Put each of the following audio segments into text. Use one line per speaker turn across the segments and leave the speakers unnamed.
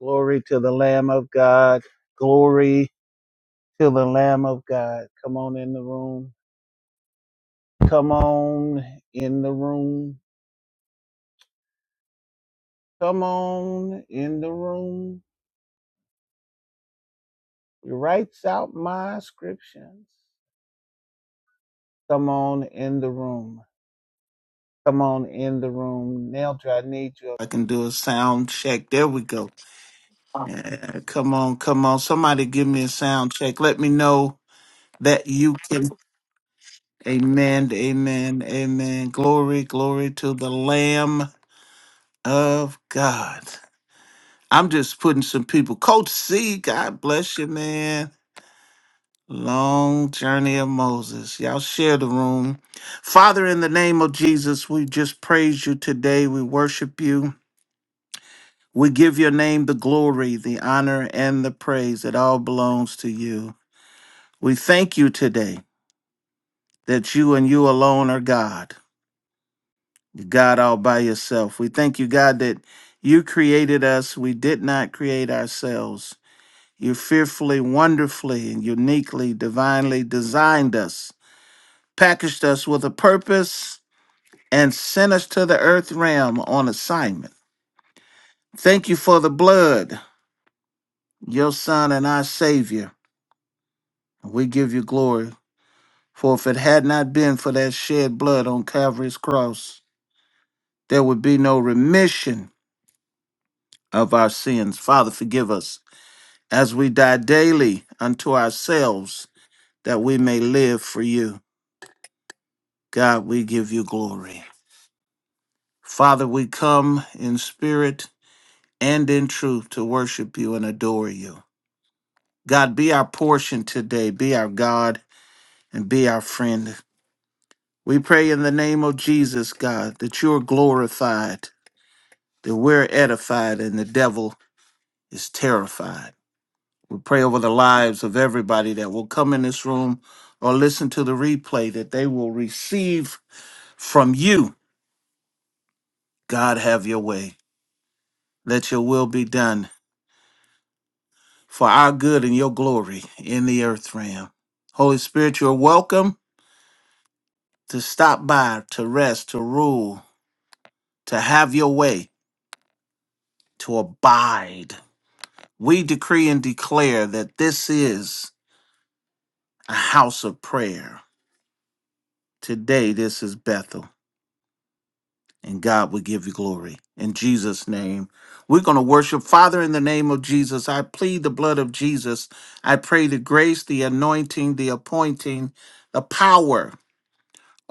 Glory to the Lamb of God. Glory to the Lamb of God. Come on in the room. Come on in the room. Come on in the room. He writes out my scriptions. Come on in the room. Come on in the room. Neldra, I need you. I can do a sound check. There we go. Yeah, come on, come on. Somebody give me a sound check. Let me know that you can. Amen, amen, amen. Glory, glory to the Lamb of God. I'm just putting some people. Coach C, God bless you, man. Long journey of Moses. Y'all share the room. Father, in the name of Jesus, we just praise you today. We worship you. We give your name the glory, the honor, and the praise. It all belongs to you. We thank you today that you and you alone are God. God all by yourself. We thank you, God, that you created us. We did not create ourselves. You fearfully, wonderfully, and uniquely, divinely designed us, packaged us with a purpose, and sent us to the earth realm on assignment. Thank you for the blood, your Son and our Savior. We give you glory. For if it had not been for that shed blood on Calvary's cross, there would be no remission of our sins. Father, forgive us as we die daily unto ourselves, that we may live for you. God, we give you glory. Father, we come in spirit and in truth to worship you and adore you. God, be our portion today, be our God, and be our friend. We pray in the name of Jesus, God, that you are glorified, that we're edified, and the devil is terrified. We pray over the lives of everybody that will come in this room or listen to the replay that they will receive from you. God, have your way. Let your will be done for our good and your glory in the earth realm. Holy Spirit, you're welcome to stop by, to rest, to rule, to have your way, to abide. We decree and declare that this is a house of prayer. Today, this is Bethel. and God will give you glory. In Jesus' name, we're going to worship. Father, in the name of Jesus, I plead the blood of Jesus. I pray the grace, the anointing, the appointing, the power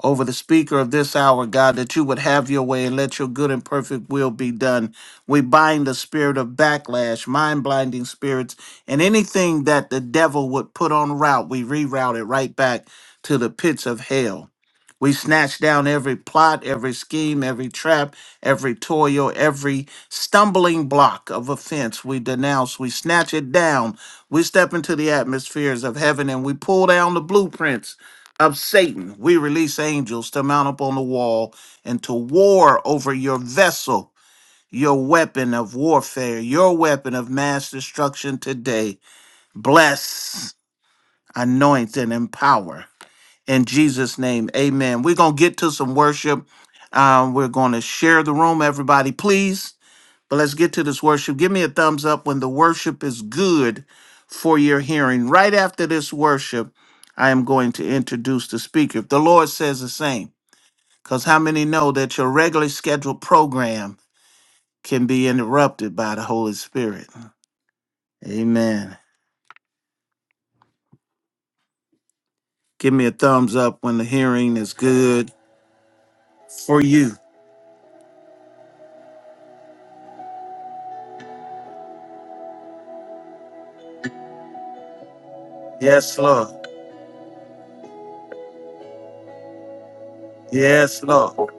over the speaker of this hour, God, that you would have your way and let your good and perfect will be done. We bind the spirit of backlash, mind blinding spirits, and anything that the devil would put on route, we reroute it right back to the pits of hell. We snatch down every plot, every scheme, every trap, every toil, every stumbling block of offense. We denounce, we snatch it down. We step into the atmospheres of heaven and we pull down the blueprints of Satan, we release angels to mount up on the wall and to war over your vessel, your weapon of warfare, your weapon of mass destruction today. Bless, anoint, and empower. In Jesus' name, amen. We're going to get to some worship. Um, we're going to share the room, everybody, please. But let's get to this worship. Give me a thumbs up when the worship is good for your hearing. Right after this worship, I am going to introduce the speaker. If the Lord says the same, because how many know that your regularly scheduled program can be interrupted by the Holy Spirit? Amen. Give me a thumbs up when the hearing is good for you. Yes, Lord. Yes, Lord.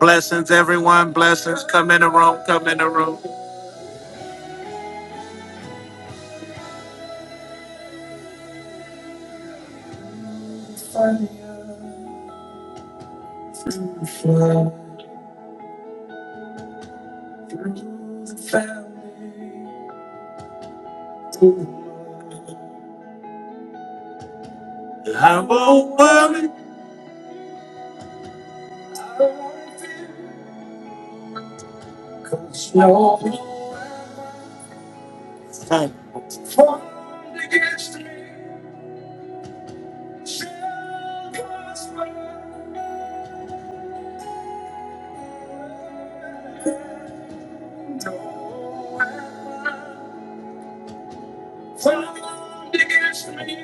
Blessings, everyone. Blessings. Come in the room. Come in the room. I won't worry, cause no time formed against me shall prosper. No weapon formed against me shall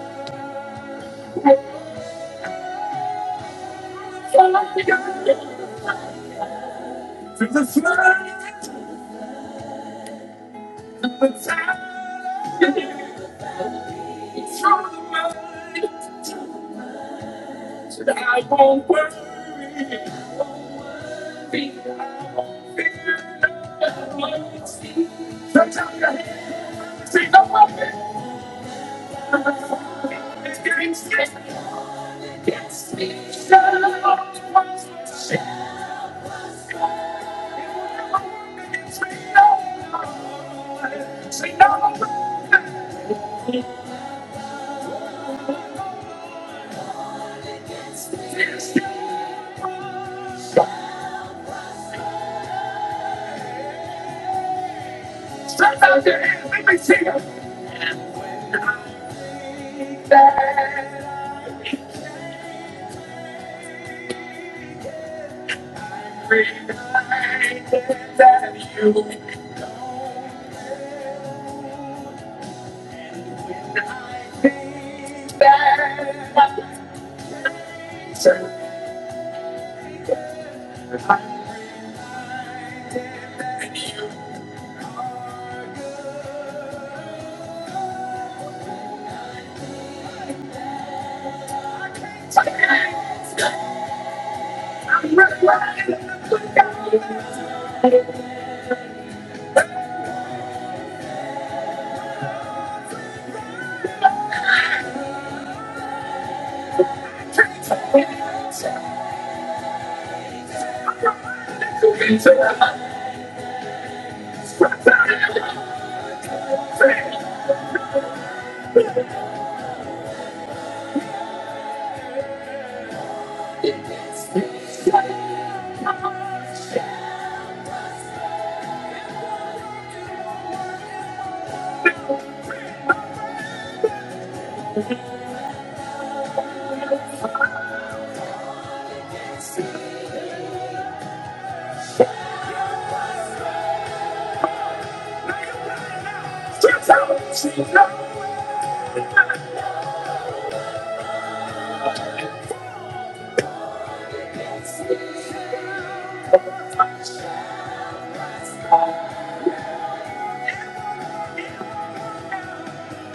prosper. To the flood, of the tide, it's from the mud. Said I won't worry, I won't fear, I won't fear no one. Stretch out your hand, say no weapon. It's getting sick, it's getting shut up. it's me, Say no, say no, Stretch out your hands, let me see you. That reminder that you that I am deserve, that you I'm reminded of God. Take me inside. I'm reminded to you. to God. out, see God.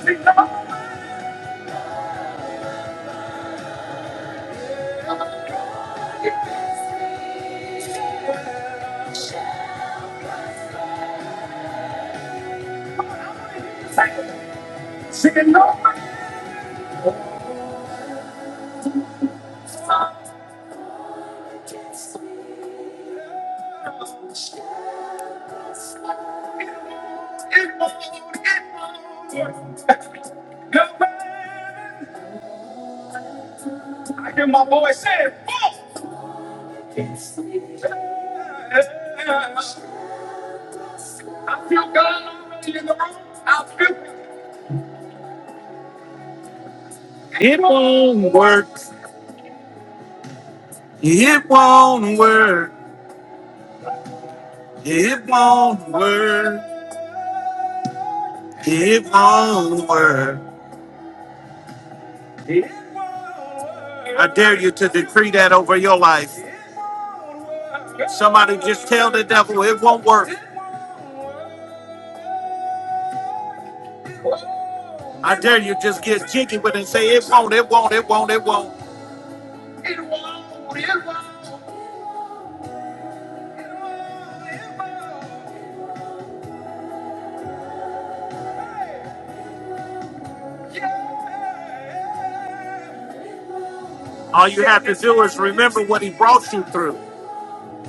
See God. Say no. It won't, it won't work. No way. I hear my voice say, "Fuck it." I feel God already in the room. I feel it won't work. It won't work. It won't work. I dare you to decree that over your life. Somebody just tell the devil it won't work. I dare you just get jiggy with it and say it won't, it won't, it won't, it won't. It won't, it won't, yeah. All you have to do is remember what he brought you through.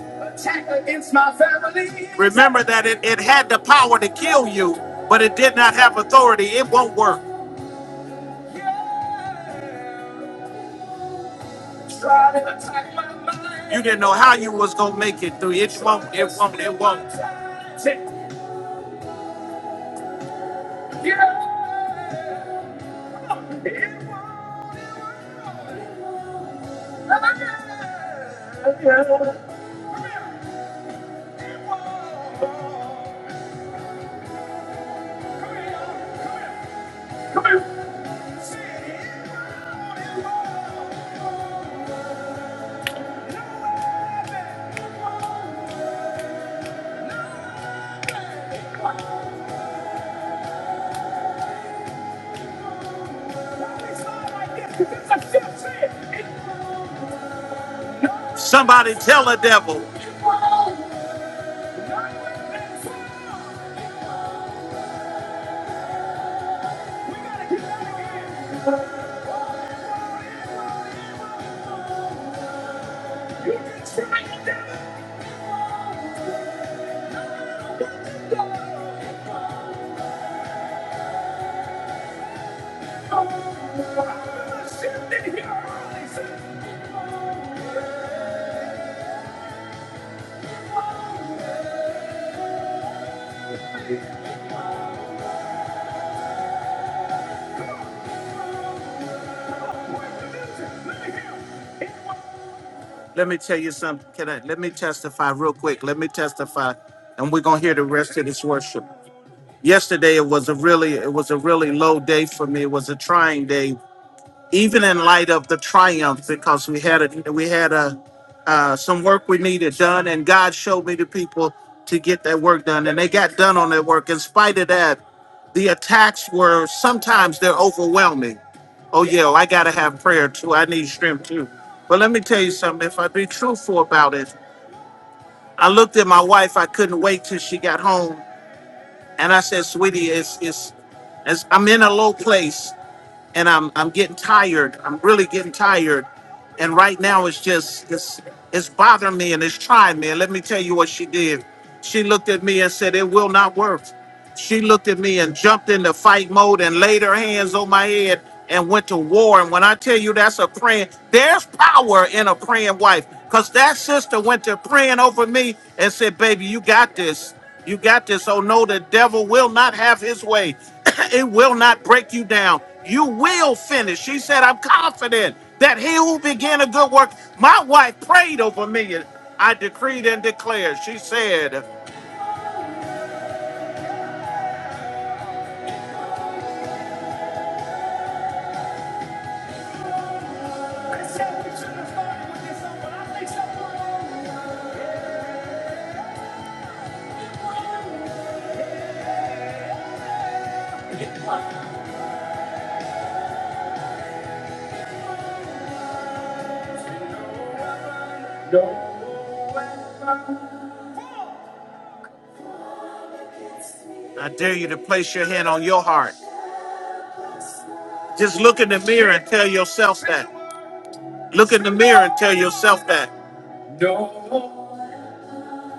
Attack against my family. Remember that it, it had the power to kill you, but it did not have authority. It won't work. Yeah. Try to attack my mind. You didn't know how you would get through. It won't, it won't, it won't. Yeah. It won't. Somebody tell the devil. Let me tell you something. Can I let me testify real quick? Let me testify, and we're gonna hear the rest of this worship. Yesterday it was a really it was a really low day for me. It was a trying day even in light of the triumph, because we had a we had a uh, some work we needed done, and God showed me the people to get that work done, and they got done on that work. In spite of that, the attacks were sometimes they're overwhelming. Oh yeah, I gotta have prayer too. I need strength too. But let me tell you something. If I be truthful about it, I looked at my wife. I couldn't wait till she got home, and I said, "Sweetie, it's it's, it's I'm in a low place, and I'm I'm getting tired. I'm really getting tired. And right now it's just it's it's bothering me and it's trying me. And let me tell you what she did. She looked at me and said, It will not work. She looked at me and jumped into fight mode and laid her hands on my head and went to war. And when I tell you that's a praying, there's power in a praying wife. Because that sister went to praying over me and said, Baby, you got this. You got this. Oh no, the devil will not have his way. it will not break you down. You will finish. She said, I'm confident that he who began a good work, my wife prayed over me. and I decreed and declared. She said, I dare you to place your hand on your heart. Just look in the mirror and tell yourself that. Look in the mirror and tell yourself that.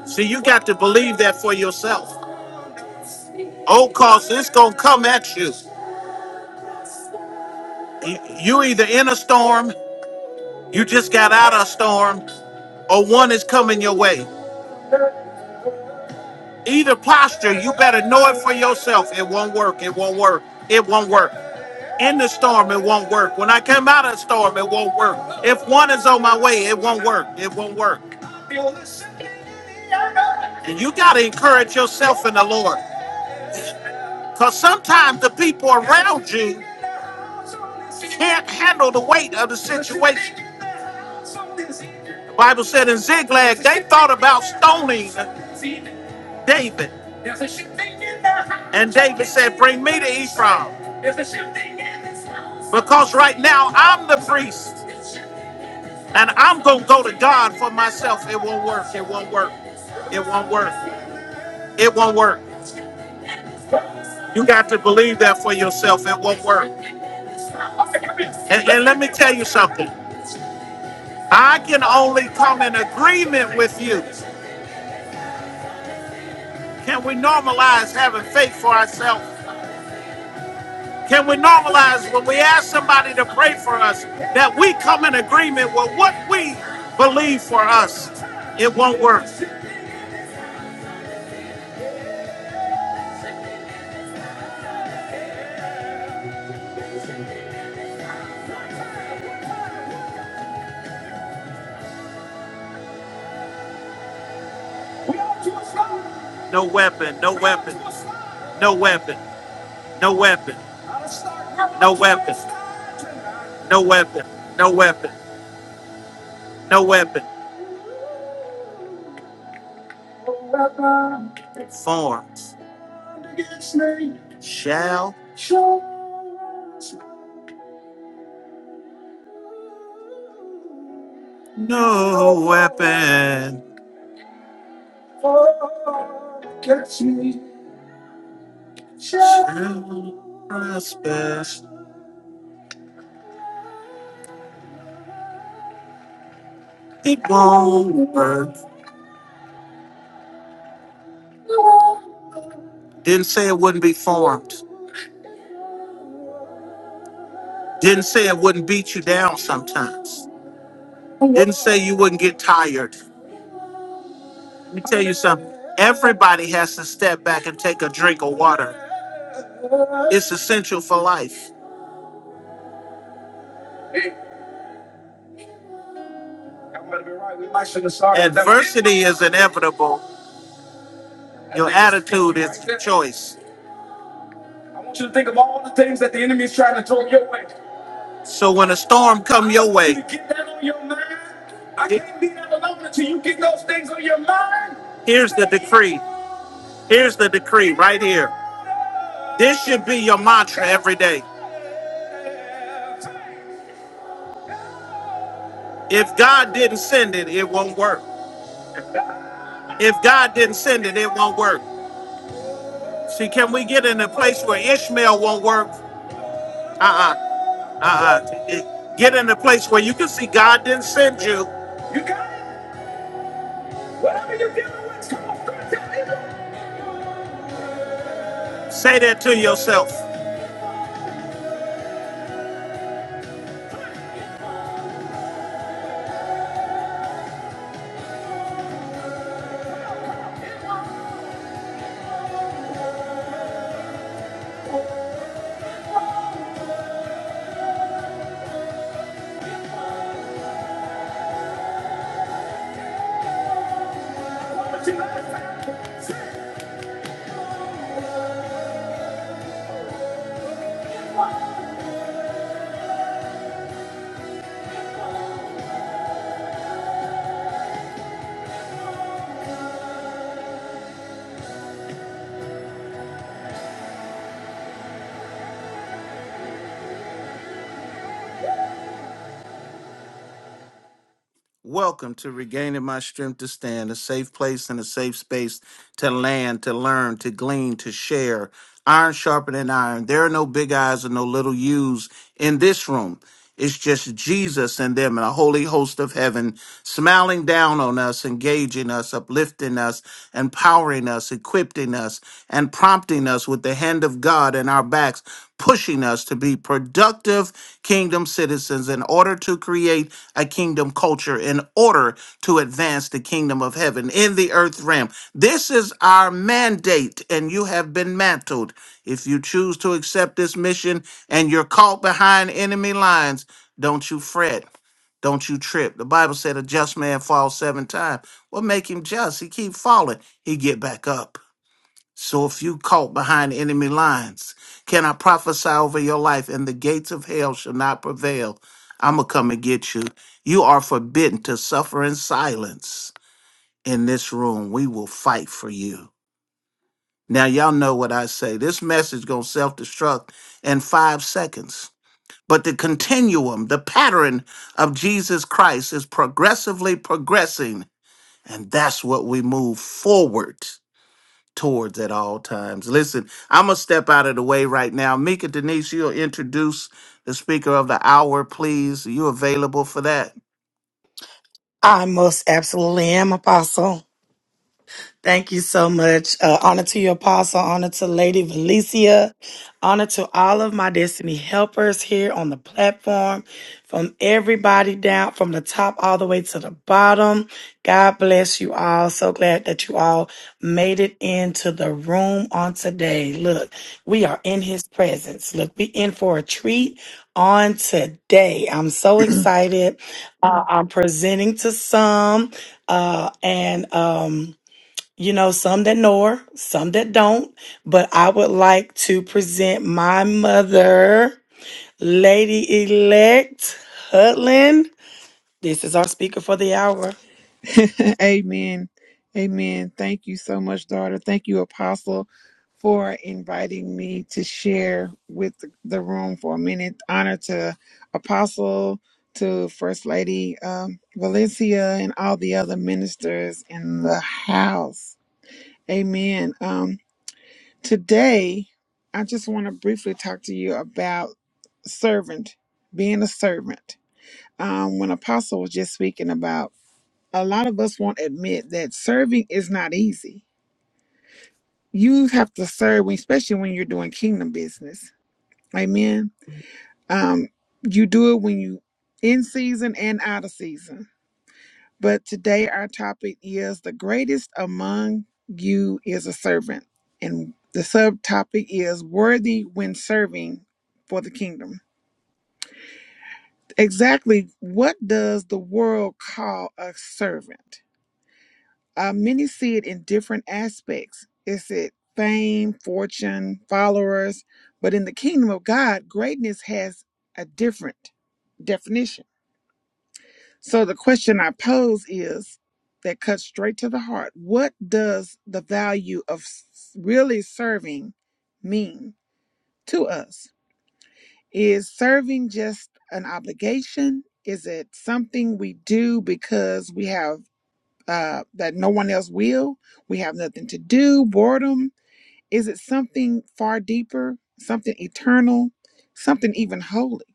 See, you got to believe that for yourself. Oh, cause it's gonna come at you. You you either in a storm You just got out of a storm, or one is coming your way. Either posture, you better know it for yourself. It won't work. It won't work. It won't work. In the storm, it won't work. When I come out of the storm, it won't work. If one is on my way, it won't work. It won't work. And you got to encourage yourself in the Lord. Because sometimes the people around you He can't handle the weight of the situation. The Bible said in Ziklag, they thought about stoning David. And David said, Bring me to Ephraim. Because right now I'm the priest. And I'm going to go to God for myself. It won't work. It won't work. It won't work. It won't work. You got to believe that for yourself. It won't work. And, and let me tell you something. I can only come in agreement with you. Can we normalize having faith for ourselves? Can we normalize when we ask somebody to pray for us that we come in agreement with what we believe for us? It won't work. No weapon, no weapon, no weapon, no weapon, no weapon, no weapon, no weapon, no weapon. Forms shall no weapon shall prosper. It won't work. Didn't say it wouldn't be formed. Didn't say it wouldn't beat you down sometimes. Didn't say you wouldn't get tired. Let me tell you something. Everybody has to step back and take a drink of water. It's essential for life. Adversity is inevitable. Your attitude is the choice. I want you to think of all the things that the enemy is trying to throw your way. So when a storm come your want you way, get that on your mind. I can't be that alone until you get those things on your mind. here's the decree. Here's the decree right here. This should be your mantra every day. If God didn't send it, it won't work. If God didn't send it, it won't work. See, can we get in a place where Ishmael won't work? Uh uh-uh, uh. Get in a place where you can see God didn't send you. You got it. Whatever you're dealing with, come on, God, tell me. Say that to yourself. Welcome to Regaining My Strength to Stand, a safe place and a safe space to land, to learn, to glean, to share. Iron sharpening iron. There are no big eyes and no little U's in this room. It's just Jesus and them and a holy host of heaven smiling down on us, engaging us, uplifting us, empowering us, equipping us, and prompting us with the hand of God in our backs pushing us to be productive kingdom citizens in order to create a kingdom culture, in order to advance the kingdom of heaven in the earth realm. This is our mandate, and you have been mantled. If you choose to accept this mission and you're caught behind enemy lines, don't you fret. Don't you trip. The Bible said a just man falls seven times. What make him just? He keep falling. He get back up. So if you caught behind enemy lines, can I prophesy over your life and the gates of hell shall not prevail? I'ma come and get you. You are forbidden to suffer in silence in this room. We will fight for you. Now y'all know what I say. This message gonna self-destruct in five seconds. But the continuum, the pattern of Jesus Christ is progressively progressing, and that's what we move forward towards at all times. Listen, I'm going to step out of the way right now. Mika Denise, you'll introduce the speaker of the hour, please. Are you available for that?
I most absolutely am, Apostle. Thank you so much. Uh, honor to your apostle, honor to Lady Valencia, honor to all of my destiny helpers here on the platform, from everybody down, from the top all the way to the bottom. God bless you all. So glad that you all made it into the room on today. Look, we are in his presence. Look, we in for a treat on today. I'm so excited. Uh, I'm presenting to some, uh, and, um, you know, some that know her, some that don't. But I would like to present my mother, Lady Elect Hutland. This is our speaker for the hour.
Amen. Amen. Thank you so much, daughter. Thank you, Apostle, for inviting me to share with the room for a minute. Honor to Apostle, to First Lady um, Valencia, and all the other ministers in the house. Amen. Um, today, I just want to briefly talk to you about servant, being a servant. Um, when Apostle was just speaking about a lot of us won't admit that serving is not easy. You have to serve, when- especially when you're doing kingdom business. Amen. Um, you do it when you in season and out of season. But today our topic is the greatest among you is a servant, and the subtopic is worthy when serving for the kingdom. Exactly, what does the world call a servant? Uh, many see it in different aspects. Is it fame, fortune, followers? But in the kingdom of God, greatness has a different definition. So the question I pose is that cuts straight to the heart. What does the value of s- really serving mean to us? Is serving just an obligation? Is it something we do because we have uh, that no one else will. We have nothing to do. Boredom. Is it something far deeper, something eternal, something even holy?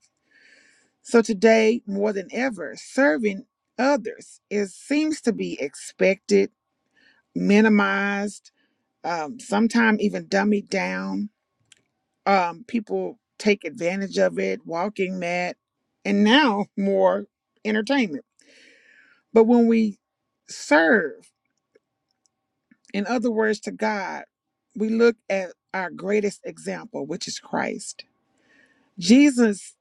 So today, more than ever, serving others is seems to be expected, minimized, um, sometimes even dummied down. Um, people take advantage of it, walking mad, and now more entertainment. But when we serve, In other words, to God, we look at our greatest example, which is Christ. Jesus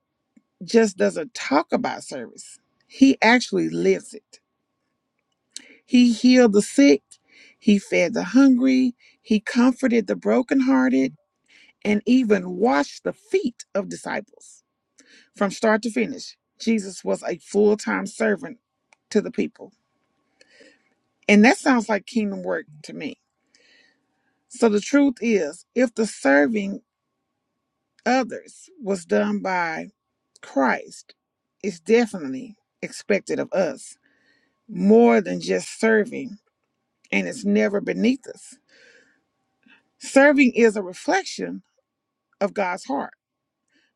just doesn't talk about service, he actually lives it. He healed the sick, he fed the hungry, he comforted the brokenhearted, and even washed the feet of disciples. From start to finish, Jesus was a full time servant to the people. And that sounds like kingdom work to me. So the truth is, if the serving others was done by Christ is definitely expected of us more than just serving, and it's never beneath us. Serving is a reflection of God's heart.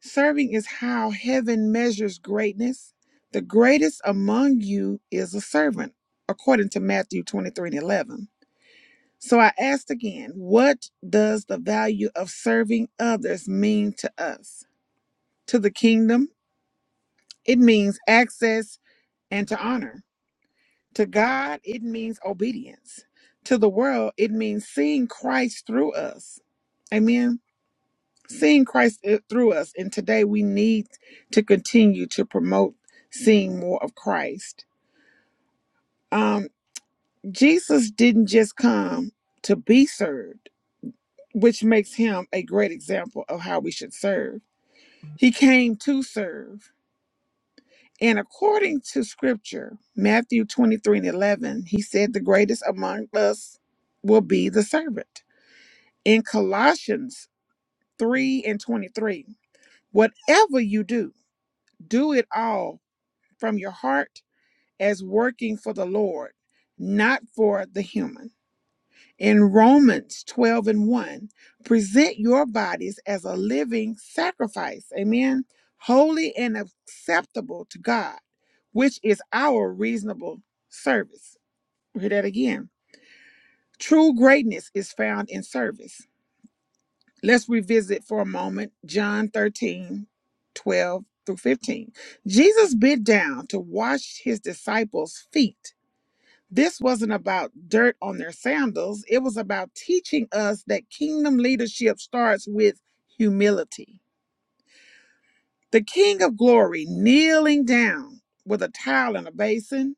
Serving is how heaven measures greatness. The greatest among you is a servant, according to Matthew 23 and 11. So I asked again, what does the value of serving others mean to us? To the kingdom, it means access and to honor. To God, it means obedience. To the world, it means seeing Christ through us. Amen. Seeing Christ i- through us. And today we need to continue to promote seeing more of Christ. Um, Jesus didn't just come to be served, which makes him a great example of how we should serve. He came to serve. And according to scripture, Matthew 23 and 11, he said, The greatest among us will be the servant. In Colossians 3 and 23, whatever you do, do it all from your heart as working for the Lord, not for the human in Romans 12 and 1, present your bodies as a living sacrifice, amen, holy and acceptable to God, which is our reasonable service. We'll Hear that again. True greatness is found in service. Let's revisit for a moment John 13, 12 through 15. Jesus bent down to wash his disciples' feet this wasn't about dirt on their sandals, it was about teaching us that kingdom leadership starts with humility. The King of Glory kneeling down with a towel and a basin,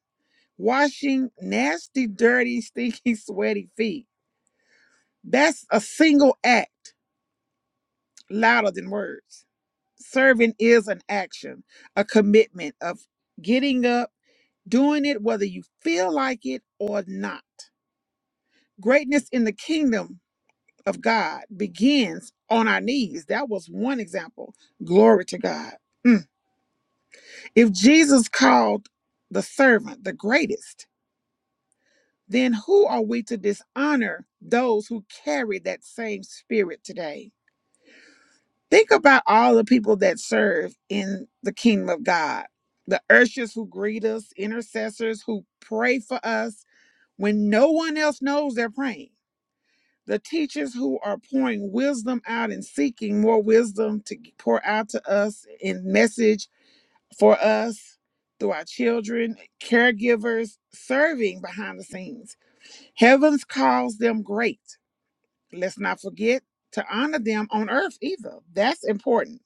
washing nasty, dirty, stinky, sweaty feet. That's a single act louder than words. Serving is an action, a commitment of getting up, doing it whether you feel like it or not. Greatness in the kingdom of God begins on our knees. That was one example. Glory to God. Mm. If Jesus called the servant the greatest, then who are we to dishonor those who carry that same spirit today? Think about all the people that serve in the kingdom of God the ushers who greet us, intercessors who pray for us when no one else knows they're praying the teachers who are pouring wisdom out and seeking more wisdom to pour out to us in message for us through our children, caregivers, serving behind the scenes. Heavens calls them great. Let's not forget to honor them on earth either. That's important.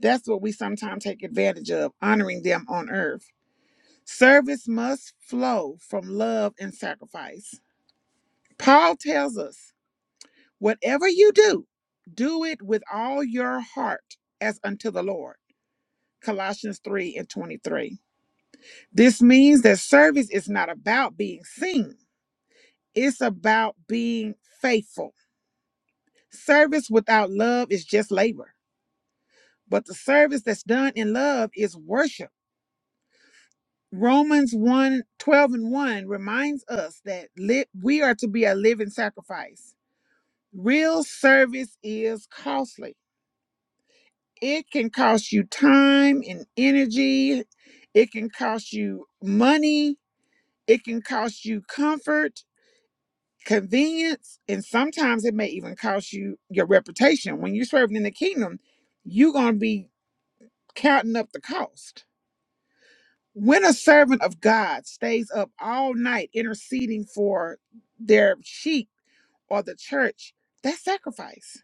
That's what we sometimes take advantage of, honoring them on earth. Service must flow from love and sacrifice. Paul tells us Whatever you do, do it with all your heart as unto the Lord. Colossians 3 and 23. This means that service is not about being seen, it's about being faithful. Service without love is just labor, but the service that's done in love is worship. Romans one 12 and 1 reminds us that li- we are to be a living sacrifice. Real service is costly It can cost you time and energy. It can cost you money. It can cost you comfort, convenience, and sometimes it may even cost you your reputation. When you're serving in the kingdom, you're going to be counting up the cost. When a servant of God stays up all night interceding for their sheep or the church, that's sacrifice.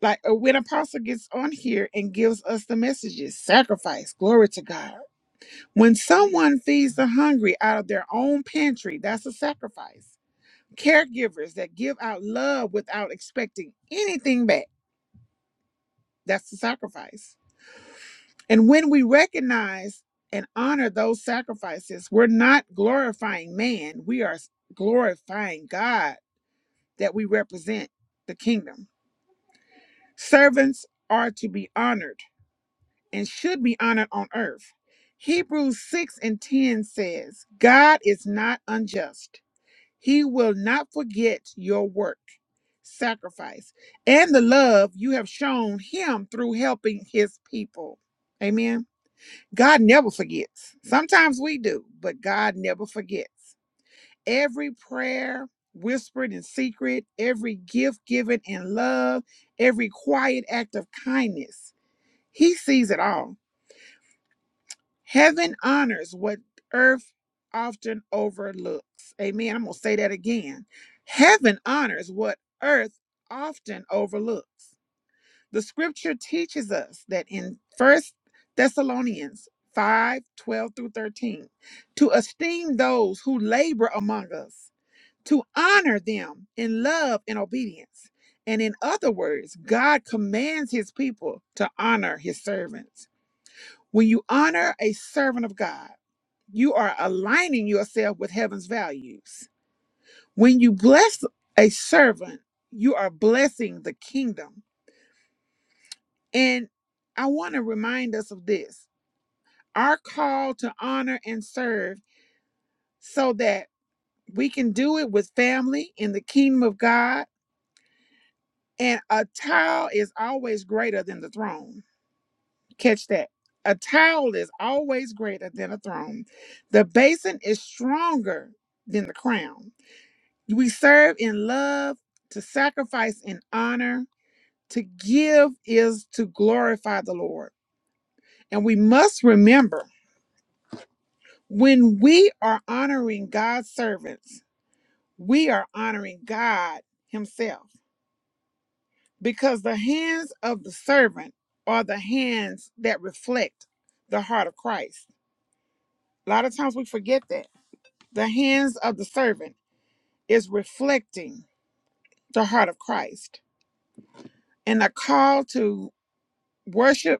Like uh, when apostle gets on here and gives us the messages, sacrifice, glory to God When someone feeds the hungry out of their own pantry, that's a sacrifice. Caregivers that give out love without expecting anything back, that's a sacrifice. And when we recognize and honor those sacrifices, we're not glorifying man, we are glorifying God that we represent the kingdom. Servants are to be honored and should be honored on earth. Hebrews 6 and 10 says, God is not unjust He will not forget your work, sacrifice, and the love you have shown him through helping his people. Amen. God never forgets. Sometimes we do, but God never forgets. Every prayer whispered in secret, every gift given in love, every quiet act of kindness, he sees it all. Heaven honors what earth often overlooks. Amen. I'm going to say that again. Heaven honors what earth often overlooks. The scripture teaches us that in First Thessalonians 5 12 through 13, to esteem those who labor among us, to honor them in love and obedience. And in other words, God commands his people to honor his servants. When you honor a servant of God, you are aligning yourself with heaven's values. When you bless a servant, you are blessing the kingdom. And I want to remind us of this our call to honor and serve so that we can do it with family in the kingdom of God. And a towel is always greater than the throne. Catch that. A towel is always greater than a throne. The basin is stronger than the crown We serve in love, to sacrifice in honor. To give is to glorify the Lord. And we must remember when we are honoring God's servants, we are honoring God Himself because the hands of the servant are the hands that reflect the heart of Christ. A lot of times we forget that. The hands of the servant is reflecting the heart of Christ. And a call to worship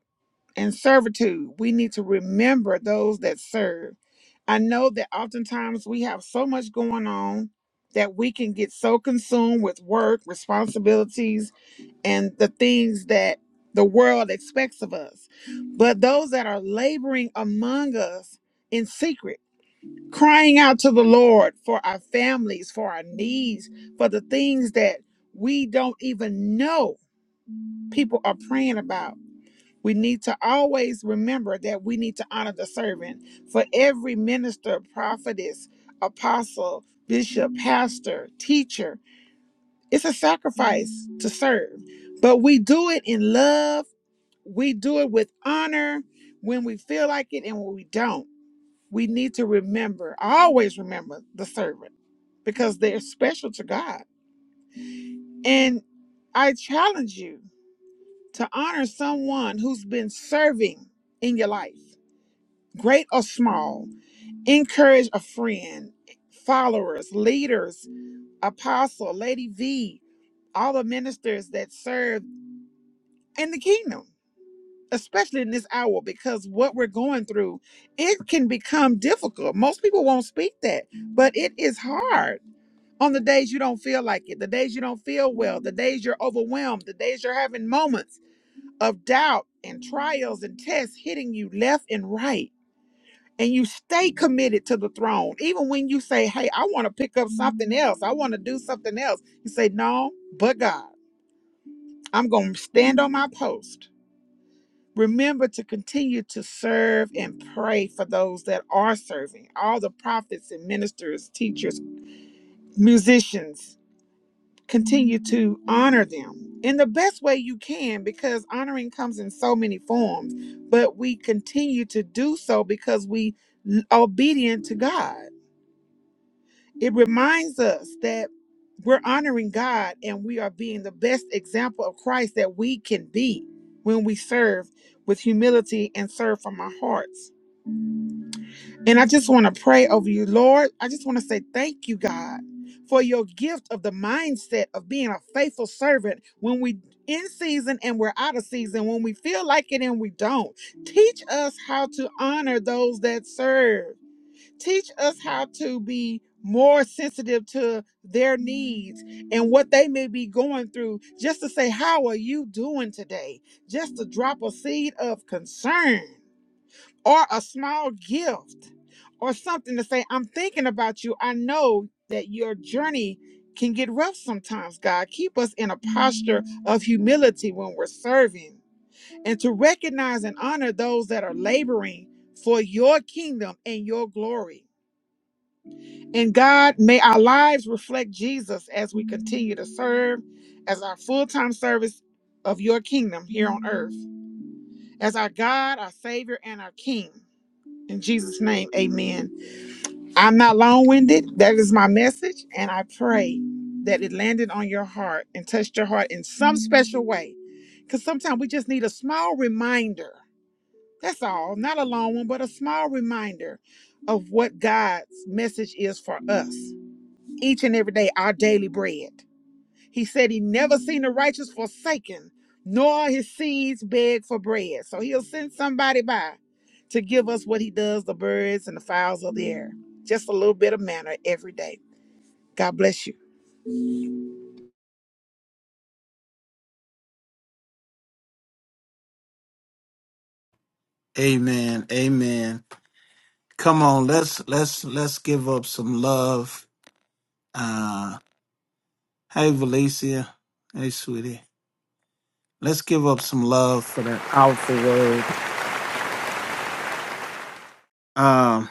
and servitude. We need to remember those that serve. I know that oftentimes we have so much going on that we can get so consumed with work, responsibilities, and the things that the world expects of us. But those that are laboring among us in secret, crying out to the Lord for our families, for our needs, for the things that we don't even know people are praying about we need to always remember that we need to honor the servant. For every minister, prophetess, apostle, bishop, pastor, teacher, it's a sacrifice to serve. But we do it in love, we do it with honor when we feel like it and when we don't. We need to remember, always remember the servant because they're special to God. And I challenge you to honor someone who's been serving in your life great or small, encourage a friend, followers, leaders, apostle, Lady V, all the ministers that serve in the kingdom, especially in this hour, because what we're going through, it can become difficult. Most people won't speak that, but it is hard on the days you don't feel like it, the days you don't feel well, the days you're overwhelmed, the days you're having moments of doubt and trials and tests hitting you left and right and you stay committed to the throne. Even when you say, Hey, I want to pick up something else, I want to do something else, you say, No, but God, I'm going to stand on my post. Remember to continue to serve and pray for those that are serving, all the prophets and ministers, teachers, musicians. Continue to honor them in the best way you can because honoring comes in so many forms, but we continue to do so because we l- obedient to God It reminds us that we're honoring God and we are being the best example of Christ that we can be when we serve with humility and serve from our hearts. And I just want to pray over you, Lord. I just want to say thank you, God, for your gift of the mindset of being a faithful servant when we in season and we're out of season, when we feel like it and we don't. Teach us how to honor those that serve teach us how to be more sensitive to their needs and what they may be going through just to say how are you doing today just to drop a seed of concern or a small gift or something to say i'm thinking about you i know that your journey can get rough sometimes god keep us in a posture of humility when we're serving and to recognize and honor those that are laboring for your kingdom and your glory and God, may our lives reflect Jesus as we continue to serve as our full time service of your kingdom here on earth, as our God, our Savior, and our King. In Jesus' name, amen. I'm not long winded. That is my message. And I pray that it landed on your heart and touched your heart in some special way. Because sometimes we just need a small reminder. That's all. Not a long one, but a small reminder of what God's message is for us each and every day our daily bread. He said he never seen the righteous forsaken, nor his seeds beg for bread. So he'll send somebody by to give us what he does, the birds and the fowls of the air. Just a little bit of manna every day. God bless you.
Amen. Amen. Come on, let's let's let's give up some love. Uh hey Valencia. Hey sweetie. Let's give up some love for that powerful word. Um,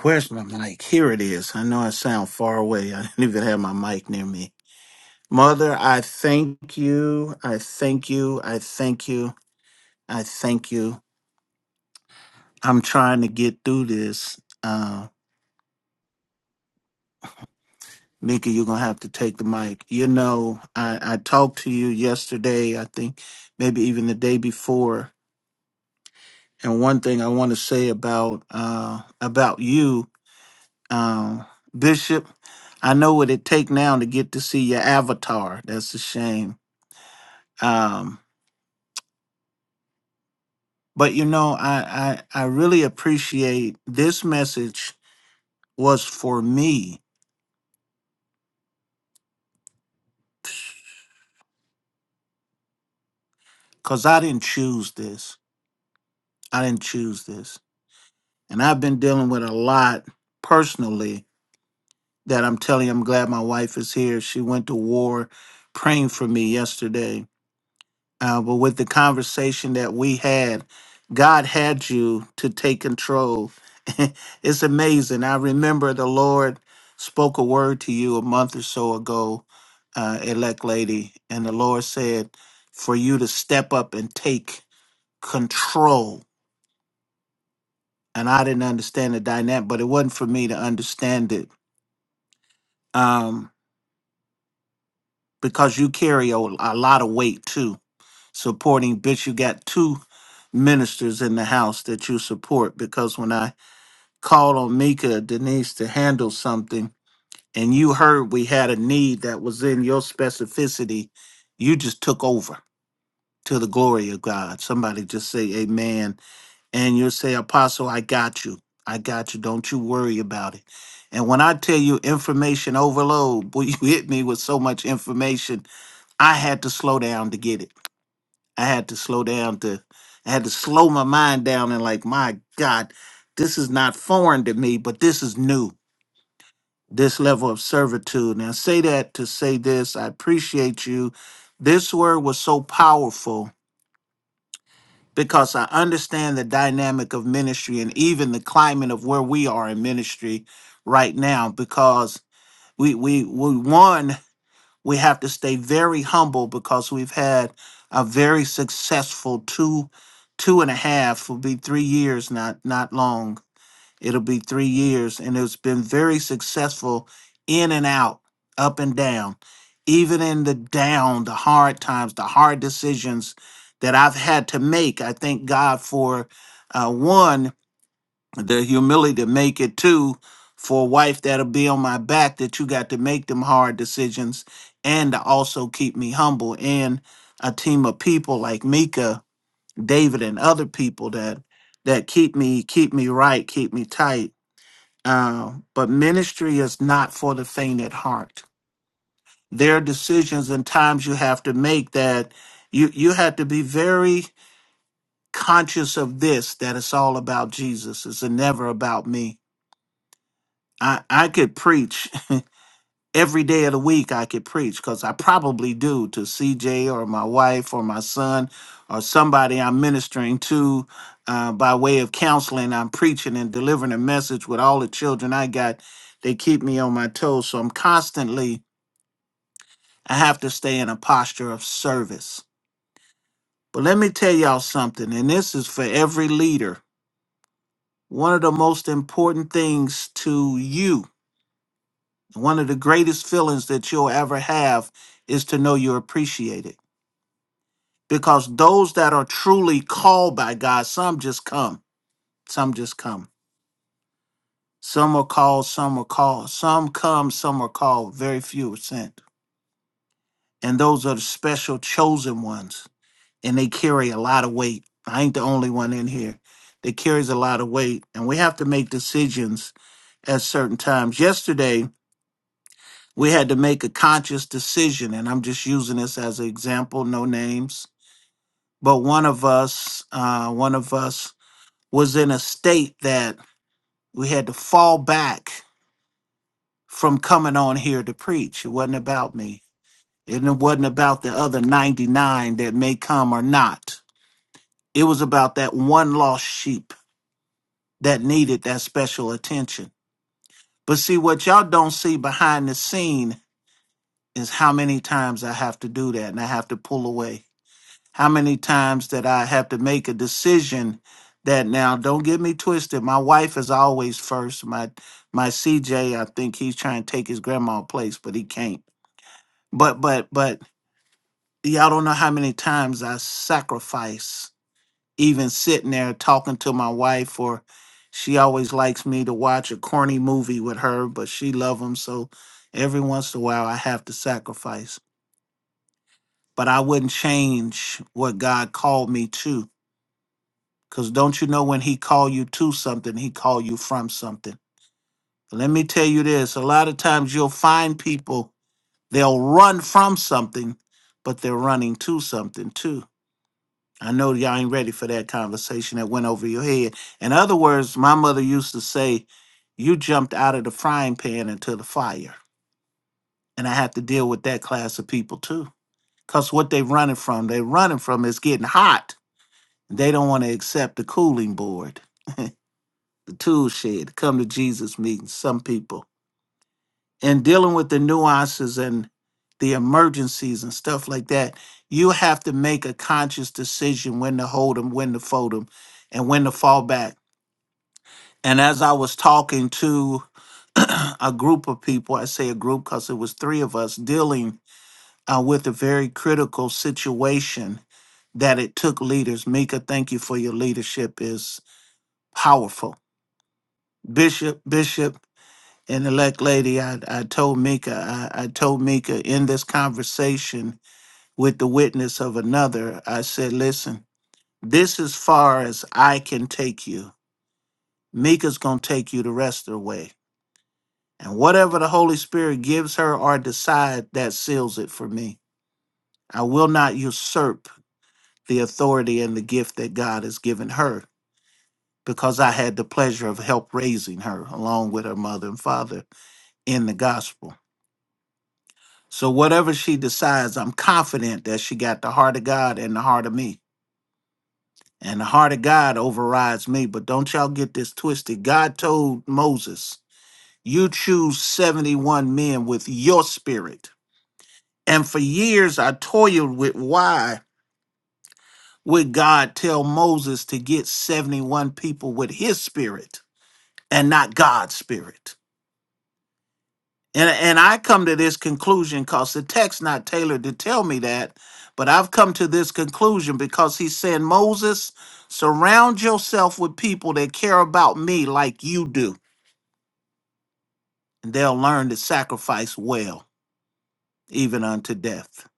where's my mic? Here it is. I know I sound far away. I didn't even have my mic near me. Mother, I thank you. I thank you. I thank you. I thank you. I'm trying to get through this. Uh, Nikki, you're going to have to take the mic. You know, I, I talked to you yesterday, I think maybe even the day before. And one thing I want to say about uh, about you, um, Bishop, I know what it take now to get to see your avatar. That's a shame. Um, But you know, I I, I really appreciate this message was for me because I didn't choose this. I didn't choose this, and I've been dealing with a lot personally. That I'm telling you, I'm glad my wife is here. She went to war, praying for me yesterday Uh, but with the conversation that we had, God had you to take control. it's amazing. I remember the Lord spoke a word to you a month or so ago, uh, elect lady, and the Lord said for you to step up and take control. And I didn't understand the dynamic, but it wasn't for me to understand it um, because you carry a, a lot of weight too supporting bitch you got two ministers in the house that you support because when i called on mika denise to handle something and you heard we had a need that was in your specificity you just took over to the glory of god somebody just say amen and you'll say apostle i got you i got you don't you worry about it and when i tell you information overload boy you hit me with so much information I had to slow down to get it I had to slow down to I had to slow my mind down and like, my God, this is not foreign to me, but this is new. This level of servitude. And I say that to say this. I appreciate you. This word was so powerful because I understand the dynamic of ministry and even the climate of where we are in ministry right now. Because we we we won. we have to stay very humble because we've had a very successful two two and a half will be three years not not long it'll be three years and it's been very successful in and out up and down even in the down the hard times the hard decisions that i've had to make i thank god for uh, one the humility to make it too for a wife that'll be on my back that you got to make them hard decisions and to also keep me humble and a team of people like Mika, David, and other people that that keep me keep me right, keep me tight. Uh, but ministry is not for the faint at heart. There are decisions and times you have to make that you you have to be very conscious of this that it's all about Jesus. It's never about me I I could preach every day of the week. I could preach because I probably do to CJ or my wife or my son or somebody I'm ministering to uh, by way of counseling. I'm preaching and delivering a message with all the children I got. They keep me on my toes, so I'm constantly. I have to stay in a posture of service. But let me tell y'all something, and this is for every leader. One of the most important things to you One of the greatest feelings that you'll ever have is to know you're appreciated. Because those that are truly called by God, some just come. Some just come. Some are called, some are called. Some come, some are called. Very few are sent. And those are the special chosen ones. And they carry a lot of weight. I ain't the only one in here that carries a lot of weight. And we have to make decisions at certain times. Yesterday, we had to make a conscious decision and i'm just using this as an example no names but one of us uh, one of us was in a state that we had to fall back from coming on here to preach it wasn't about me and it wasn't about the other 99 that may come or not it was about that one lost sheep that needed that special attention but see what y'all don't see behind the scene is how many times i have to do that and i have to pull away How many times did I have to make a decision that now don't get me twisted. My wife is always first. My my CJ, I think he's trying to take his grandma's place, but he can't. But but but y'all don't know how many times I sacrifice even sitting there talking to my wife or she always likes me to watch a corny movie with her, but she love them so every once in a while I have to sacrifice. But I wouldn't change what God called me to Because don't you know when he call you to something, he call you from something. Let me tell you this, a lot of times you'll find people, they'll run from something, but they're running to something too. I know y'all ain't ready for that conversation that went over your head. In other words, my mother used to say, you jumped out of the frying pan into the fire. And I have to deal with that class of people too. Because what they running from, they running from is getting hot. They don't want to accept the cooling board tool shed, come to Jesus meetings, some people, and dealing with the nuances and the emergencies and stuff like that, you have to make a conscious decision when to hold them, when to fold them, and when to fall back. And as I was talking to a group of people, I say a group because it was three of us dealing uh, with a very critical situation that it took leaders. Mika, thank you for your leadership is powerful. Bishop, Bishop, And elect lady, I, I told Mika, I, I told Mika in this conversation with the witness of another, I said, listen, this is far as I can take you. Mika's gonna take you the rest of the way. And whatever the Holy Spirit gives her or decide, that seals it for me. I will not usurp the authority and the gift that God has given her because I had the pleasure of help raising her along with her mother and father in the gospel. So whatever she decides, I'm confident that she got the heart of God and the heart of me. And the heart of God overrides me. But don't y'all get this twisted. God told Moses, You choose 71 men with your spirit. And for years, I toiled with why would God tell Moses to get 71 people with his spirit and not God's spirit? And and I come to this conclusion because the text not tailored to tell me that, but I've come to this conclusion because he's saying, Moses, surround yourself with people that care about me like you do, and they'll learn to sacrifice well, even unto death.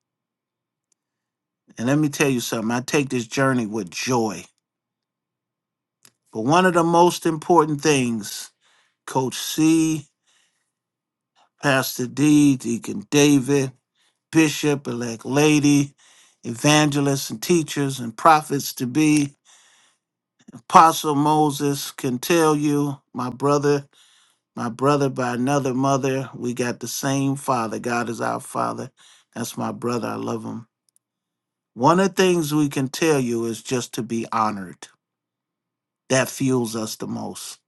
And let me tell you something, I take this journey with joy. But one of the most important things, Coach C, Pastor D, Deacon David, bishop, elect lady, evangelists and teachers and prophets to be. Apostle Moses can tell you, my brother, my brother by another mother, we got the same father. God is our father. That's my brother. I love him. One of the things we can tell you is just to be honored. That fuels us the most.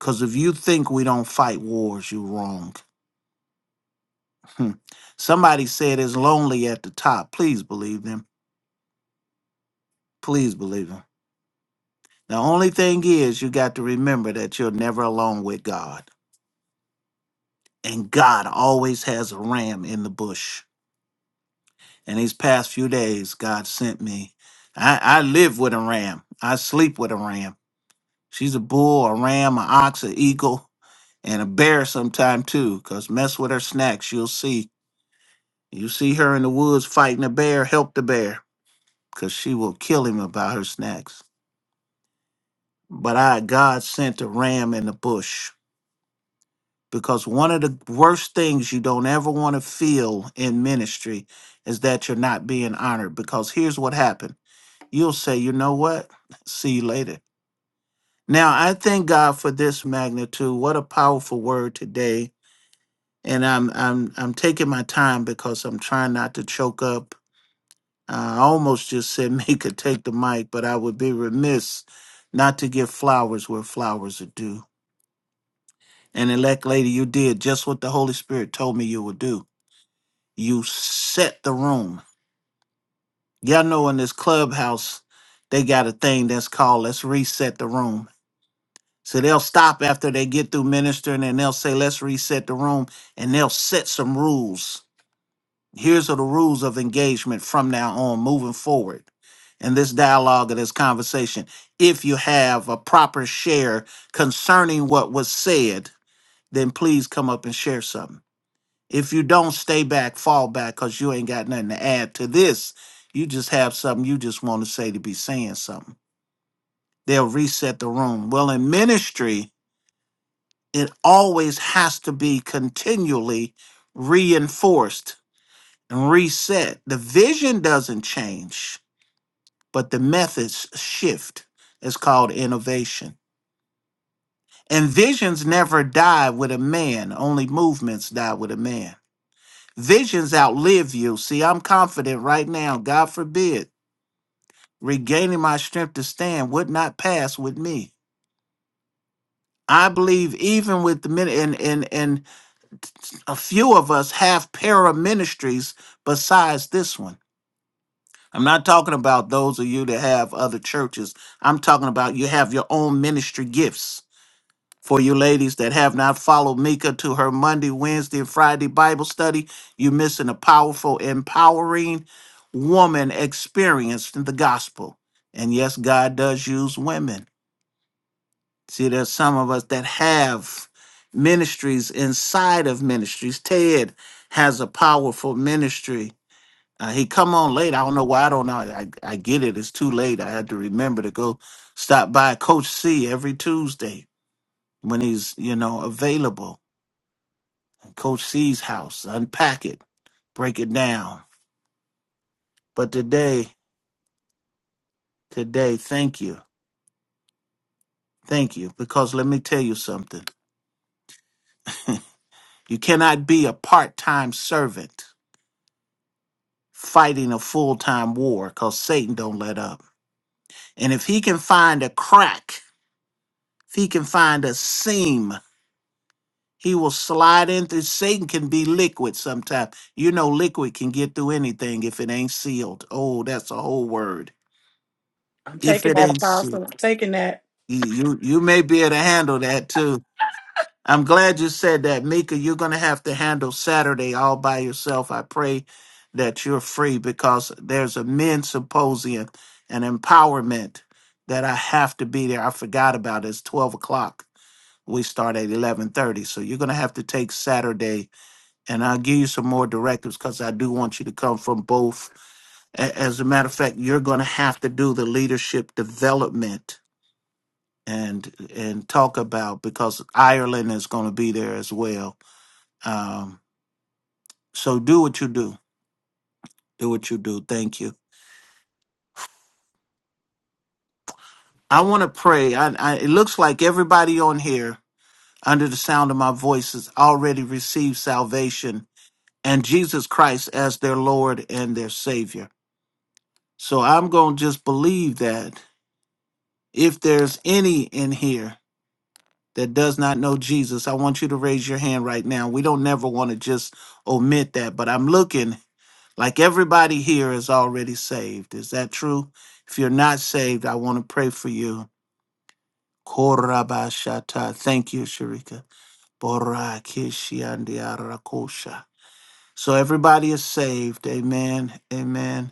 Because if you think we don't fight wars, you're wrong. Somebody said it's lonely at the top. Please believe them. Please believe them. The only thing is, you got to remember that you're never alone with God. And God always has a ram in the bush. And these past few days, God sent me. I, I live with a ram, I sleep with a ram. She's a bull, a ram, an ox, an eagle, and a bear sometime too, because mess with her snacks, you'll see. You see her in the woods fighting a bear, help the bear, because she will kill him about her snacks. But I, God sent a ram in the bush because one of the worst things you don't ever want to feel in ministry is that you're not being honored because here's what happened you'll say you know what see you later now i thank god for this magnitude what a powerful word today and i'm i'm i'm taking my time because i'm trying not to choke up uh, i almost just said me could take the mic but i would be remiss not to give flowers where flowers are due and elect lady you did just what the holy spirit told me you would do You set the room. Y'all know in this clubhouse, they got a thing that's called let's reset the room. So they'll stop after they get through ministering and they'll say, let's reset the room. And they'll set some rules. Here's are the rules of engagement from now on, moving forward. In this dialogue or this conversation, if you have a proper share concerning what was said, then please come up and share something. If you don't stay back, fall back because you ain't got nothing to add to this. You just have something you just want to say to be saying something. They'll reset the room. Well, in ministry, it always has to be continually reinforced and reset. The vision doesn't change, but the methods shift. It's called innovation. And visions never die with a man, only movements die with a man. Visions outlive you. See, I'm confident right now, God forbid, regaining my strength to stand would not pass with me. I believe even with the men and and and a few of us have para ministries besides this one. I'm not talking about those of you that have other churches. I'm talking about you have your own ministry gifts. For you ladies that have not followed Mika to her Monday, Wednesday, and Friday Bible study, you're missing a powerful, empowering woman experienced in the gospel. And yes, God does use women. See, there's some of us that have ministries inside of ministries. Ted has a powerful ministry. Uh, he come on late. I don't know why. I don't know. I, I get it. It's too late. I had to remember to go stop by Coach C every Tuesday when he's you know available Coach C's house, unpack it, break it down. But today, today, thank you. Thank you. Because let me tell you something. You cannot be a part-time servant fighting a full-time war because Satan don't let up. And if he can find a crack, if he can find a seam, he will slide in through. Satan can be liquid sometimes. You know, liquid can get through anything if it ain't sealed. Oh, that's a whole word.
I'm
If
taking
it
that.
ain't sealed.
I'm taking that.
you you you may be able to handle that too. I'm glad you said that, Mika. You're going to have to handle Saturday all by yourself. I pray that you're free because there's a men's symposium and empowerment that I have to be there. I forgot about it. It's 12 o'clock. We start at 11:30, so you're going to have to take Saturday, and I'll give you some more directives because I do want you to come from both. A- As a matter of fact, you're going to have to do the leadership development and and talk about because Ireland is going to be there as well. Um, so do what you do. Do what you do. Thank you. I want to pray. I, I, it looks like everybody on here, under the sound of my voice, has already received salvation and Jesus Christ as their Lord and their Savior. So I'm going to just believe that if there's any in here that does not know Jesus, I want you to raise your hand right now. We don't never want to just omit that, but I'm looking Like everybody here is already saved. Is that true? If you're not saved, I want to pray for you. Korabashata. Thank you, Sharika. Borakishiandiarakosha. So everybody is saved. Amen. Amen.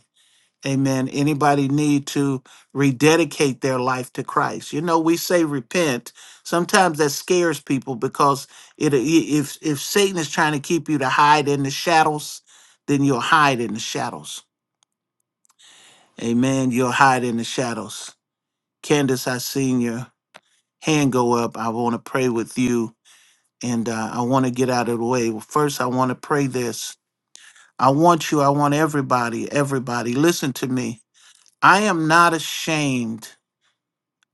Amen. Anybody need to rededicate their life to Christ? You know, we say repent. Sometimes that scares people because it i- if if Satan is trying to keep you to hide in the shadows, then you'll hide in the shadows. Amen. You'll hide in the shadows. Candace, I seen your hand go up. I want to pray with you and uh, I want to get out of the way. Well, first, I want to pray this. I want you, I want everybody, everybody, listen to me. I am not ashamed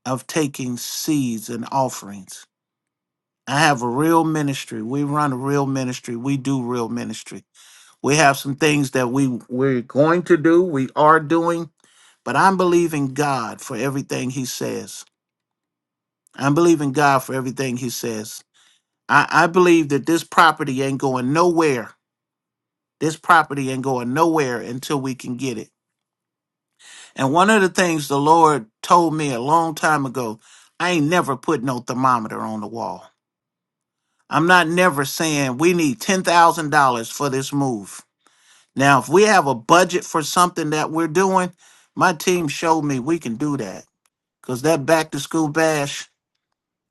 of taking seeds and offerings. I have a real ministry. We run a real ministry. We do real ministry. We have some things that we we're going to do, we are doing, but I'm believing God for everything he says. I believe in God for everything He says. I, I believe that this property ain't going nowhere. This property ain't going nowhere until we can get it. And one of the things the Lord told me a long time ago, I ain't never put no thermometer on the wall. I'm not never saying we need $10,000 for this move. Now, if we have a budget for something that we're doing, my team showed me we can do that. Because that back to school bash,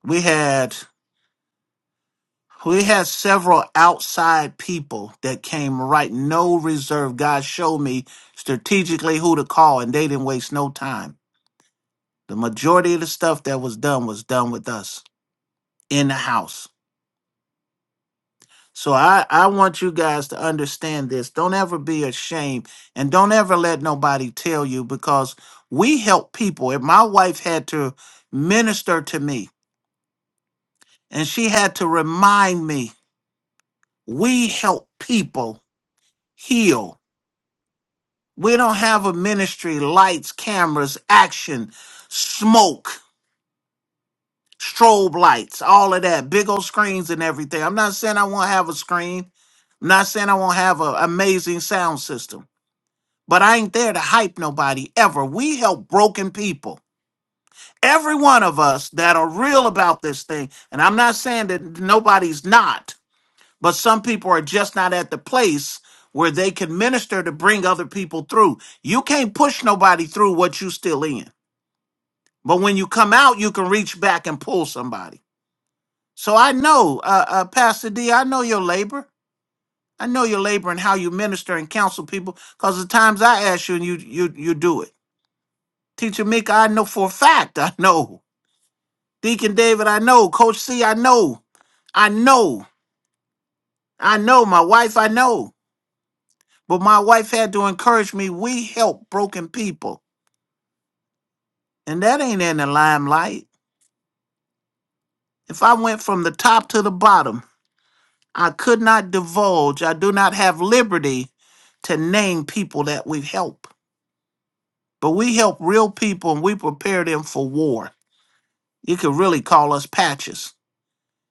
we had We had several outside people that came right, no reserve. God showed me strategically who to call, and they didn't waste no time. The majority of the stuff that was done was done with us in the house. So I, I want you guys to understand this. Don't ever be ashamed and don't ever let nobody tell you because we help people. If my wife had to minister to me and she had to remind me, we help people heal We don't have a ministry, lights, cameras, action, smoke, strobe lights, all of that, big old screens and everything. I'm not saying I won't have a screen. I'm not saying I won't have an amazing sound system, but I ain't there to hype nobody ever. We help broken people. Every one of us that are real about this thing, and I'm not saying that nobody's not, But some people are just not at the place where they can minister to bring other people through. You can't push nobody through what you still in. But when you come out, you can reach back and pull somebody. So I know, uh, uh, Pastor D, I know your labor. I know your labor and how you minister and counsel people. Because the times I ask you, and you you you do it. Teacher Mika, I know for a fact. I know. Deacon David, I know. Coach C, I know. I know. I know. My wife, I know. But my wife had to encourage me, we help broken people. And that ain't in the limelight. If I went from the top to the bottom, I could not divulge, I do not have liberty to name people that we help. But we help real people and we prepare them for war. You could really call us patches.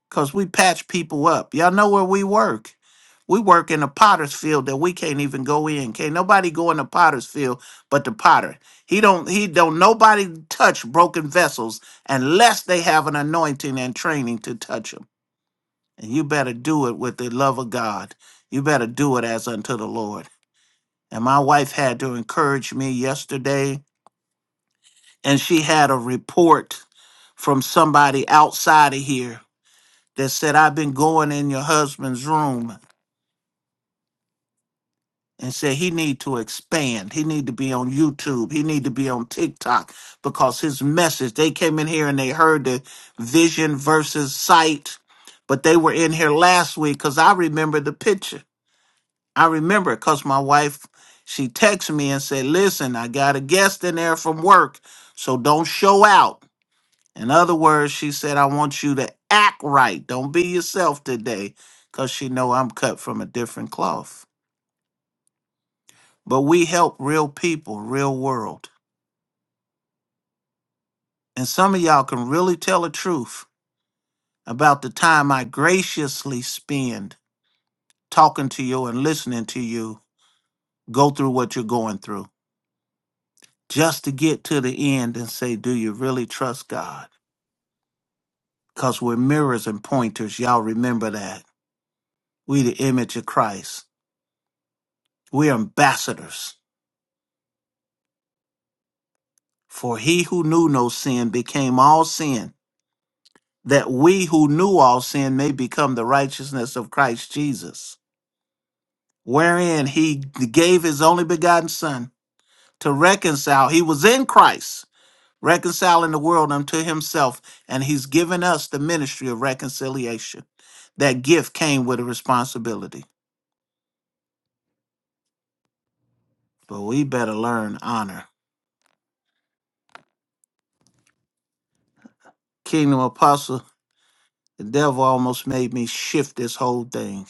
because we patch people up. Y'all know where we work. We work in a potter's field that we can't even go in. Can't nobody go in the potter's field but the potter. He don't he don't nobody touch broken vessels unless they have an anointing and training to touch them. And you better do it with the love of God. You better do it as unto the Lord. And my wife had to encourage me yesterday, and she had a report from somebody outside of here that said, I've been going in your husband's room. and said he need to expand. He need to be on YouTube. He need to be on TikTok because his message. They came in here and they heard the vision versus sight, but they were in here last week because I remember the picture. I remember it because my wife she texted me and said, "Listen, I got a guest in there from work, so don't show out." In other words, she said, "I want you to act right. Don't be yourself today." Cause she know I'm cut from a different cloth but we help real people, real world. And some of y'all can really tell the truth about the time I graciously spend talking to you and listening to you go through what you're going through just to get to the end and say, Do you really trust God? Because we're mirrors and pointers. Y'all remember that. We, the image of Christ, we're ambassadors. For he who knew no sin became all sin, that we who knew all sin may become the righteousness of Christ Jesus. wherein he gave his only begotten son to reconcile. He was in Christ, reconciling the world unto himself, and he's given us the ministry of reconciliation. That gift came with a responsibility, but we better learn honor. Kingdom apostle, the devil almost made me shift this whole thing,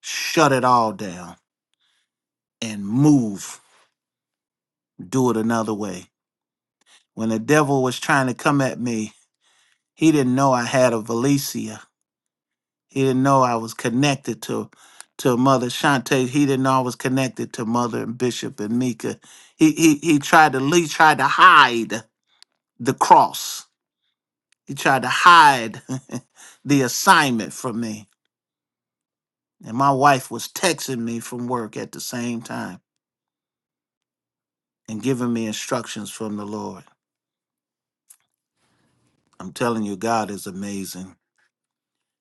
shut it all down, and move, do it another way. When the devil was trying to come at me, he didn't know I had a valicia He didn't know I was connected to to Mother Shante. He didn't know I was connected to Mother and Bishop and Mika. He he he tried to he tried to hide the cross. He tried to hide the assignment from me. And my wife was texting me from work at the same time and giving me instructions from the Lord. I'm telling you, God is amazing.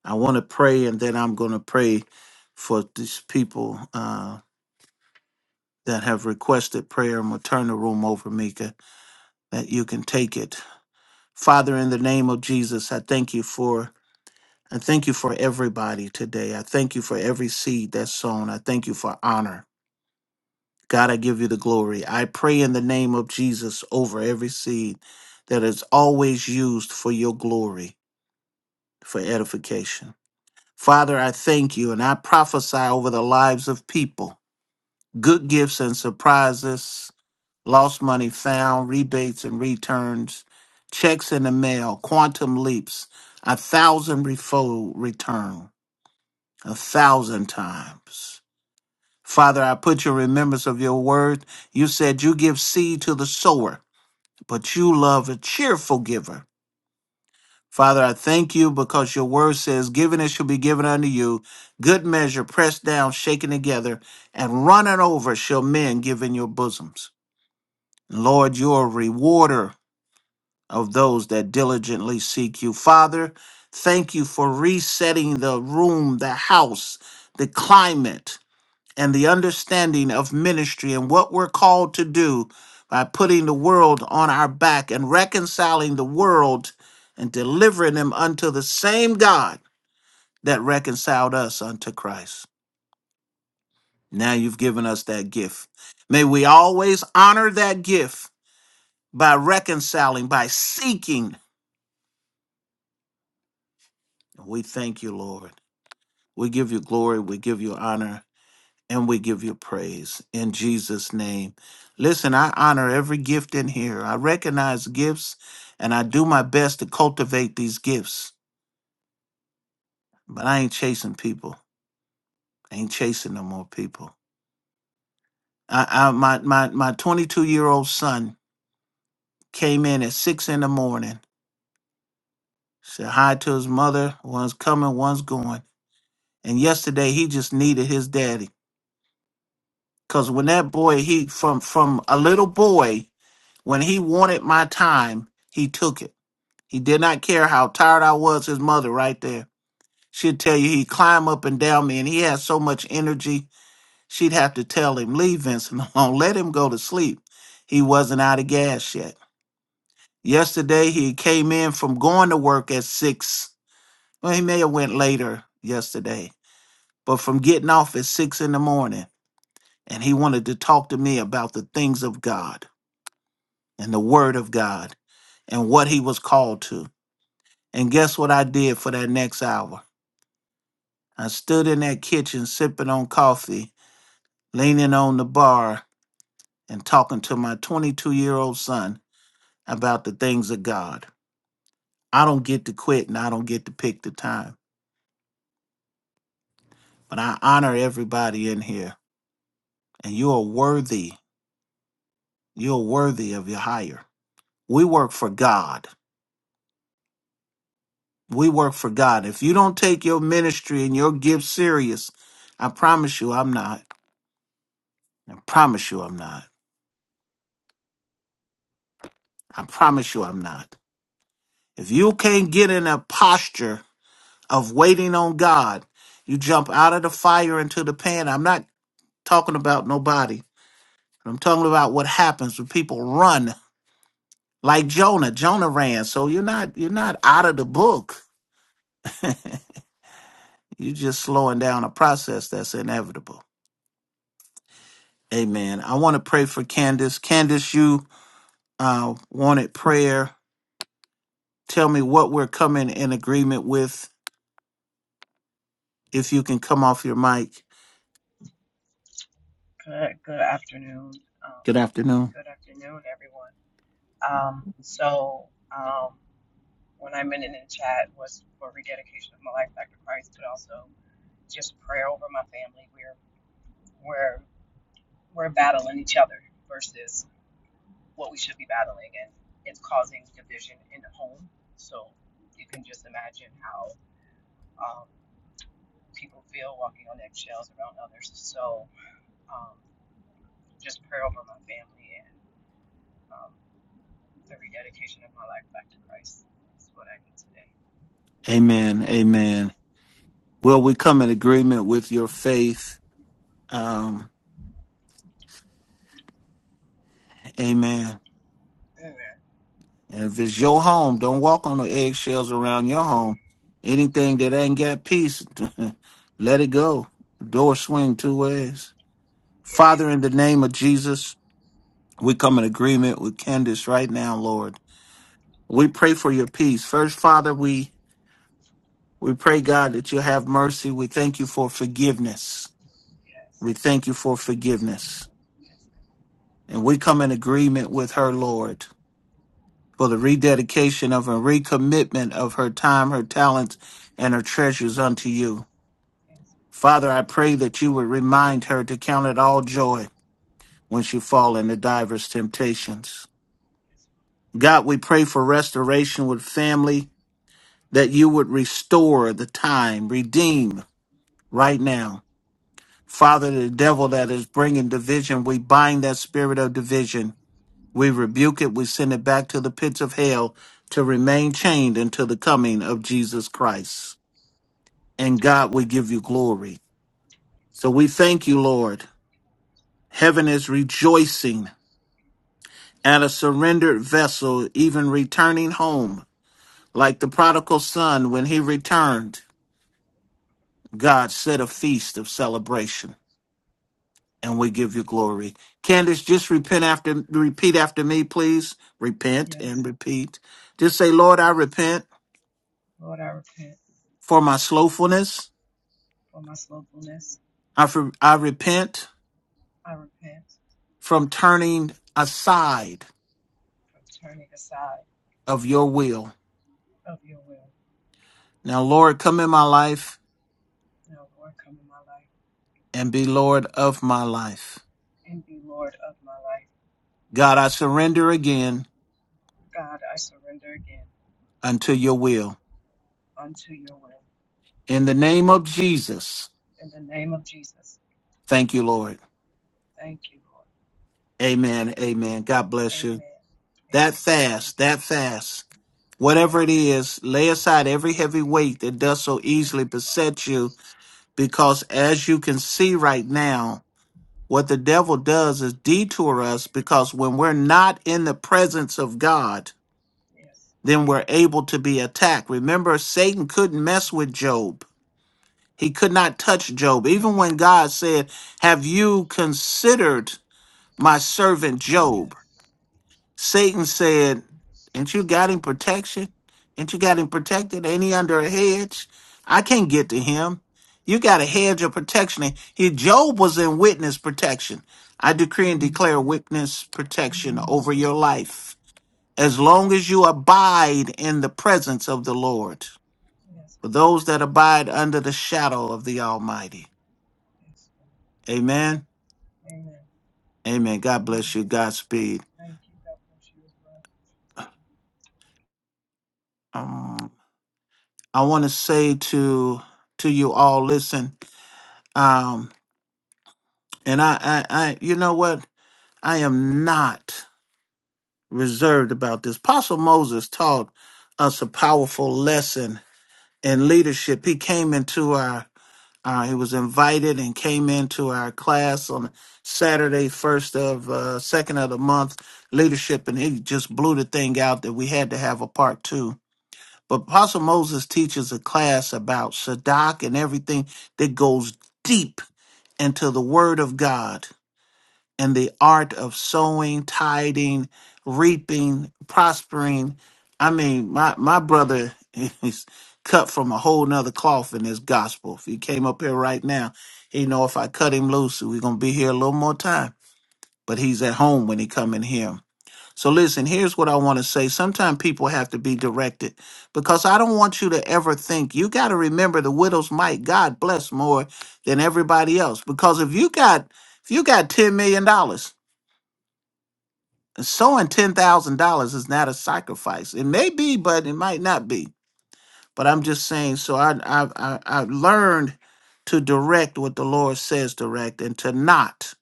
I want to pray, and then I'm going to pray for these people uh, that have requested prayer. I'm going to turn the room over, Mika. that you can take it. Father, in the name of Jesus, I thank you for I thank you for everybody today. I thank you for every seed that's sown. I thank you for honor. God, I give you the glory. I pray in the name of Jesus over every seed that is always used for your glory, for edification. Father, I thank you and I prophesy over the lives of people, good gifts and surprises lost money found, rebates and returns, checks in the mail, quantum leaps, a thousand refold return, a thousand times. Father, I put your remembrance of your word. You said you give seed to the sower, but you love a cheerful giver. Father, I thank you because your word says, Given it shall be given unto you, good measure, pressed down, shaken together, and running over shall men give in your bosoms. Lord, you're a rewarder of those that diligently seek you. Father, thank you for resetting the room, the house, the climate, and the understanding of ministry and what we're called to do by putting the world on our back and reconciling the world and delivering them unto the same God that reconciled us unto Christ. Now you've given us that gift. May we always honor that gift by reconciling, by seeking. We thank you, Lord. We give you glory, we give you honor, and we give you praise in Jesus' name. Listen, I honor every gift in here. I recognize gifts and I do my best to cultivate these gifts, but I ain't chasing people. I ain't chasing no more people. I, I my my my 22 year old son came in at six in the morning, said hi to his mother. One's coming, one's going. And yesterday he just needed his daddy. Cause when that boy, he from from a little boy When he wanted my time, he took it. He did not care how tired I was, his mother right there. She'd tell you he'd climb up and down me, and he had so much energy, she'd have to tell him, Leave Vincent alone, let him go to sleep. He wasn't out of gas yet. Yesterday, he came in from going to work at six. Well, he may have went later yesterday, but from getting off at six in the morning, and he wanted to talk to me about the things of God and the Word of God and what he was called to. And guess what I did for that next hour? I stood in that kitchen sipping on coffee, leaning on the bar, and talking to my 22 year old son about the things of God. I don't get to quit and I don't get to pick the time, but I honor everybody in here. And you are worthy. You're worthy of your hire. We work for God. We work for God. If you don't take your ministry and your gift serious, I promise you I'm not. I promise you I'm not. I promise you I'm not. If you can't get in a posture of waiting on God, you jump out of the fire into the pan. I'm not talking about nobody. I'm talking about what happens when people run like Jonah. Jonah ran. So you're not you're not out of the book. You're just slowing down a process that's inevitable. Amen. I want to pray for Candace. Candace, you uh, wanted prayer. Tell me what we're coming in agreement with. If you can come off your mic.
Good, good afternoon. Um,
Good afternoon.
good afternoon, everyone. Um, so, um, when I mentioned in chat was for rededication of my life back to Christ, but also just prayer over my family. We're we're we're battling each other versus what we should be battling, and it's causing division in the home. So you can just imagine how um, people feel walking on eggshells around others. So um, just prayer over my family and. um, The rededication of my life back to Christ is what I need today.
Amen. Amen. Well, we come in agreement with your faith. Um, amen.
Amen.
And if it's your home, don't walk on the eggshells around your home. Anything that ain't got peace, let it go. Door swing two ways. Father,
Yes.
in the name of Jesus, we come in agreement with Candace right now, Lord. We pray for your peace. First, Father, we we pray, God, that you have mercy. We thank you for forgiveness.
Yes.
We thank you for forgiveness.
Yes. Yes.
And we come in agreement with her, Lord. for the rededication of and recommitment of her time, her talents, and her treasures unto you.
Yes.
Father, I pray that you would remind her to count it all joy when she fall into divers temptations.
Yes.
God, we pray for restoration with family, that you would restore the time, redeem right now. Father, the devil that is bringing division, we bind that spirit of division We rebuke it. We send it back to the pits of hell to remain chained until the coming of Jesus Christ. And God, we give you glory. So we thank you, Lord. Heaven is rejoicing at a surrendered vessel, even returning home. Like the prodigal son, when he returned, God set a feast of celebration. And we give you glory. Candace, just repent after, repeat after me, please. Repent and
Yes.
repeat. Just say, Lord, I
Yes.
repent
Lord, I repent
for my slothfulness.
for my slowfulness.
I, for, I repent
I repent
from turning aside
for turning aside
of your will.
of your will.
Now, Lord, come in my life
Now, Lord, come in my life
and be Lord of my life.
and be Lord of my life.
God, I surrender again
God, I surrender again
unto your will.
unto your will.
In the name of Jesus,
In the name of Jesus,
thank you, Lord.
thank you, Lord.
Amen. Amen. God bless you.
Amen. Amen.
That
Thank
fast,
you.
that fast,
Lord.
whatever it
Hallelujah.
is, lay aside every heavy
Hallelujah.
weight that does so
Thank
easily
you, Father.
beset you, because as you can see right
Hallelujah.
now, What the devil does is detour us because when we're not in the presence of God,
Yes.
then we're able to be attacked. Remember, Satan couldn't mess with Job. He could not touch Job. Even
Yes.
when God said, Have you considered my servant Job?
Yes.
Satan
Yes.
said, Ain't you got him protection? Ain't you got him protected? Ain't he under a hedge? I can't get
Mm,
to him. You got a hedge
Yes.
of protection. He Job was in witness protection. I decree and
Mm,
declare witness protection
mm.
over your life. As
Yes.
long as you abide in the presence of the Lord,
Yes,
for
God.
those that abide under the shadow of the Almighty.
Yes,
Amen.
Amen.
Amen. God bless
Amen.
you. Godspeed.
Thank you. God for you as well.
Um, I want to say to to you all, listen Um, and I, I, I, you know what? I am not reserved about this. Apostle Moses taught us a powerful lesson in leadership. He came into our, uh, he was invited and came into our class on Saturday, first of, uh, second of the month, leadership, and he just blew the thing out that we had to have a part two. But Apostle Moses teaches a class about Sadak and everything that goes deep into the Word of God and the art of sowing, tiding, reaping, prospering. I mean, my, my brother is cut from a whole nother cloth in this gospel. If he came up here right now, he know if I cut him loose, we're gonna be here a little more time. But he's at home when he come in here. So listen, here's what I want to say. Sometimes people have to be directed because I don't want you to ever think you got to remember the widow's might. God bless more than everybody else. Because if you got if you got $10 million dollars sowing ten thousand dollars is not a sacrifice. It may be, but it might not be. But I'm just saying. So I I I, I learned to direct what the Lord says direct and to not.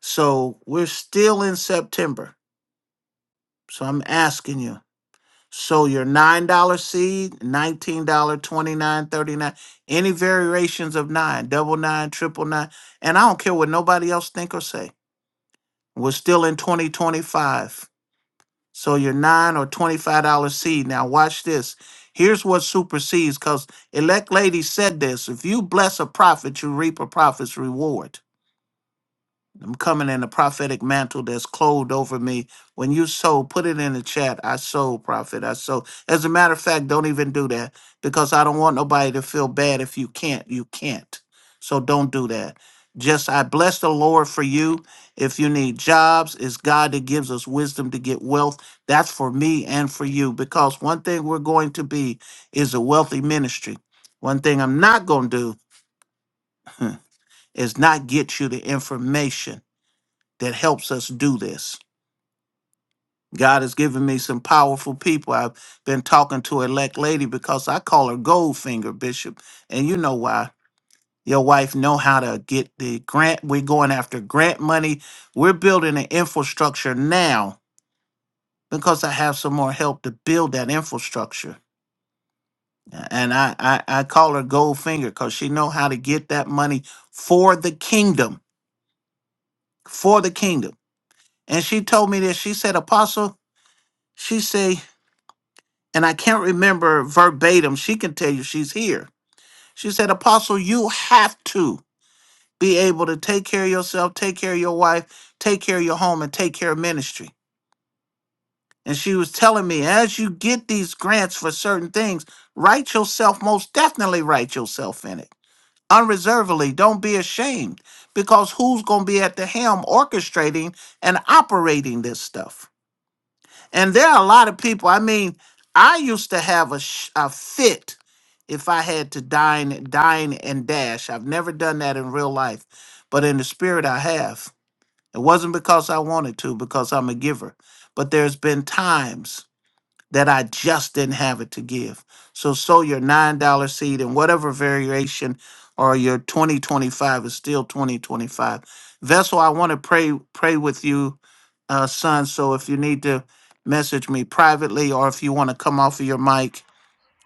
So we're still in September. So I'm asking you. So your nine dollar seed, nineteen dollar, twenty nine, thirty nine, any variations of nine, double nine, triple nine, and I don't care what nobody else think or say. We're still in 2025. So your nine or twenty-five dollar seed. Now watch this. Here's what supersedes, because elect lady said this. If you bless a prophet, you reap a prophet's reward. I'm coming in the prophetic mantle that's clothed over me. When you sow, put it in the chat. I sow, prophet. I sow. As a matter of fact, don't even do that because I don't want nobody to feel bad if you can't. You can't. So don't do that. Just I bless the Lord for you. If you need jobs, it's God that gives us wisdom to get wealth. That's for me and for you because one thing we're going to be is a wealthy ministry. One thing I'm not going to do is not get you the information that helps us do this. God has given me some powerful people. I've been talking to elect lady because I call her Goldfinger Bishop, and you know why. Your wife know how to get the grant. We're going after grant money. We're building an infrastructure now because I have some more help to build that infrastructure. And I I, I call her Goldfinger because she know how to get that money for the kingdom, for the kingdom. And she told me this. She said, Apostle, she said. and I can't remember verbatim. She can tell you she's here. She said, Apostle, you have to be able to take care of yourself, take care of your wife, take care of your home, and take care of ministry. And she was telling me, as you get these grants for certain things, write yourself, most definitely write yourself in it unreservedly. Don't be ashamed because who's going to be at the helm orchestrating and operating this stuff? And there are a lot of people. I mean, I used to have a sh- a fit if I had to dine, dine and dash. I've never done that in real life, but in the spirit, I have. It wasn't because I wanted to, because I'm a giver. But there's been times that I just didn't have it to give. So sow your $9 seed in whatever variation or your 2025 is still 2025. Vessel, I want to pray pray with you, uh, son. So if you need to message me privately or if you want to come off of your mic,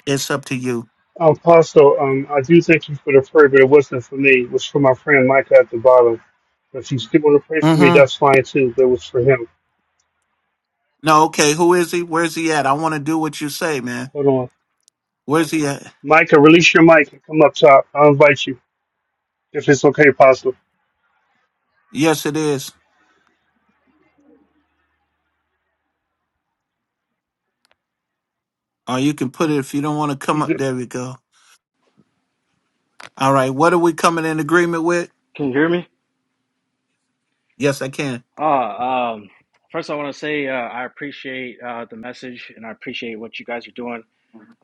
it's up to you.
Um, Apostle, um, I do thank you for the prayer, but it wasn't for me. It was for my friend Micah at the bottom. If you still want to pray for me,
Mm-hmm.
that's fine too, but it was for him.
No, okay. Who is he? Where's he at? I want to do what you say, man.
Hold on.
Where's he at?
Micah, release your mic and come up top. I'll invite you if it's okay, Apostle.
Yes, it is. Or you can put it if you don't want to come
He's a,
up. There we go. All right. What are we coming in agreement with?
Can you hear me?
Yes, I can.
Ah, um, first, I want to say uh, I appreciate uh, the message and I appreciate what you guys are doing.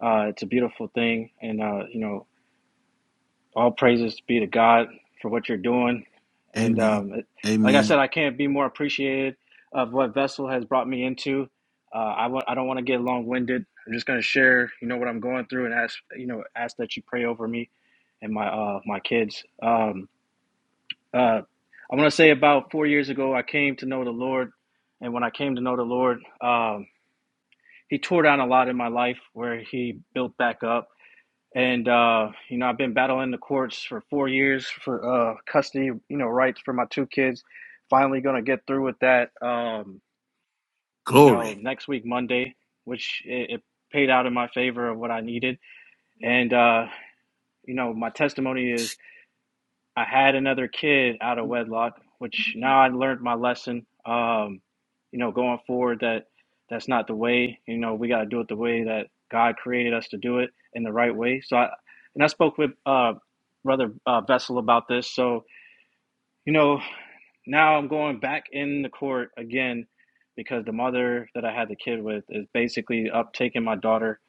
Uh, it's a beautiful thing, and uh, you know, all praises be to God for what you're doing. And
Amen.
um, it- like I said,
Amen.
I can't be more appreciated of what Vessel has brought me into. Uh, I w- I don't want to get long winded. I'm just going to share, you know, what I'm going through and ask, you know, ask that you pray over me and my uh, my kids. Um, Uh, I want to say about four years ago, I came to know the Lord. And when I came to know the Lord, um, He tore down a lot in my life where He built back up. And, uh, you know, I've been battling the courts for four years for uh, custody, you know, rights for my two kids. Finally going to get through with that, um, you know,
Glory.
next week, Monday, which it, it paid out in my favor of what I needed. And, uh, you know, my testimony is I had another kid out of wedlock, which now I learned my lesson. Um, you know, going forward, that that's not the way. You know, we got to do it the way that God created us to do it in the right way. So, I, and I spoke with uh, brother uh, Vessel about this. So, you know, now I'm going back in the court again because the mother that I had the kid with is basically up taking my daughter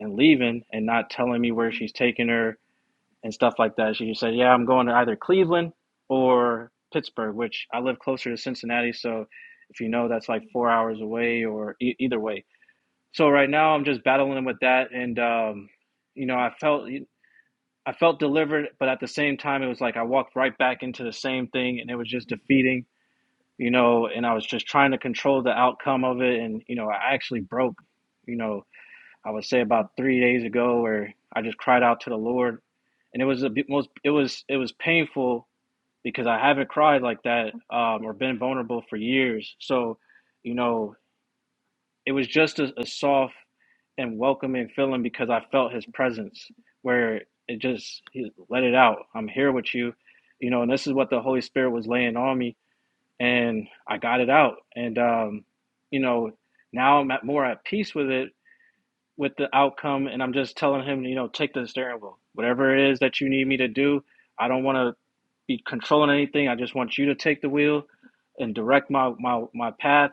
and leaving and not telling me where she's taking her and stuff like that. She said, "Yeah, I'm going to either Cleveland or Pittsburgh, which I live closer to Cincinnati, so if you know that's like four hours away or e- either way." So right now I'm just battling with that, and um, you know I felt I felt delivered, but at the same time it was like I walked right back into the same thing, and it was just defeating, you know. And I was just trying to control the outcome of it, and you know I actually broke, you know I would say about three days ago where I just cried out to the Lord, and it was the most it was it was painful because I haven't cried like that um, or been vulnerable for years. So, you know, it was just a, a soft and welcoming feeling because I felt His presence where it just he let it out. I'm here with you, you know, and this is what the Holy Spirit was laying on me, and I got it out, and um, you know, now I'm at, more at peace with it with the outcome and I'm just telling him, you know, take the steering wheel. Whatever it is that you need me to do, I don't want to be controlling anything. I just want you to take the wheel and direct my my my path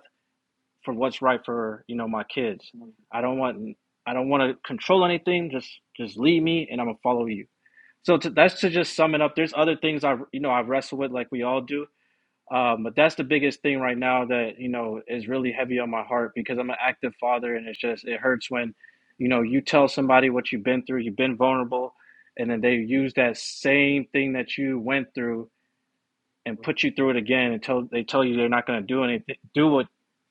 for what's right for, you know, my kids. I don't want I don't want to control anything. Just just lead me and I'm going to follow you. So to, that's to just sum it up. There's other things I you know I wrestle with like we all do, um, but that's the biggest thing right now that you know is really heavy on my heart because I'm an active father, and it's just it hurts when, you know, you tell somebody what you've been through, you've been vulnerable, and then they use that same thing that you went through and put you through it again until they tell you they're not going to do anything, do what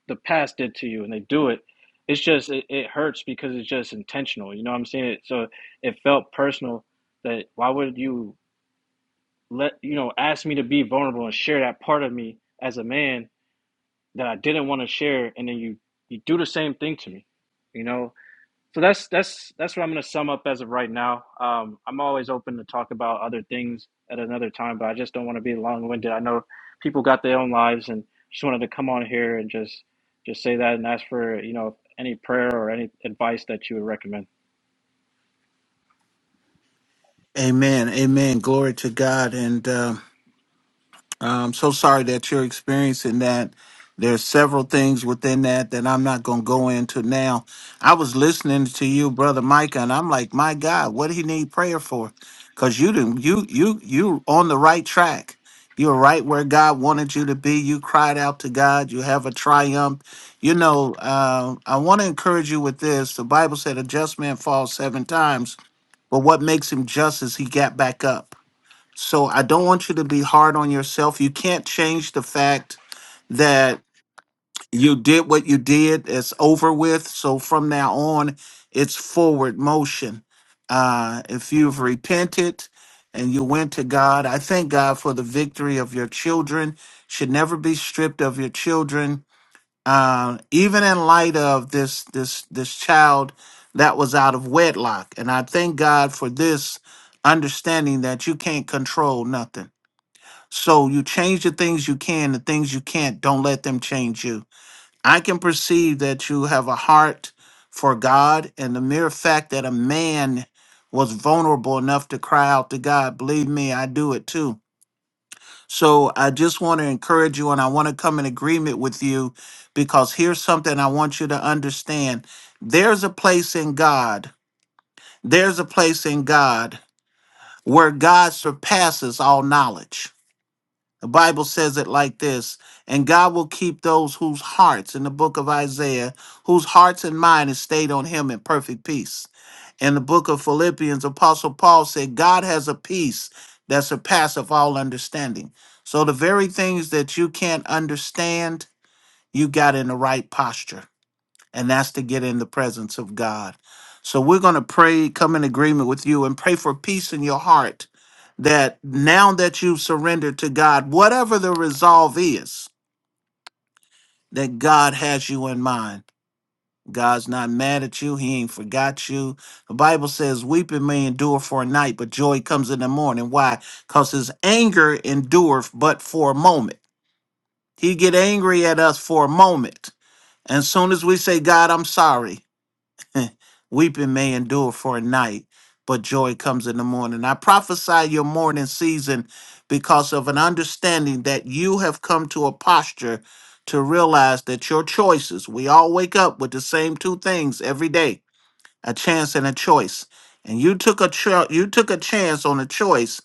the past did to you, and they do it. It's just it, it hurts because it's just intentional. You know what I'm saying? So it felt personal. That why would you let you know ask me to be vulnerable and share that part of me as a man that I didn't want to share, and then you you do the same thing to me, you know. So that's that's that's what I'm gonna sum up as of right now. Um, I'm always open to talk about other things at another time, but I just don't want to be long winded. I know people got their own lives, and just wanted to come on here and just just say that and ask for you know any prayer or any advice that you would recommend.
Amen. Amen. Glory to God. And uh, I'm so sorry that you're experiencing that. There's several things within that that I'm not going to go into now. I was listening to you, brother Micah, and I'm like, my God, what do he need prayer for? Because you didn't, you you you on the right track. You're right where God wanted you to be. You cried out to God. You have a triumph. You know, uh, I want to encourage you with this. The Bible said, "A just man falls seven times." But what makes him just is he got back up. So I don't want you to be hard on yourself. You can't change the fact that you did what you did. It's over with. So from now on, it's forward motion. Uh, if you've repented and you went to God, I thank God for the victory of your children. Should never be stripped of your children um, even in light of this this this child that was out of wedlock. And I thank God for this understanding that you can't control nothing. So you change the things you can, the things you can't, don't let them change you. I can perceive that you have a heart for God, and the mere fact that a man was vulnerable enough to cry out to God, believe me, I do it too so I just want to encourage you and I want to come in agreement with you because here's something I want you to understand. There's a place in God. There's a place in God where God surpasses all knowledge. The Bible says it like this And God will keep those whose hearts, in the book of Isaiah, whose hearts and mind is stayed on Him in perfect peace. In the book of Philippians, Apostle Paul said, God has a peace that surpasseth all understanding. So the very things that you can't understand, you got in the right posture. And that's to get in the presence of God. So we're going to pray, come in agreement with you, and pray for peace in your heart that now that you've surrendered to God, whatever the resolve is, that God has you in mind. God's not mad at you. He ain't forgot you. The Bible says, Weeping may endure for a night, but joy comes in the morning. Why? Because his anger endureth but for a moment. He get angry at us for a moment. And soon as we say, God, I'm sorry, Weeping may endure for a night, but joy comes in the morning. I prophesy your morning season because of an understanding that you have come to a posture to realize that your choices, we all wake up with the same two things every day, a chance and a choice. And you took a cho- you took a chance on a choice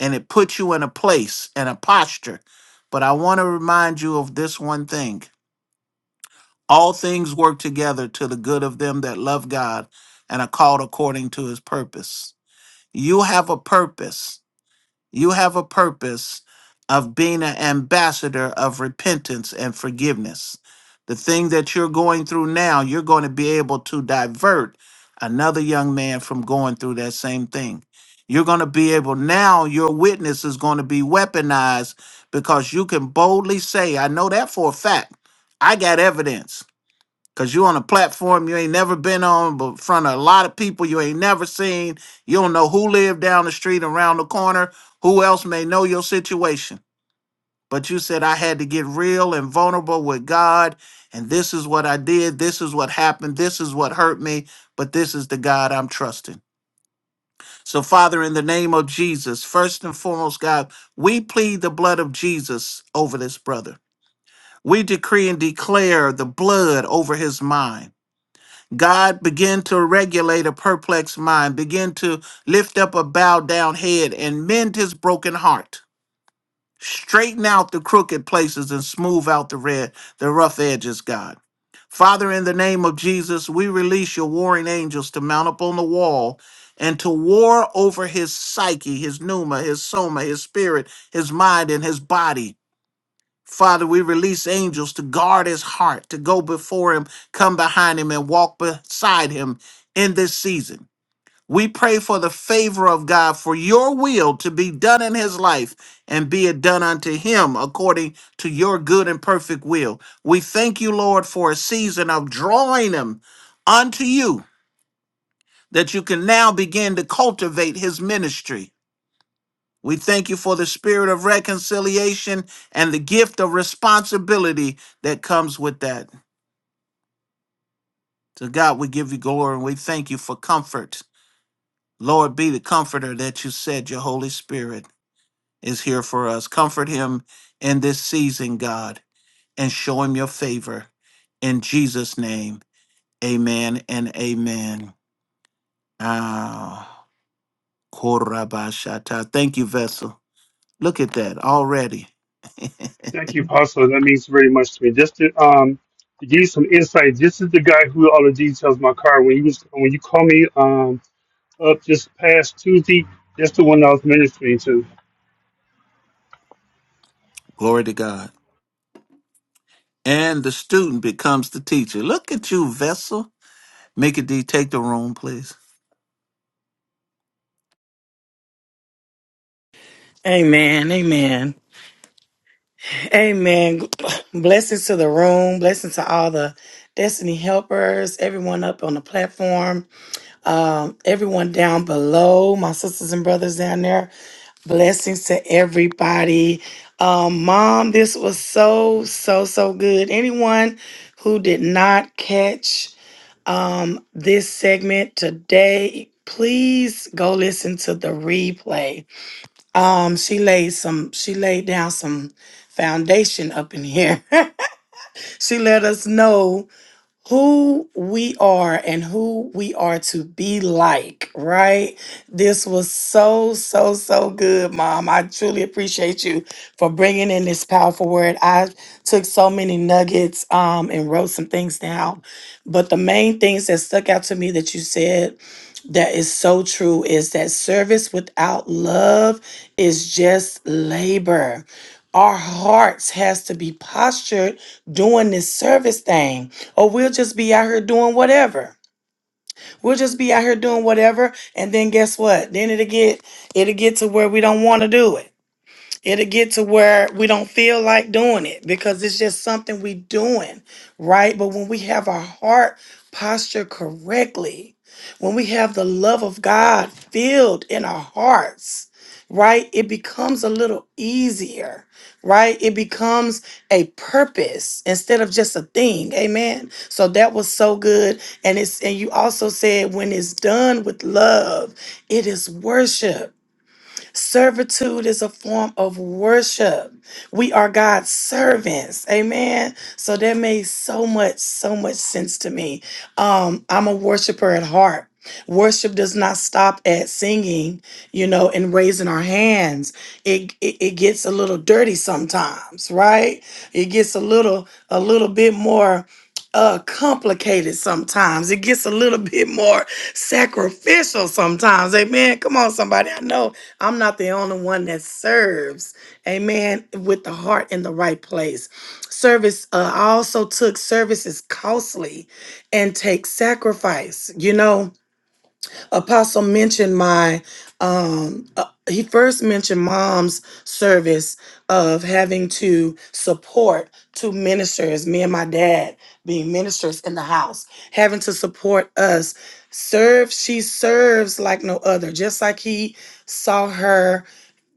and it put you in a place and a posture. But I want to remind you of this one thing. All things work together to the good of them that love God and are called according to his purpose. You have a purpose. You have a purpose of being an ambassador of repentance and forgiveness. The thing that you're going through now, you're going to be able to divert another young man from going through that same thing. You're going to be able, now your witness is going to be weaponized because you can boldly say, I know that for a fact. I got evidence. Cause you on a platform you ain't never been on, but in front of a lot of people you ain't never seen. You don't know who lived down the street, around the corner, who else may know your situation. But you said I had to get real and vulnerable with God, and this is what I did, this is what happened, this is what hurt me, but this is the God I'm trusting. So, Father, in the name of Jesus, first and foremost, God, we plead the blood of Jesus over this brother. We decree and declare the blood over his mind. God, begin to regulate a perplexed mind, begin to lift up a bowed down head and mend his broken heart. Straighten out the crooked places and smooth out the red, the rough edges, God. Father, in the name of Jesus, we release your warring angels to mount up on the wall and to war over his psyche, his pneuma, his soma, his spirit, his mind, and his body. Father, we release angels to guard his heart, to go before him, come behind him, and walk beside him in this season. We pray for the favor of God, for your will to be done in his life and be it done unto him according to your good and perfect will. We thank you, Lord, for a season of drawing him unto you that you can now begin to cultivate his ministry we thank you for the spirit of reconciliation and the gift of responsibility that comes with that. To God, we give you glory and we thank you for comfort. Lord, be the comforter that you said your Holy Spirit is here for us. Comfort him in this season, God, and show him your favor. In Jesus' name, amen and amen. Ah, korabashata. Thank you, vessel. Look at that already.
thank you, Apostle. That means very much to me. Just to, um, to give you some insight, this is the guy who all the details of my car. When you was, when you call me um, up this past Tuesday, that's the one I was ministering to.
Glory to God. And the student becomes the teacher. Look at you, Vessel. Mika D, take the room, please.
Amen. Amen. Amen. Blessings to the room. Blessings to all the destiny helpers, everyone up on the platform. um, everyone down below, my sisters and brothers down there. Blessings to everybody. Um, Mom, this was so, so, so good. Anyone who did not catch um, this segment today, please go listen to the replay. Um, she laid some, she laid down some foundation up in here. she let us know who we are and who we are to be like, right? This was so, so, so good, Mom. I truly appreciate you for bringing in this powerful word. I took so many nuggets um, and wrote some things down. But the main things that stuck out to me that you said that is so true is that service without love is just labor. Our hearts has to be postured doing this service thing or we'll just be out here doing whatever. We'll just be out here doing whatever and then guess what? Then it'll get it'll get to where we don't want to do it. It'll get to where we don't feel like doing it because it's just something we doing, right? But when we have our heart posture correctly, when we have the love of God filled in our hearts, right? It becomes a little easier, right? It becomes a purpose instead of just a thing. Amen. So that was so good. And it's and you also said when it's done with love, it is worship Servitude is a form of worship. We are God's servants. Amen. So that made so much, so much sense to me. Um, I'm a worshiper at heart. Worship does not stop at singing, you know, and raising our hands. It, it it gets a little dirty sometimes, right? It gets a little a little bit more uh complicated sometimes. It gets a little bit more sacrificial sometimes. Amen. Come on, somebody. I know I'm not the only one that serves, amen, with the heart in the right place. Service, uh, I also took service is costly and take sacrifice. You know, Apostle mentioned my, um, uh, he first mentioned mom's service of having to support two ministers, me and my dad being ministers in the house, having to support us. Serve, she serves like no other, just like he saw her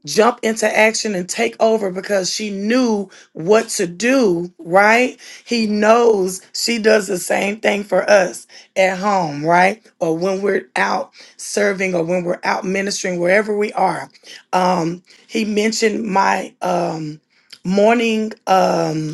jump into action and take over because she knew what to do, right? He knows she does the same thing for us at home, right? Or when we're out serving or when we're out ministering, wherever we are. Um, he mentioned my um morning um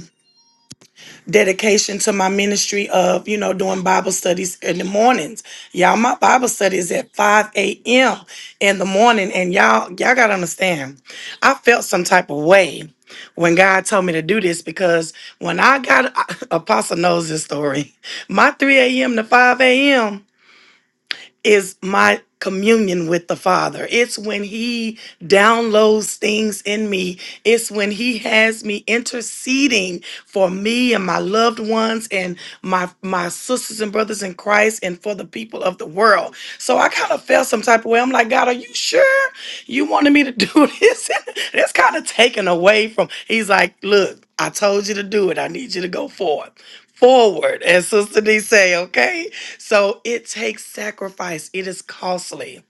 dedication to my ministry of, you know, doing Bible studies in the mornings. Y'all, my Bible study is at 5 a.m. in the morning. And y'all, y'all gotta understand, I felt some type of way when God told me to do this because when I got Apostle knows this story, my 3 a.m. to 5 a.m is my communion with the Father. It's when He downloads things in me. It's when He has me interceding for me and my loved ones and my my sisters and brothers in Christ and for the people of the world. So I kind of felt some type of way. I'm like, God, are you sure you wanted me to do this? That's kind of taken away from. He's like, look. I told you to do it. I need you to go forward forward, as Sister D say, okay? So it takes sacrifice. It is costly,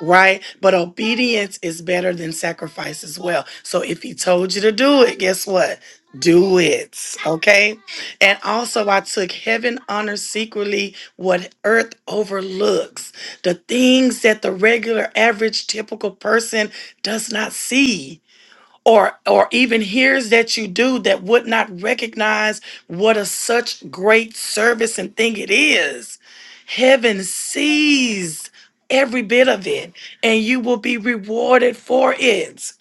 right? But obedience is better than sacrifice as well. So if he told you to do it, guess what? Do it, okay? And also, I took heaven honors secretly what earth overlooks, the things that the regular, average, typical person does not see or or even hears that you do that would not recognize what a such great service and thing it is heaven sees every bit of it and you will be rewarded for it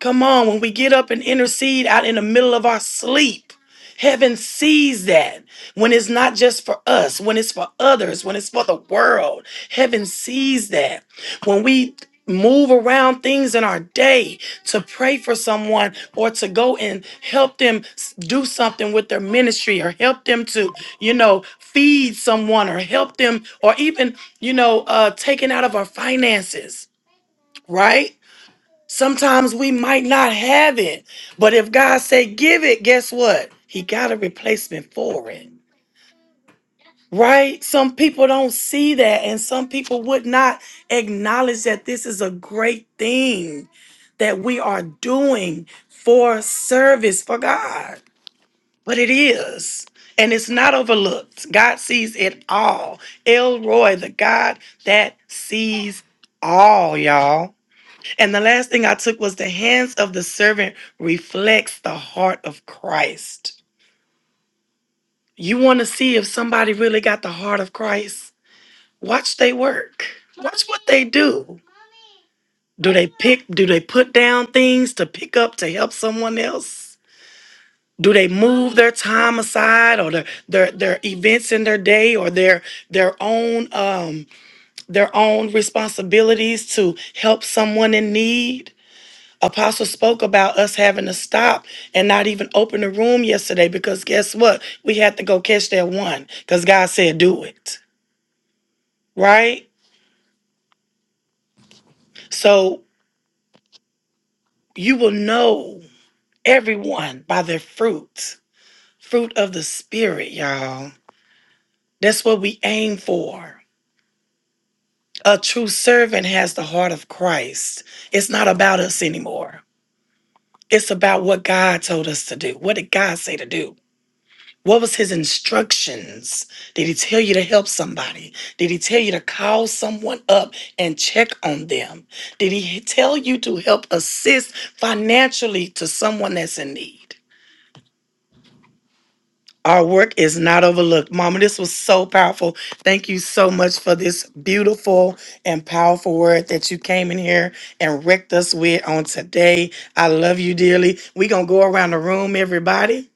Come on, when we get up and intercede out in the middle of our sleep, heaven sees that. When it's not just for us, when it's for others, when it's for the world, heaven sees that. When we move around things in our day to pray for someone or to go and help them s- do something with their ministry or help them to, you know, feed someone or help them or even, you know, uh taking out of our finances, right? Sometimes we might not have it, but if God say give it, guess what? He got a replacement for it. Right? Some people don't see that and some people would not acknowledge that this is a great thing that we are doing for service for God. But it is. And it's not overlooked. God sees it all. Elroy, the God that sees all, y'all. And the last thing I took was the hands of the servant reflects the heart of Christ. You want to see if somebody really got the heart of Christ? Watch they work. Watch what they do. Do they pick do they put down things to pick up to help someone else? Do they move their time aside or their their, their events in their day or their their own um their own responsibilities to help someone in need? Apostle spoke about us having to stop and not even open the room yesterday because guess what? We had to go catch that one because God said, do it, right? So you will know everyone by their fruit, fruit of the Spirit, y'all. That's what we aim for. A true servant has the heart of Christ. It's not about us anymore. It's about what God told us to do. What did God say to do? What was his instructions? Did he tell you to help somebody? Did he tell you to call someone up and check on them? Did he tell you to help assist financially to someone that's in need? Our work is not overlooked. Mama, this was so powerful. Thank you so much for this beautiful and powerful word that you came in here and wrecked us with on today. I love you dearly. We're going to go around the room, everybody.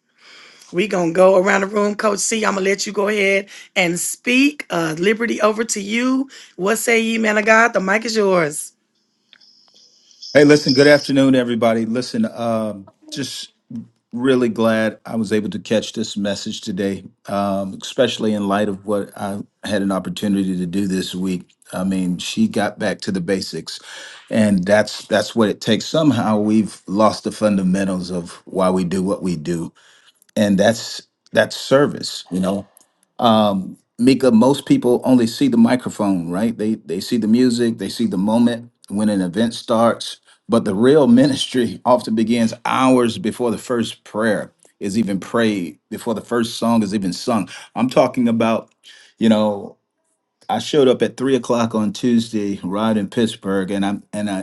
We gonna go around the room, Coach C. I'm gonna let you go ahead and speak. Uh, liberty over to you. What say ye, man of God? The mic is yours.
Hey, listen, good afternoon, everybody. Listen, um, just really glad I was able to catch this message today, um, especially in light of what I had an opportunity to do this week. I mean, she got back to the basics, and that's that's what it takes. Somehow we've lost the fundamentals of why we do what we do, and that's that's service, you know. Mika, most people only see the microphone, right? They they see the music, they see the moment when an event starts, but the real ministry often begins hours before the first prayer is even prayed, before the first song is even sung. I'm talking about, you know, I showed up at three o'clock on Tuesday, right in Pittsburgh, and I'm and I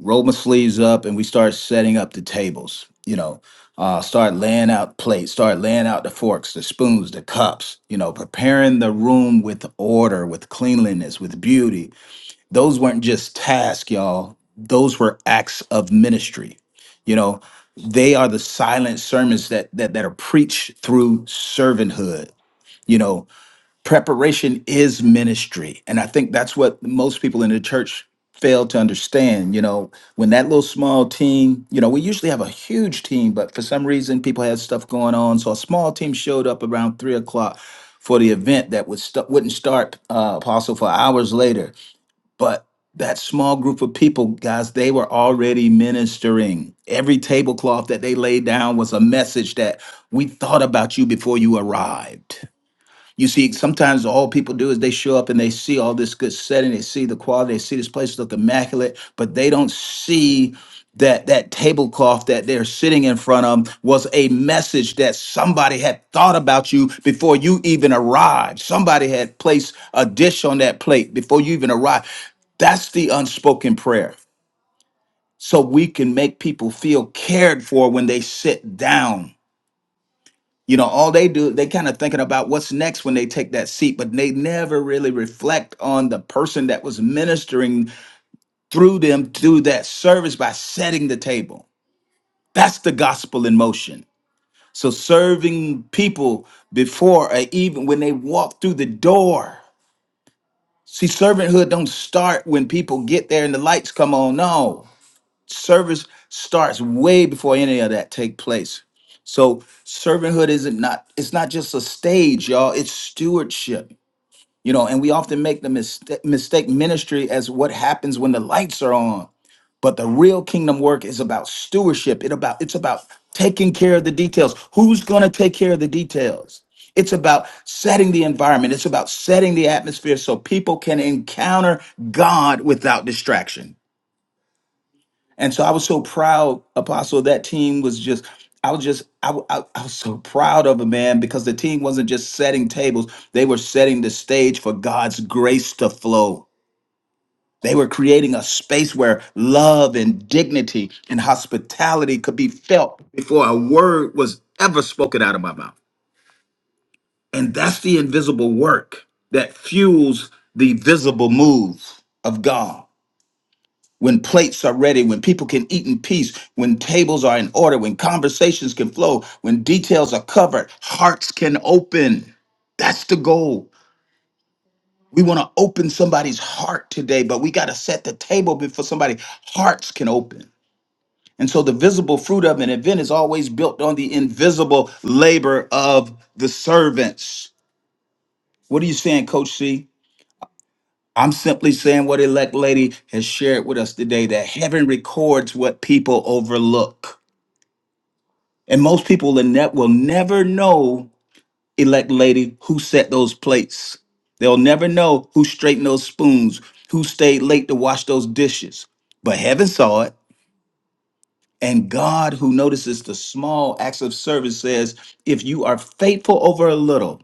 roll my sleeves up and we start setting up the tables you know uh, start laying out plates start laying out the forks the spoons the cups you know preparing the room with order with cleanliness with beauty those weren't just tasks y'all those were acts of ministry you know they are the silent sermons that that, that are preached through servanthood you know preparation is ministry and i think that's what most people in the church fail to understand you know when that little small team you know we usually have a huge team but for some reason people had stuff going on so a small team showed up around three o'clock for the event that would st- wouldn't start uh, apostle for hours later but that small group of people guys they were already ministering every tablecloth that they laid down was a message that we thought about you before you arrived you see, sometimes all people do is they show up and they see all this good setting, they see the quality, they see this place look immaculate, but they don't see that that tablecloth that they're sitting in front of was a message that somebody had thought about you before you even arrived. Somebody had placed a dish on that plate before you even arrived. That's the unspoken prayer. So we can make people feel cared for when they sit down you know, all they do, they kind of thinking about what's next when they take that seat, but they never really reflect on the person that was ministering through them through that service by setting the table. That's the gospel in motion. So serving people before or even when they walk through the door. See, servanthood don't start when people get there and the lights come on. No. service starts way before any of that take place so servanthood isn't not it's not just a stage y'all it's stewardship you know and we often make the mistake, mistake ministry as what happens when the lights are on but the real kingdom work is about stewardship it about it's about taking care of the details who's going to take care of the details it's about setting the environment it's about setting the atmosphere so people can encounter god without distraction and so I was so proud, Apostle. That team was just, I was just, I, w- I- I was so proud of it, man, because the team wasn't just setting tables, they were setting the stage for God's grace to flow. They were creating a space where love and dignity and hospitality could be felt before a word was ever spoken out of my mouth. And that's the invisible work that fuels the visible move of God. when plates are ready, when people can eat in peace, when tables are in order, when conversations can flow, when details are covered, hearts can open. That's the goal. We want to open somebody's heart today, but we got to set the table before somebody hearts can open. And so the visible fruit of an event is always built on the invisible labor of the servants. What are you saying, Coach C? I'm simply saying what Elect Lady has shared with us today that heaven records what people overlook. And most people in that will never know, elect lady, who set those plates. They'll never know who straightened those spoons, who stayed late to wash those dishes. But heaven saw it. And God, who notices the small acts of service, says, If you are faithful over a little,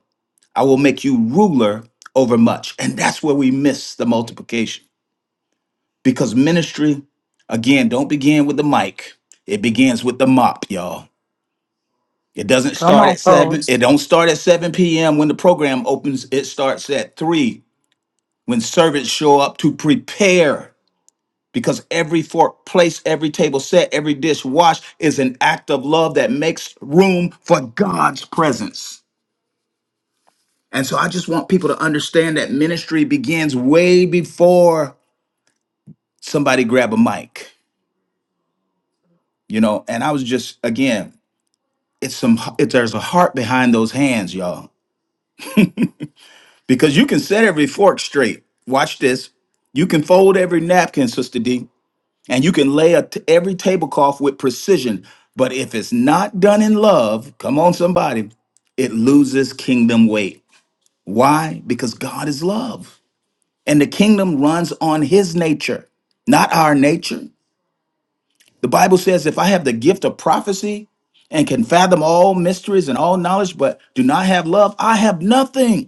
I will make you ruler over much. And that's where we miss the multiplication. Because ministry, again, don't begin with the mic, it begins with the mop, y'all. It doesn't start at seven. It don't start at seven p.m. when the program opens. It starts at three when servants show up to prepare. Because every fork placed, every table set, every dish washed is an act of love that makes room for God's presence. And so I just want people to understand that ministry begins way before somebody grab a mic, you know. And I was just again, it's some. It, there's a heart behind those hands, y'all because you can set every fork straight. Watch this. You can fold every napkin, Sister D, and you can lay a t- every tablecloth with precision. But if it's not done in love, come on, somebody, it loses kingdom weight. Why? Because God is love, and the kingdom runs on His nature, not our nature. The Bible says, if I have the gift of prophecy and can fathom all mysteries and all knowledge, but do not have love, I have nothing.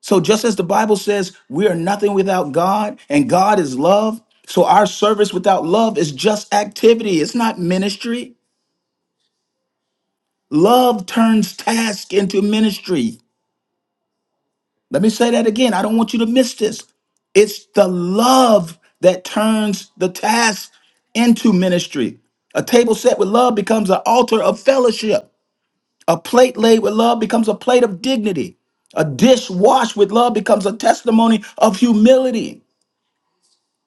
So just as the Bible says, we are nothing without God and God is love. So our service without love is just activity. It's not ministry. Love turns task into ministry. Let me say that again. I don't want you to miss this. It's the love that turns the task into ministry. A table set with love becomes an altar of fellowship. A plate laid with love becomes a plate of dignity. A dish washed with love becomes a testimony of humility.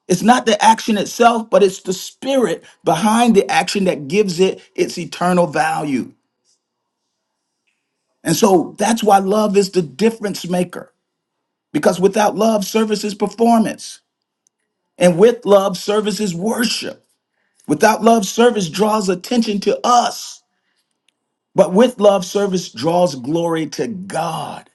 It's not the action itself, but it's the spirit behind the action that gives it its eternal value. And so that's why love is the difference maker, because without love, service is performance. And with love, service is worship. Without love, service draws attention to us. But with love, service draws glory to God.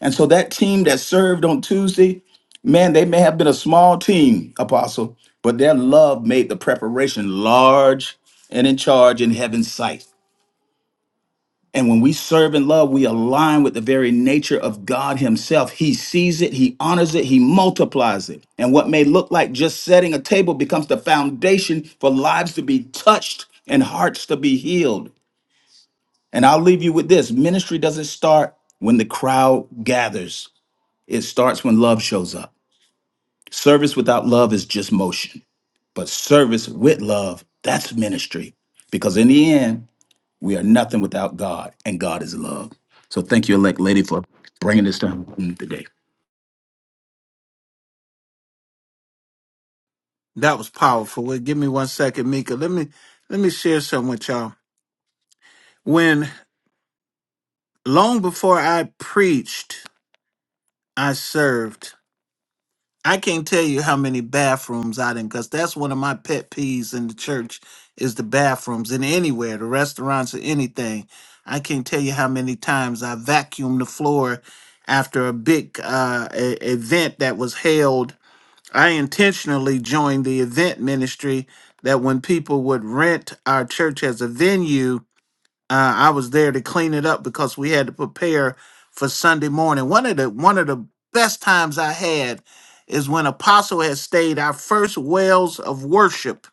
And so that team that served on Tuesday, man, they may have been a small team, Apostle, but their love made the preparation large and in charge in heaven's sight. And when we serve in love, we align with the very nature of God Himself. He sees it, He honors it, He multiplies it. And what may look like just setting a table becomes the foundation for lives to be touched and hearts to be healed. And I'll leave you with this ministry doesn't start when the crowd gathers, it starts when love shows up. Service without love is just motion, but service with love, that's ministry. Because in the end, we are nothing without God, and God is love. So thank you, elect lady, for bringing this to home today.
That was powerful. Wait, give me one second, Mika. Let me let me share something with y'all. When long before I preached, I served. I can't tell you how many bathrooms I didn't, because that's one of my pet peeves in the church is the bathrooms and anywhere, the restaurants or anything. I can't tell you how many times I vacuumed the floor after a big uh, a- event that was held I intentionally joined the event ministry that when people would rent our church as a venue, uh, I was there to clean it up because we had to prepare for Sunday morning. One of the one of the best times I had is when Apostle had stayed our first wells of worship,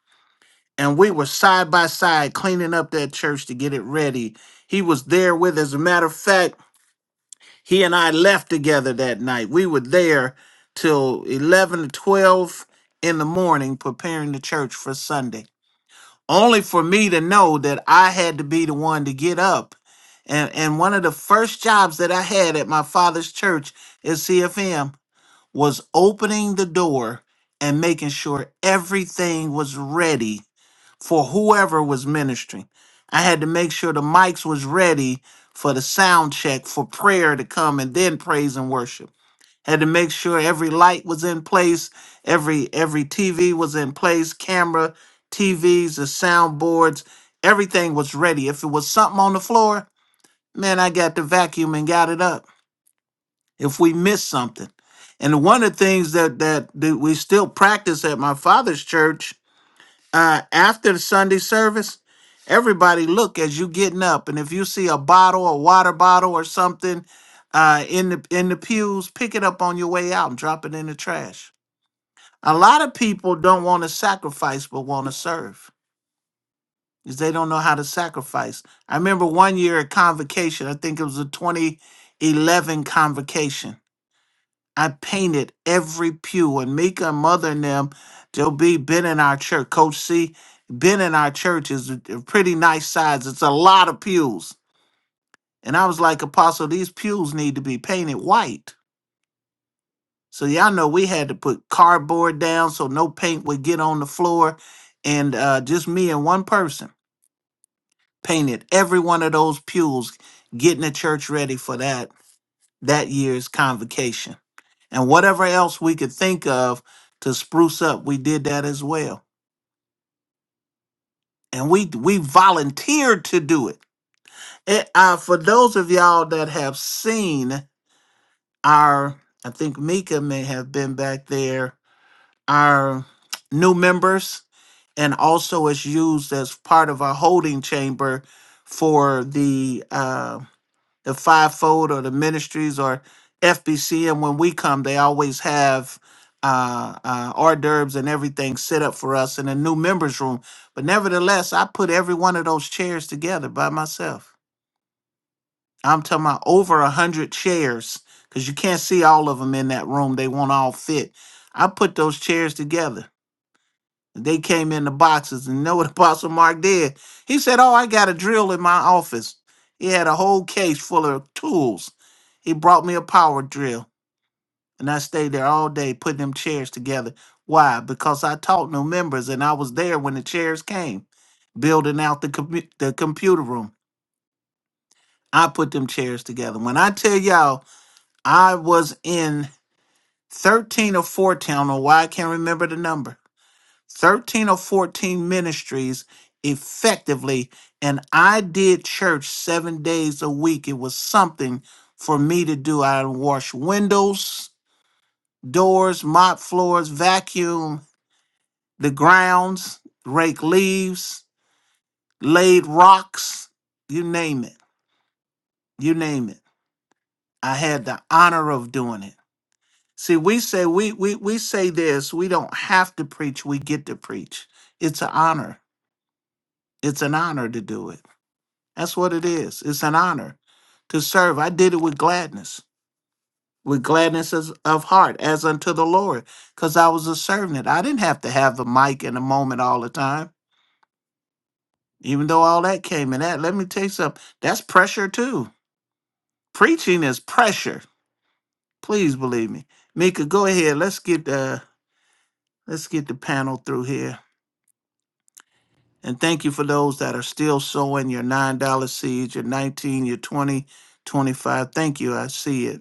and we were side by side cleaning up that church to get it ready. He was there with, as a matter of fact. He and I left together that night. We were there till 11 to 12 in the morning preparing the church for Sunday, only for me to know that I had to be the one to get up. And, and one of the first jobs that I had at my father's church at CFM was opening the door and making sure everything was ready for whoever was ministering. I had to make sure the mics was ready for the sound check for prayer to come and then praise and worship. Had to make sure every light was in place, every every TV was in place, camera, TVs, the soundboards, everything was ready. If it was something on the floor, man, I got the vacuum and got it up. If we missed something. And one of the things that that, that we still practice at my father's church uh, after the Sunday service, everybody look as you getting up, and if you see a bottle, a water bottle, or something uh, in the in the pews, pick it up on your way out and drop it in the trash. A lot of people don't want to sacrifice, but want to serve, because they don't know how to sacrifice. I remember one year at convocation, I think it was a 2011 convocation. I painted every pew, and Mika and Mother and them, they'll be been in our church. Coach C, been in our church is a a pretty nice size. It's a lot of pews, and I was like, Apostle, these pews need to be painted white. So y'all know we had to put cardboard down so no paint would get on the floor, and uh, just me and one person painted every one of those pews, getting the church ready for that that year's convocation. and whatever else we could think of to spruce up, we did that as well. And we we volunteered to do it. it uh, for those of y'all that have seen our, I think Mika may have been back there, our new members, and also it's used as part of our holding chamber for the uh, the fivefold or the ministries or FBC. And when we come, they always have uh, uh, hors d'oeuvres and everything set up for us in a new members room. But nevertheless, I put every one of those chairs together by myself. I'm talking about over a hundred chairs because you can't see all of them in that room. They won't all fit. I put those chairs together they came in the boxes, and you know what Apostle Mark did? He said, "Oh, I got a drill in my office." He had a whole case full of tools. He brought me a power drill, and I stayed there all day putting them chairs together. Why? Because I taught new members, and I was there when the chairs came, building out the commu- the computer room. I put them chairs together. When I tell y'all, I was in thirteen or fourteen. I don't know why I can't remember the number 13 or 14 ministries effectively, and I did church seven days a week. It was something for me to do. I washed windows, doors, mop floors, vacuum the grounds, rake leaves, laid rocks, you name it. You name it. I had the honor of doing it. See, we say we we we say this, we don't have to preach, we get to preach. It's an honor. It's an honor to do it That's what it is. It's an honor to serve. I did it with gladness, with gladness as, of heart, as unto the Lord, because I was a servant. I didn't have to have the mic in the moment all the time, even though all that came in that. Let me tell you something. That's pressure too. Preaching is pressure. Please believe me. Mika, go ahead. Let's get the let's get the panel through here. And thank you for those that are still sowing your $9 seeds, your 19, your 20, 25. Thank you. I see it.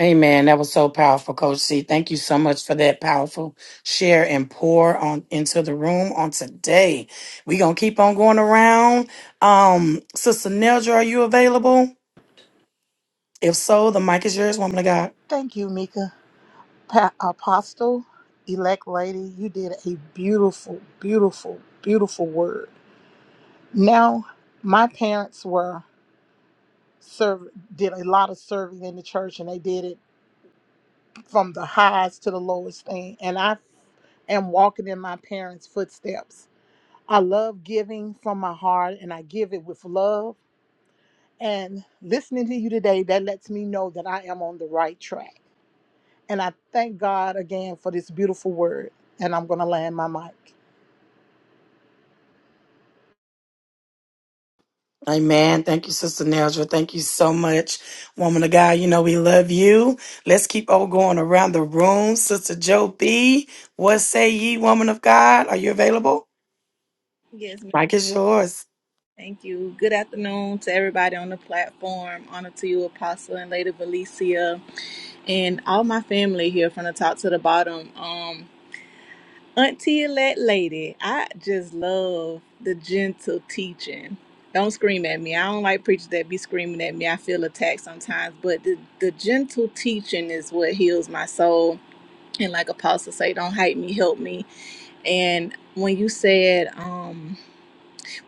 Amen. That was so powerful, Coach C. Thank you so much for that powerful share and pour on into the room on today. We gonna keep on going around. Um, Sister Neldra, are you available? If so, the mic is yours, woman of God.
Thank you, Mika. Pa- Apostle, elect lady, you did a beautiful, beautiful, beautiful word. Now, my parents were serve did a lot of serving in the church, and they did it from the highs to the lowest thing. And I am walking in my parents' footsteps. I love giving from my heart, and I give it with love. And listening to you today, that lets me know that I am on the right track. And I thank God again for this beautiful word. And I'm going to land my mic.
Amen. Thank you, Sister Nelja. Thank you so much, woman of God. You know we love you. Let's keep on going around the room. Sister Joe B, what say ye, woman of God? Are you available?
Yes, ma'am.
Mike is yours.
Thank you. Good afternoon to everybody on the platform. Honor to you, Apostle and Lady Valencia, and all my family here from the top to the bottom. Um, Auntie Elect Lady, I just love the gentle teaching. Don't scream at me. I don't like preachers that be screaming at me. I feel attacked sometimes, but the, the gentle teaching is what heals my soul. And like Apostle say, don't hate me, help me. And when you said, um,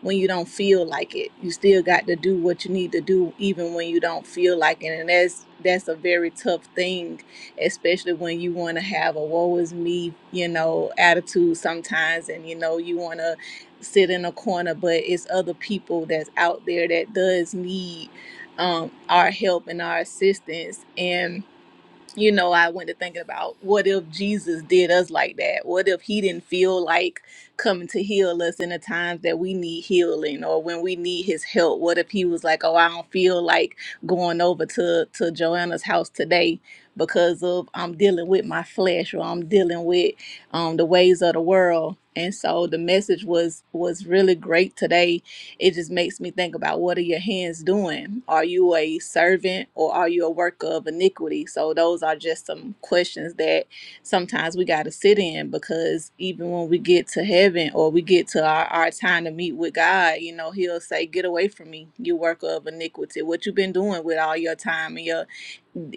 when you don't feel like it. You still got to do what you need to do even when you don't feel like it. And that's that's a very tough thing, especially when you want to have a woe is me, you know, attitude sometimes and you know you want to sit in a corner, but it's other people that's out there that does need um, our help and our assistance. And you know, I went to thinking about what if Jesus did us like that? What if he didn't feel like coming to heal us in the times that we need healing or when we need his help? What if he was like, Oh, I don't feel like going over to, to Joanna's house today because of I'm dealing with my flesh or I'm dealing with um the ways of the world. And so the message was was really great today it just makes me think about what are your hands doing? Are you a servant or are you a worker of iniquity? So those are just some questions that sometimes we got to sit in because even when we get to heaven or we get to our, our time to meet with God, you know, he'll say, get away from me, you worker of iniquity, what you been doing with all your time and your,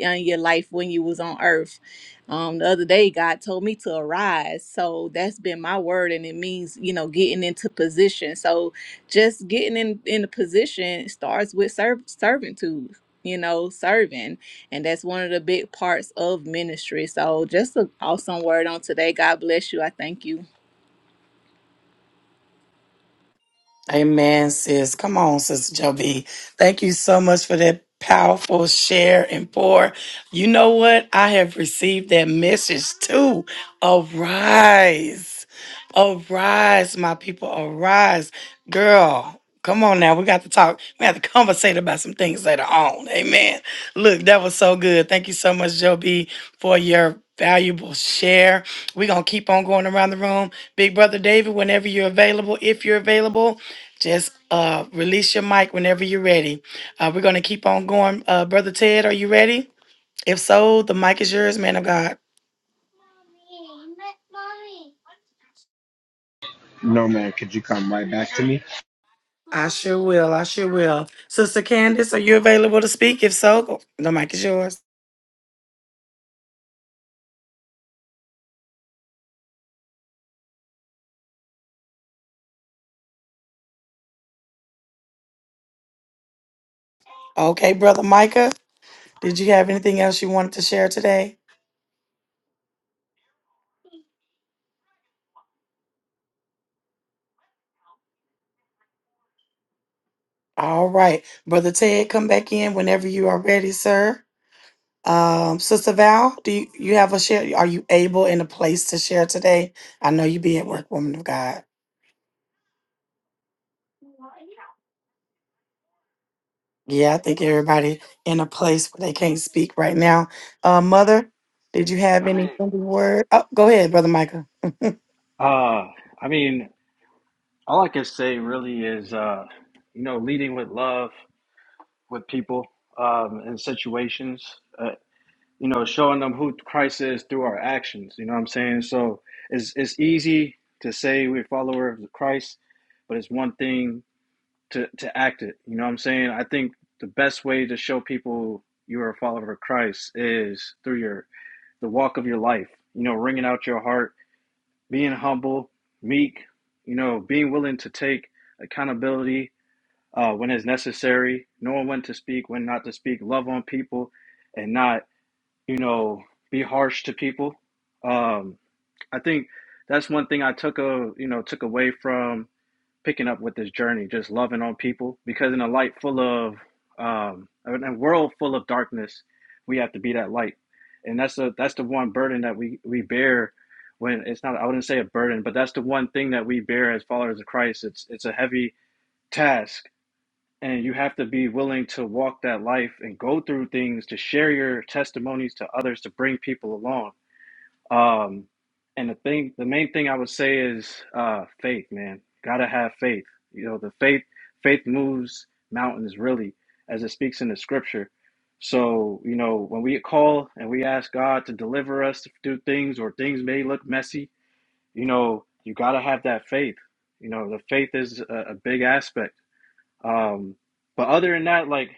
and your life when you was on earth. Um, the other day, God told me to arise. So that's been my word. And it means, you know, getting into position. So just getting in in a position starts with serv- servitude you know serving and that's one of the big parts of ministry so just an awesome word on today god bless you i thank you
Amen, sis. Come on, Sister Joby. Thank you so much for that powerful share and pour. You know what? I have received that message too. Arise. Arise, my people. Arise. Girl, come on now. We got to talk. We have to conversate about some things later on. Amen. Look, that was so good. Thank you so much, Joby, for your valuable share. We're going to keep on going around the room. Big Brother David, whenever you're available, if you're available, just uh, release your mic whenever you're ready. Uh, we're going to keep on going. Uh, Brother Ted, are you ready? If so, the mic is yours, man of God.
No, man, could you come right back to me?
I sure will. I sure will. Sister Candace, are you available to speak? If so, go- the mic is yours. Okay, Brother Micah, did you have anything else you wanted to share today? All right. Brother Ted, come back in whenever you are ready, sir. Um, Sister Val, do you, you have a share? Are you able in a place to share today? I know you be at work, woman of God. Yeah, I think everybody in a place where they can't speak right now. Uh, Mother, did you have
I
any
mean,
ending word? Oh, go ahead, Brother Micah.
Uh, I mean, all I can say really is, uh, you know, leading with love with people um, and situations. Uh, you know, showing them who Christ is through our actions. You know what I'm saying? So it's it's easy to say we're followers of Christ, but it's one thing to to act it. You know what I'm saying? I think the best way to show people you are a follower of Christ is through your the walk of your life. You know, wringing out your heart, being humble, meek. You know, being willing to take accountability uh, when it's necessary, knowing when to speak, when not to speak, love on people, and not you know, be harsh to people. Um, I think that's one thing I took a you know took away from picking up with this journey, just loving on people. Because in a light full of um, in a world full of darkness, we have to be that light, and that's the that's the one burden that we we bear. When it's not, I wouldn't say a burden, but that's the one thing that we bear as followers of Christ. It's it's a heavy task and you have to be willing to walk that life and go through things to share your testimonies to others to bring people along um and the thing the main thing i would say is uh faith man gotta have faith you know the faith faith moves mountains really as it speaks in the scripture so you know when we call and we ask god to deliver us through things or things may look messy you know you gotta have that faith you know the faith is a, a big aspect um, but other than that, like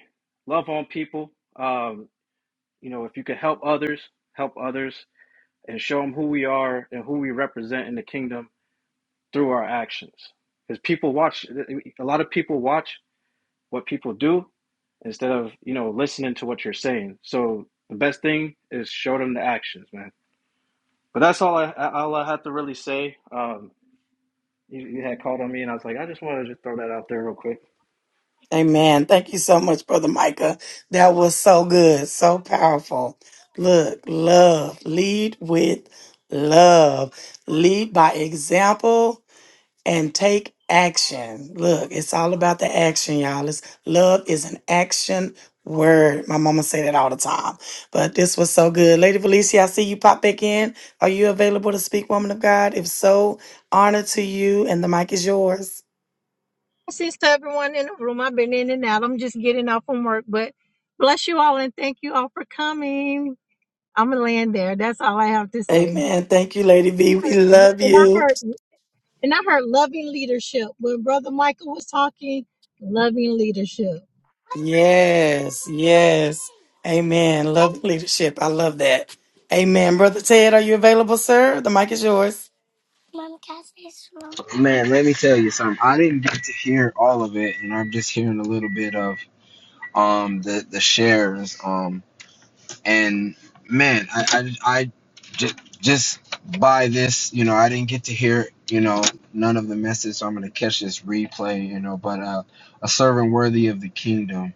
love on people. Um, you know, if you can help others, help others and show them who we are and who we represent in the kingdom through our actions. Because people watch, a lot of people watch what people do instead of, you know, listening to what you're saying. So the best thing is show them the actions, man. But that's all I, all I have to really say. Um, you, you had called on me and I was like, I just wanted to just throw that out there real quick.
Amen. Thank you so much, Brother Micah. That was so good, so powerful. Look, love. Lead with love. Lead by example and take action. Look, it's all about the action, y'all. It's, love is an action word. My mama say that all the time. But this was so good. Lady Felicia, I see you pop back in. Are you available to speak, woman of God? If so, honor to you, and the mic is yours.
blessings to everyone in the room. I've been in and out. I'm just getting off from work, but bless you all and thank you all for coming. I'm gonna land there. That's all I have to say.
Amen. Thank you, Lady V. We
Heard-
love
And I
you.
heard and I heard loving leadership when Brother Michael was talking. Loving leadership.
Yes, yes. Amen. Love leadership. I love that. Amen. Brother Ted, are you available, sir? The mic is yours.
Man, let me tell you something. I didn't get to hear all of it, and I'm just hearing a little bit of um the the shares. Um, and man, I I, I just just by this, you know, I didn't get to hear you know none of the message, so I'm gonna catch this replay, you know. But uh, a servant worthy of the kingdom.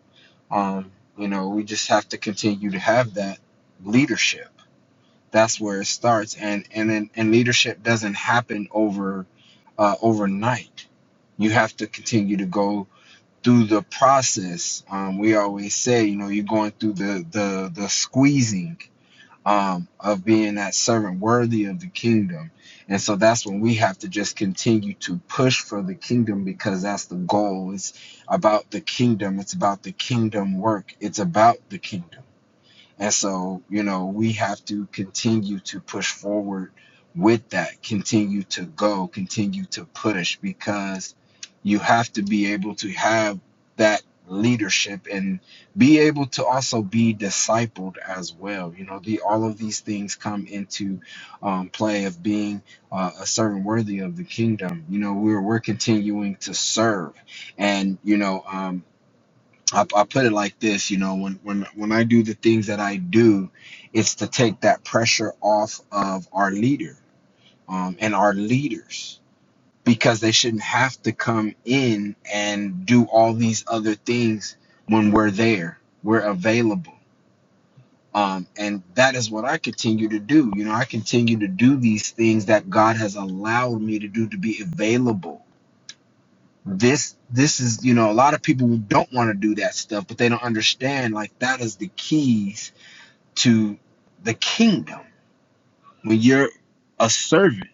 Um, you know, we just have to continue to have that leadership that's where it starts and and then and leadership doesn't happen over uh, overnight you have to continue to go through the process um, we always say you know you're going through the the the squeezing um, of being that servant worthy of the kingdom and so that's when we have to just continue to push for the kingdom because that's the goal it's about the kingdom it's about the kingdom work it's about the kingdom and so, you know, we have to continue to push forward with that, continue to go, continue to push because you have to be able to have that leadership and be able to also be discipled as well. You know, the all of these things come into um, play of being uh, a servant worthy of the kingdom. You know, we're we're continuing to serve, and you know, um, I, I put it like this, you know, when when when I do the things that I do, it's to take that pressure off of our leader um, and our leaders because they shouldn't have to come in and do all these other things when we're there, we're available, um, and that is what I continue to do. You know, I continue to do these things that God has allowed me to do to be available this this is you know a lot of people don't want to do that stuff but they don't understand like that is the keys to the kingdom when you're a servant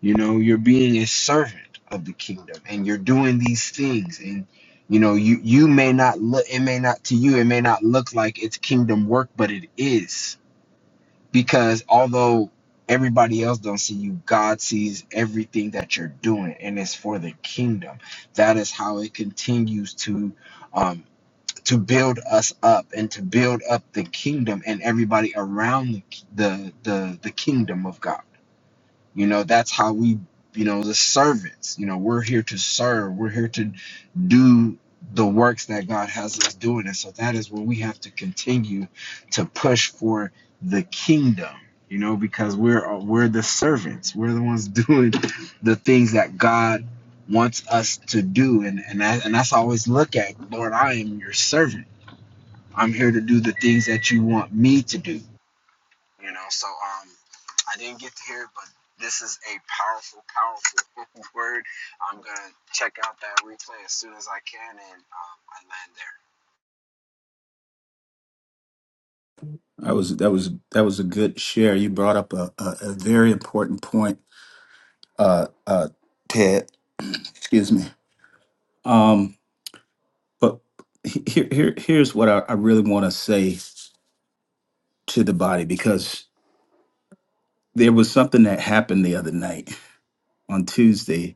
you know you're being a servant of the kingdom and you're doing these things and you know you you may not look it may not to you it may not look like it's kingdom work but it is because although everybody else don't see you god sees everything that you're doing and it's for the kingdom that is how it continues to um to build us up and to build up the kingdom and everybody around the the the, the kingdom of god you know, that's how we, you know, the servants, you know, we're here to serve, we're here to do the works that God has us doing. And so that is where we have to continue to push for the kingdom, you know, because we're we're the servants. We're the ones doing the things that God wants us to do. And and that, and that's how I always look at, Lord, I am your servant. I'm here to do the things that you want me to do you know. So um, I didn't get to hear it, but this is a powerful, powerful word. I'm gonna check out that replay as soon as I can, and um, I land there.
I was that was that was a good share. You brought up a, a, a very important point, uh, uh, Ted. Excuse me. Um, but he- here, here here's what I, I really want to say to the body because there was something that happened the other night on Tuesday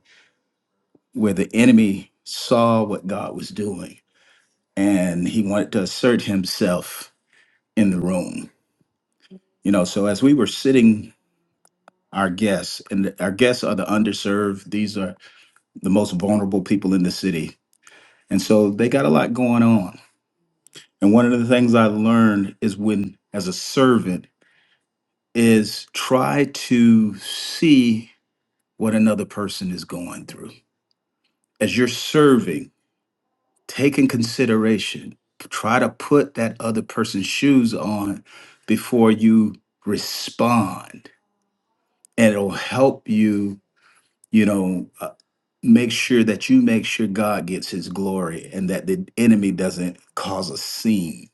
where the enemy saw what God was doing and he wanted to assert himself in the room. You know, so as we were sitting, our guests, and our guests are the underserved, these are the most vulnerable people in the city. And so they got a lot going on. And one of the things I learned is when, as a servant, is try to see what another person is going through. As you're serving, take in consideration try to put that other person's shoes on before you respond and it'll help you you know uh, make sure that you make sure god gets his glory and that the enemy doesn't cause a scene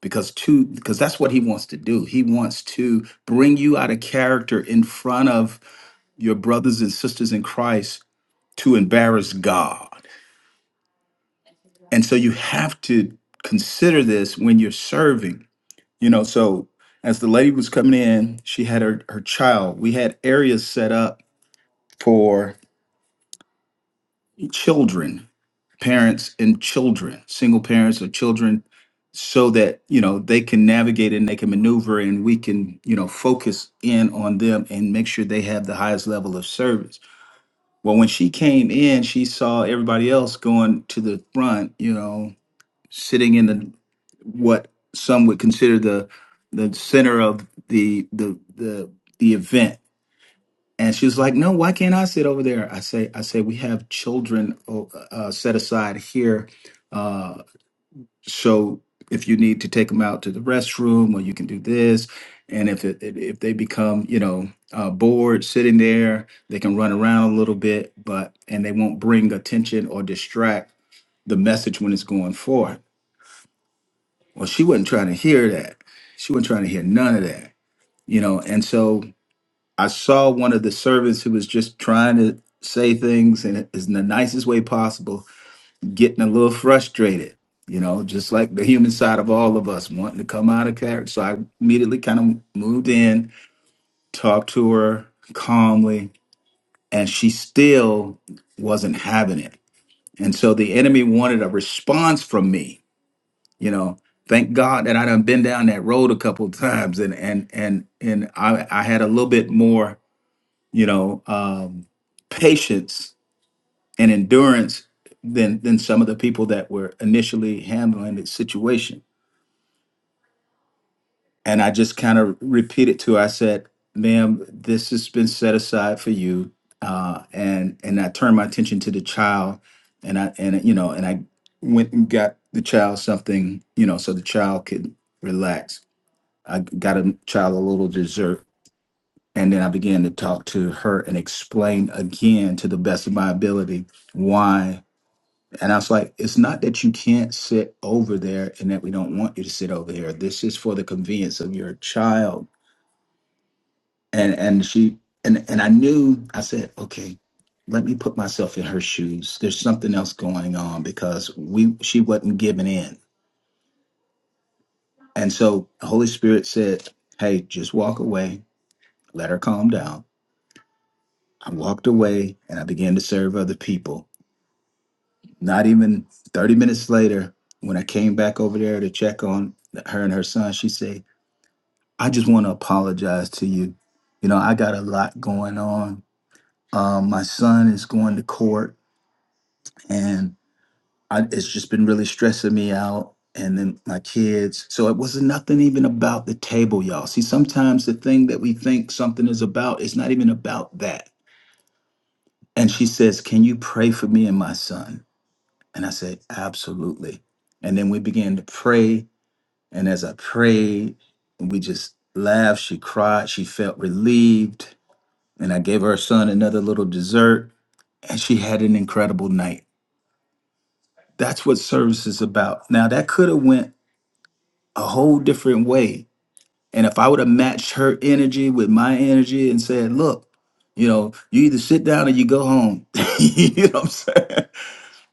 because two because that's what he wants to do he wants to bring you out of character in front of your brothers and sisters in christ to embarrass god and so you have to consider this when you're serving You know, so as the lady was coming in, she had her, her child. We had areas set up for children, parents and children, single parents or children, so that, you know, they can navigate and they can maneuver and we can, you know, focus in on them and make sure they have the highest level of service. Well, when she came in, she saw everybody else going to the front, you know, sitting in the what some would consider the the center of the the the the event and she was like no why can't i sit over there i say i say we have children oh, uh, set aside here uh so if you need to take them out to the restroom or you can do this and if it, it- if they become you know uh, bored sitting there they can run around a little bit but and they won't bring attention or distract the message when it's going forth well, she wasn't trying to hear that. She wasn't trying to hear none of that, you know. And so I saw one of the servants who was just trying to say things in, in the nicest way possible, getting a little frustrated, you know, just like the human side of all of us wanting to come out of character. So I immediately kind of moved in, talked to her calmly, and she still wasn't having it. And so the enemy wanted a response from me you know thank god that i done been down that road a couple of times and and and and i i had a little bit more you know um patience and endurance than than some of the people that were initially handling the situation and i just kind of repeated to her i said ma'am this has been set aside for you uh and and i turned my attention to the child and i and you know and i went and got the child something you know so the child could relax I got a child a little dessert. And then I began to talk to her and explain again to the best of my ability why. And I was like, it's not that you can't sit over there and that we don't want you to sit over here. This is for the convenience of your child. And and she and and I knew I said, okay, let me put myself in her shoes. There's something else going on because we she wasn't giving in. And so Holy Spirit said, Hey, just walk away, let her calm down I walked away and I began to serve other people. Not even 30 minutes later, when I came back over there to check on her and her son, she said, I just want to apologize to you. You know, I got a lot going on. Um, my son is going to court and I, it's just been really stressing me out. And then my kids. So it wasn't nothing even about the table, y'all. See, sometimes the thing that we think something is about is not even about that. And she says, Can you pray for me and my son? And I said, absolutely. And then we began to pray. And as I prayed, we just laughed. She cried. She felt relieved. And I gave her son another little dessert. And she had an incredible night. That's what service is about. Now that could have went a whole different way. And if I would have matched her energy with my energy and said, look, you know, you either sit down or you go home. you know what I'm saying?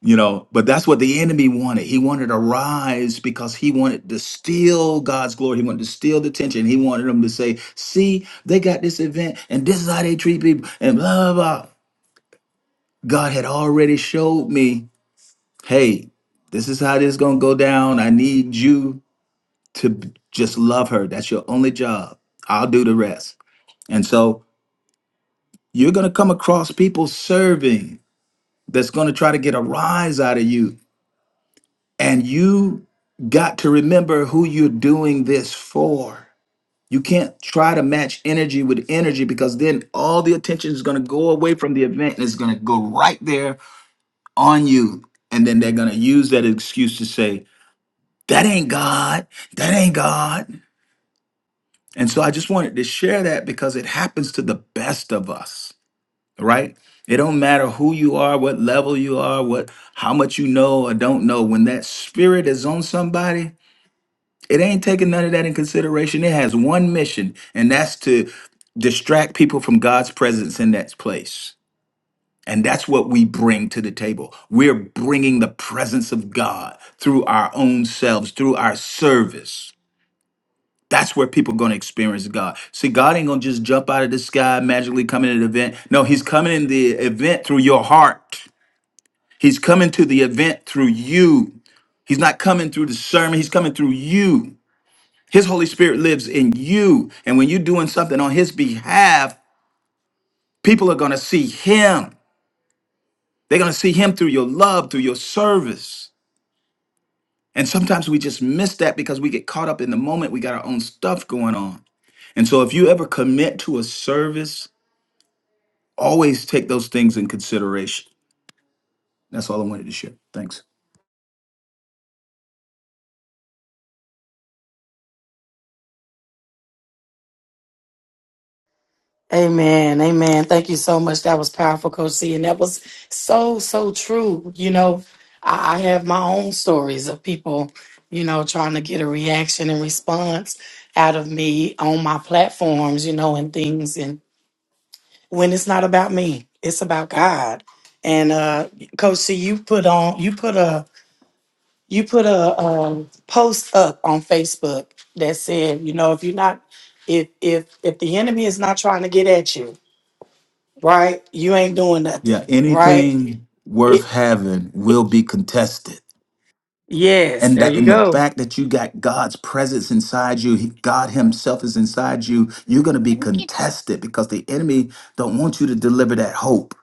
you know but that's what the enemy wanted he wanted to rise because he wanted to steal god's glory he wanted to steal the attention he wanted them to say see they got this event and this is how they treat people and blah blah blah god had already showed me hey this is how this is going to go down i need you to b- just love her that's your only job i'll do the rest and so you're going to come across people serving that's going to try to get a rise out of you And you got to remember who you're doing this for. You can't try to match energy with energy because then all the attention is going to go away from the event and it's going to go right there on you. And then they're going to use that excuse to say, that ain't God. That ain't God. And so I just wanted to share that because it happens to the best of us, right? It don't matter who you are, what level you are, what how much you know or don't know. When that spirit is on somebody, It ain't taking none of that in consideration. It has one mission, and that's to distract people from God's presence in that place. And that's what we bring to the table. We're bringing the presence of God through our own selves, through our service. That's where people going to experience God. See, God ain't going to just jump out of the sky, magically come in an event. No, He's coming in the event through your heart. He's coming to the event through you. He's not coming through the sermon, He's coming through you. His Holy Spirit lives in you. And when you're doing something on His behalf, people are going to see Him. They're going to see Him through your love, through your service. And sometimes we just miss that because we get caught up in the moment. We got our own stuff going on. And so if you ever commit to a service, always take those things in consideration. That's all I wanted to share. Thanks.
Amen. Amen. Thank you so much. That was powerful, Coach C. And that was so, so true. You know, I, I have my own stories of people, you know, trying to get a reaction and response out of me on my platforms, you know, and things. And when it's not about me, it's about God. And uh Coach C, you put on you put a you put a um post up on Facebook that said, you know, if you're not if if if the enemy is not trying to get at you right? You ain't doing
Yeah,
nothing, right?
anything
It-
worth having will be contested.
yes,
and
there
that
you
in the
go.
fact that you got God's presence inside you, he- God himself is inside you, you're going to be contested because the enemy don't want you to deliver that hope.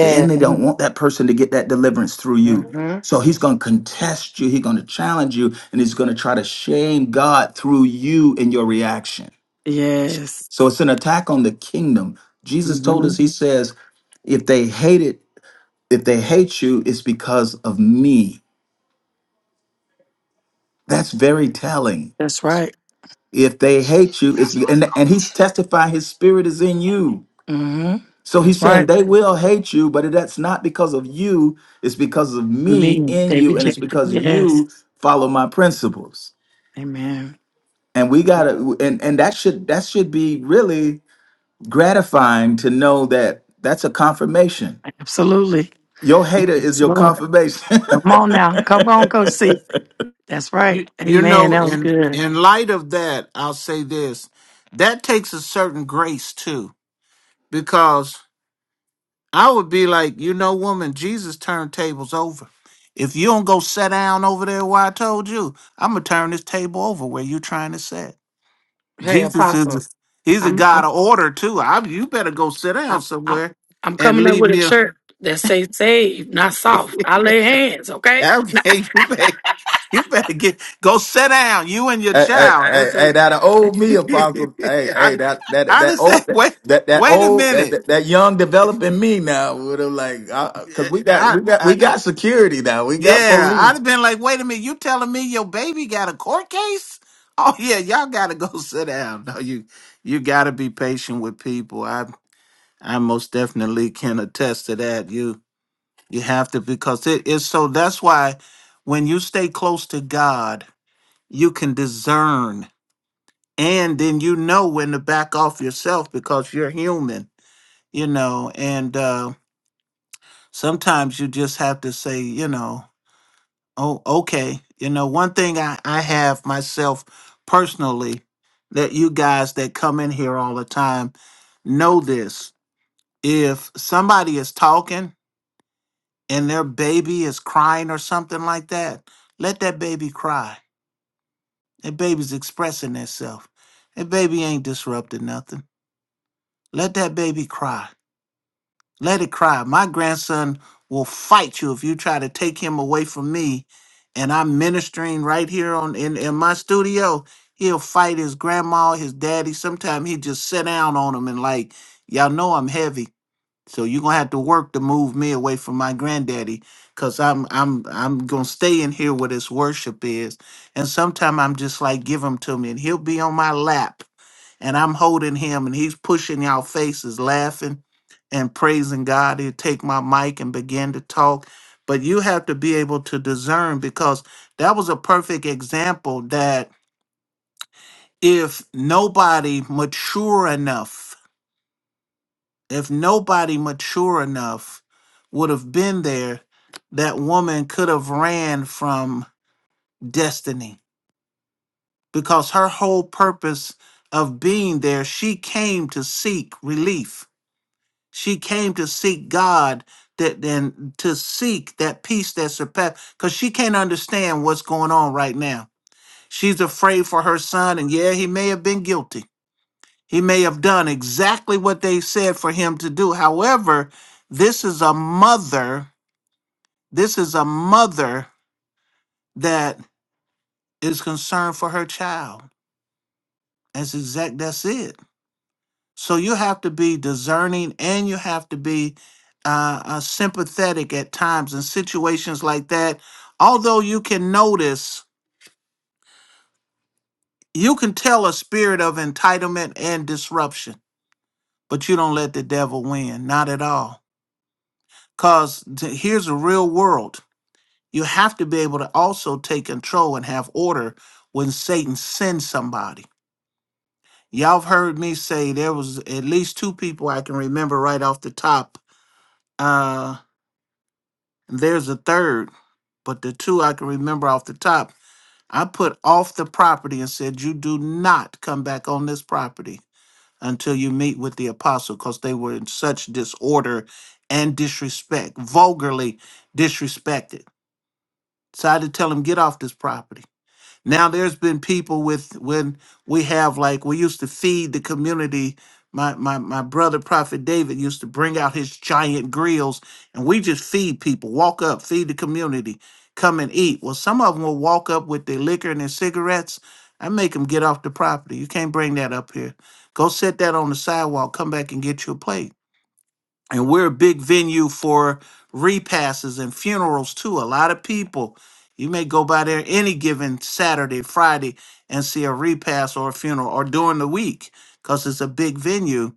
The enemy don't want that person to get that deliverance through you.
hmm
So he's going to contest you, he's going to challenge you, and he's going to try to shame God through you and your reaction.
Yes.
So it's an attack on the kingdom. Jesus told
hmm
us, he says, if they hate it, if they hate you, it's because of me. That's very telling
That's right.
If they hate you, it's
That's
be-
right,
and and he's
coach.
testifying his spirit is in you.
hmm
So
That's
he's
right.
saying they will hate you, but that's not because of you. It's because of
I
me
mean,
in
they
you, and it's
rejected.
because
Yes.
you follow my principles.
Amen.
And we gotta, and and that should that should be really gratifying to know that that's a confirmation.
Absolutely.
Your hater is
Yes,
your
Lord.
confirmation.
Come on now. Come on, Coach C. That's right.
You you
Amen.
know,
That was
in
good.
in light of that, I'll say this. That takes a certain grace too. Because I would be like, you know, woman, Jesus turned tables over. If you don't go sit down over there where I told you, I'm gonna turn this table over where you're trying to sit.
Hey,
Jesus is
Apostle.
a- he's a
I'm
God
I'm
of order too. I you better go sit
I'm
down
I'm,
somewhere
I'm
and
coming up
leave
with a
me
shirt that say save, not soft. I lay hands, okay?
Okay, you better, you better get go sit down. You and your
Hey, hey,
child.
hey,
That's
hey,
like
that a old me, Apostle. Hey, hey,
I,
that that
I
that
just said,
old
wait,
that that
wait a
old that
minute.
that, that young developing me now would have like, uh, cause we got
I,
we got we
I,
got security now. We got
yeah,
police.
I'd have been like, wait a minute. You telling me your baby got a court case? Oh yeah, y'all gotta go sit down. No, you, you gotta be patient with people. I, I most definitely can attest to that. You, you have to because it is so. That's why when you stay close to God you can discern and then you know when to back off yourself because you're human you know and uh sometimes you just have to say you know oh okay you know one thing i i have myself personally that you guys that come in here all the time know this if somebody is talking and their baby is crying or something like that let that baby cry that baby's expressing itself that baby ain't disrupting nothing Let that baby cry. Let it cry. My grandson will fight you if you try to take him away from me. And I'm ministering right here on in, in my studio. He'll fight his grandma, his daddy. Sometimes he just sit down on him and like, y'all know I'm heavy. So you're gonna have to work to move me away from my granddaddy. Cause I'm I'm I'm gonna stay in here where this worship is. And sometimes I'm just like, give him to me, and he'll be on my lap and I'm holding him and he's pushing y'all faces, laughing and praising God. he would take my mic and begin to talk. But you have to be able to discern because that was a perfect example that if nobody mature enough, if nobody mature enough would have been there, that woman could have ran from destiny because her whole purpose of being there, she came to seek relief She came to seek God that and to seek that peace that surpasses because she can't understand what's going on right now. She's afraid for her son, and yeah, he may have been guilty. He may have done exactly what they said for him to do. However, this is a mother, this is a mother that is concerned for her child. That's exact that's it. So you have to be discerning and you have to be uh, uh, sympathetic at times in situations like that. Although you can notice, you can tell a spirit of entitlement and disruption, but you don't let the devil win, not at all. Because here's a real world. You have to be able to also take control and have order when Satan sends somebody. Y'all have heard me say there was at least two people I can remember right off the top Uh, There's a third, but the two I can remember off the top. I put off the property and said, You do not come back on this property until you meet with the apostle, because they were in such disorder and disrespect, vulgarly disrespected. So I had to tell him, Get off this property. Now there's been people with when we have like we used to feed the community. My my my brother Prophet David used to bring out his giant grills and we just feed people, walk up, feed the community, come and eat. Well, some of them will walk up with their liquor and their cigarettes. I make them get off the property. You can't bring that up here. Go sit that on the sidewalk, come back and get you a plate and we're a big venue for repasses and funerals too. A lot of people. You may go by there any given Saturday, Friday, and see a repass or a funeral, or during the week, because it's a big venue.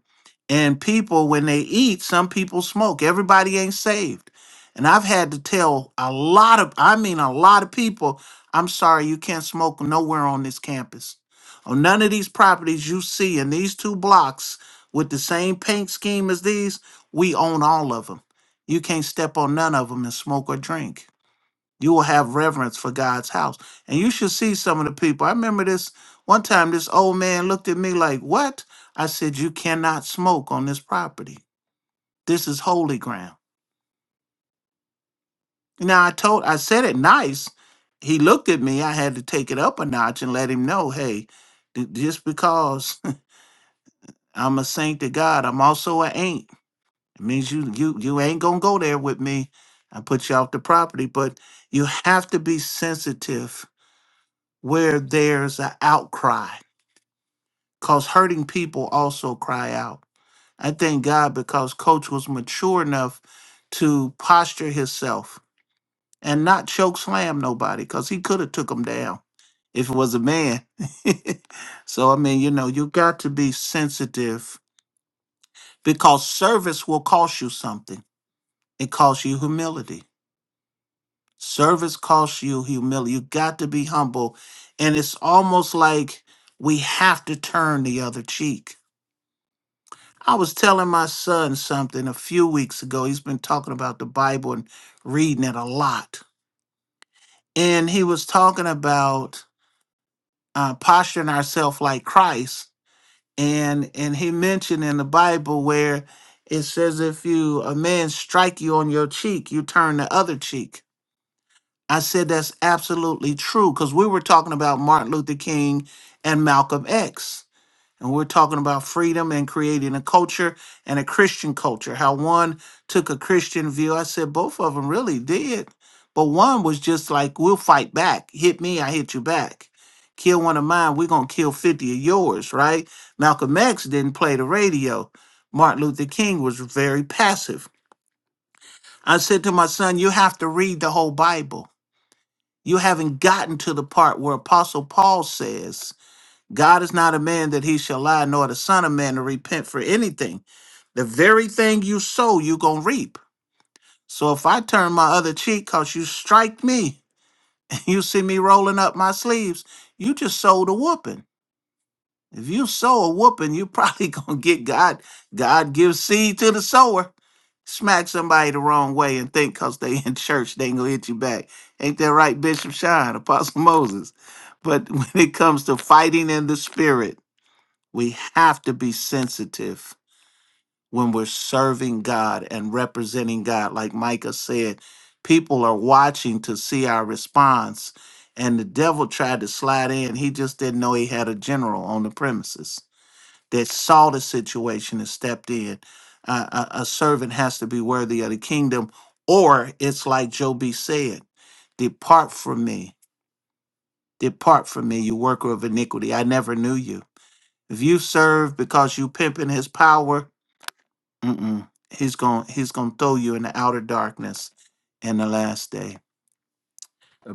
And people, when they eat, some people smoke. Everybody ain't saved. And I've had to tell a lot of, I mean, a lot of people, I'm sorry, you can't smoke nowhere on this campus on none of these properties you see in these two blocks with the same paint scheme as these, we own all of them. You can't step on none of them and smoke or drink. You will have reverence for God's house. And you should see some of the people. I remember this one time, this old man looked at me like, What? I said, You cannot smoke on this property. This is holy ground. Now, I told, I said it nice. He looked at me. I had to take it up a notch and let him know, Hey, th- just because I'm a saint of God. I'm also an ain't. It means you you you ain't gonna go there with me. I put you off the property, but you have to be sensitive where there's an outcry. Cause hurting people also cry out. I thank God because Coach was mature enough to posture himself and not choke slam nobody, cause he could have took him down if it was a man. so I mean, you know, you got to be sensitive because service will cost you something It costs you humility. Service costs you humility. You got to be humble. And it's almost like we have to turn the other cheek. I was telling my son something a few weeks ago. He's been talking about the Bible and reading it a lot. And he was talking about uh, posturing ourselves like Christ. And and he mentioned in the Bible where it says if you a man strike you on your cheek, you turn the other cheek I said that's absolutely true because we were talking about Martin Luther King and Malcolm X. And we're talking about freedom and creating a culture and a Christian culture, how one took a Christian view. I said both of them really did. But one was just like, we'll fight back. Hit me, I hit you back. Kill one of mine, we're going to kill 50 of yours, right? Malcolm X didn't play the radio. Martin Luther King was very passive. I said to my son, you have to read the whole Bible you haven't gotten to the part where Apostle Paul says, God is not a man that he shall lie, nor the Son of Man to repent for anything. The very thing you sow, you going to reap. So if I turn my other cheek because you strike me and you see me rolling up my sleeves, you just sold a whooping. If you sow a whooping, you are probably gonna get God. God gives seed to the sower. Smack somebody the wrong way and think because they in church, they ain't gonna hit you back. Ain't that right, Bishop Shine, Apostle Moses? But when it comes to fighting in the spirit, we have to be sensitive when we're serving God and representing God. Like Micah said, people are watching to see our response. And the devil tried to slide in. He just didn't know he had a general on the premises that saw the situation and stepped in. Uh, a, a servant has to be worthy of the kingdom, or it's like Joe said, Depart from me, depart from me, you worker of iniquity. I never knew you. If you serve because you pimping his power, mm-mm, he's going he's gonna throw you in the outer darkness in the last day.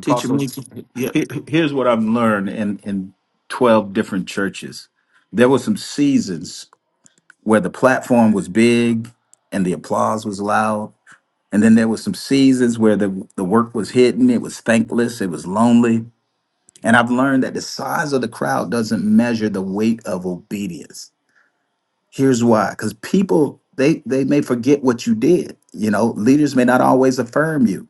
Teacher Mika. Yep.
he- here's what I've learned in, in 12 different churches. There were some seasons where the platform was big and the applause was loud. And then there were some seasons where the, the work was hidden, it was thankless, it was lonely. And I've learned that the size of the crowd doesn't measure the weight of obedience. Here's why because people, they, they may forget what you did. You know, leaders may not always affirm you,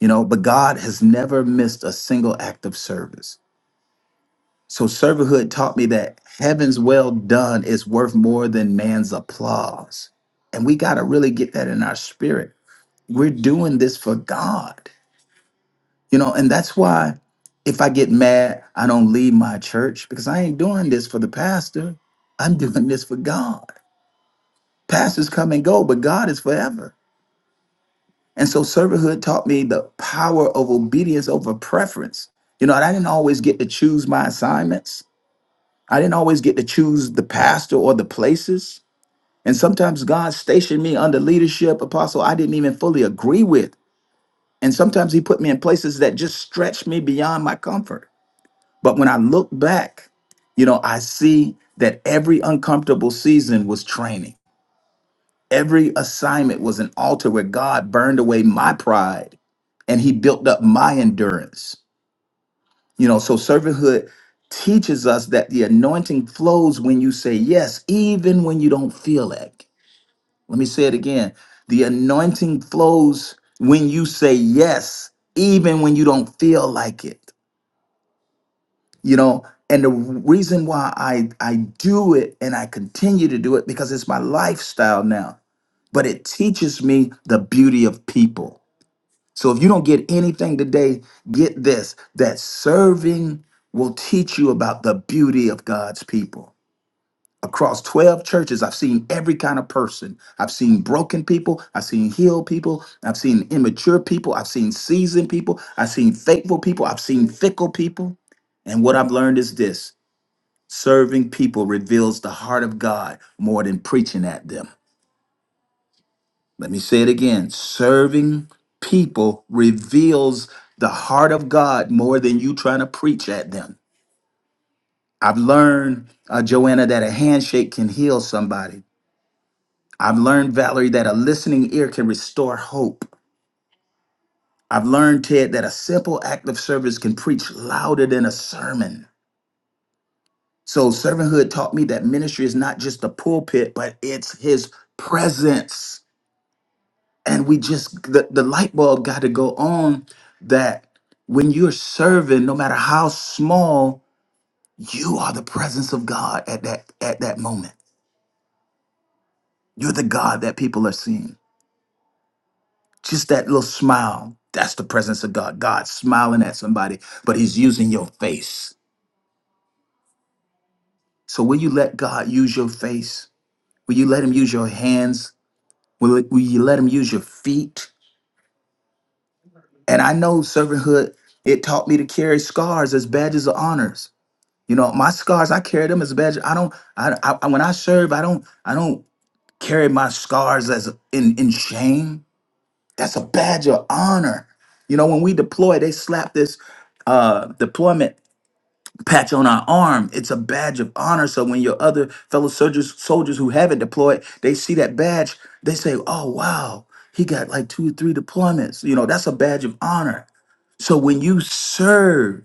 you know, but God has never missed a single act of service. So servanthood taught me that heaven's well done is worth more than man's applause. And we got to really get that in our spirit. We're doing this for God. You know, and that's why if I get mad, I don't leave my church because I ain't doing this for the pastor. I'm doing this for God. Pastors come and go, but God is forever. And so servanthood taught me the power of obedience over preference. You know, and I didn't always get to choose my assignments. I didn't always get to choose the pastor or the places. And sometimes God stationed me under leadership, apostle, I didn't even fully agree with. And sometimes he put me in places that just stretched me beyond my comfort. But when I look back, you know, I see that every uncomfortable season was training. Every assignment was an altar where God burned away my pride and he built up my endurance. You know, so servanthood teaches us that the anointing flows when you say yes, even when you don't feel like. Let me say it again. The anointing flows when you say yes, even when you don't feel like it. you know and the reason why i i do it and i continue to do it because it's my lifestyle now but it teaches me the beauty of people so if you don't get anything today get this that serving will teach you about the beauty of god's people across 12 churches i've seen every kind of person i've seen broken people i've seen healed people i've seen immature people i've seen seasoned people i've seen faithful people i've seen fickle people and what I've learned is this Serving people reveals the heart of God more than preaching at them. Let me say it again. Serving people reveals the heart of God more than you trying to preach at them. I've learned, uh, Joanna, that a handshake can heal somebody. I've learned, Valerie, that a listening ear can restore hope. I've learned, Ted, that a simple act of service can preach louder than a sermon. So, servanthood taught me that ministry is not just the pulpit, but it's his presence. and we just the, the light bulb got to go on that when you're serving no matter how small you are the presence of god at that at that moment you're the god that people are seeing just that little smile that's the presence of god God's smiling at somebody but he's using your face so will you let god use your face will you let him use your hands will, will you let him use your feet and i know servanthood it taught me to carry scars as badges of honors You know, my scars, I carry them as a badge. I don't, I, I when I serve, I don't, I don't carry my scars as in in shame. That's a badge of honor. You know, when we deploy, they slap this uh deployment patch on our arm. It's a badge of honor. So when your other fellow soldiers, soldiers who haven't deployed, they see that badge, they say, "Oh wow, he got like two or three deployments." You know, that's a badge of honor. So when you serve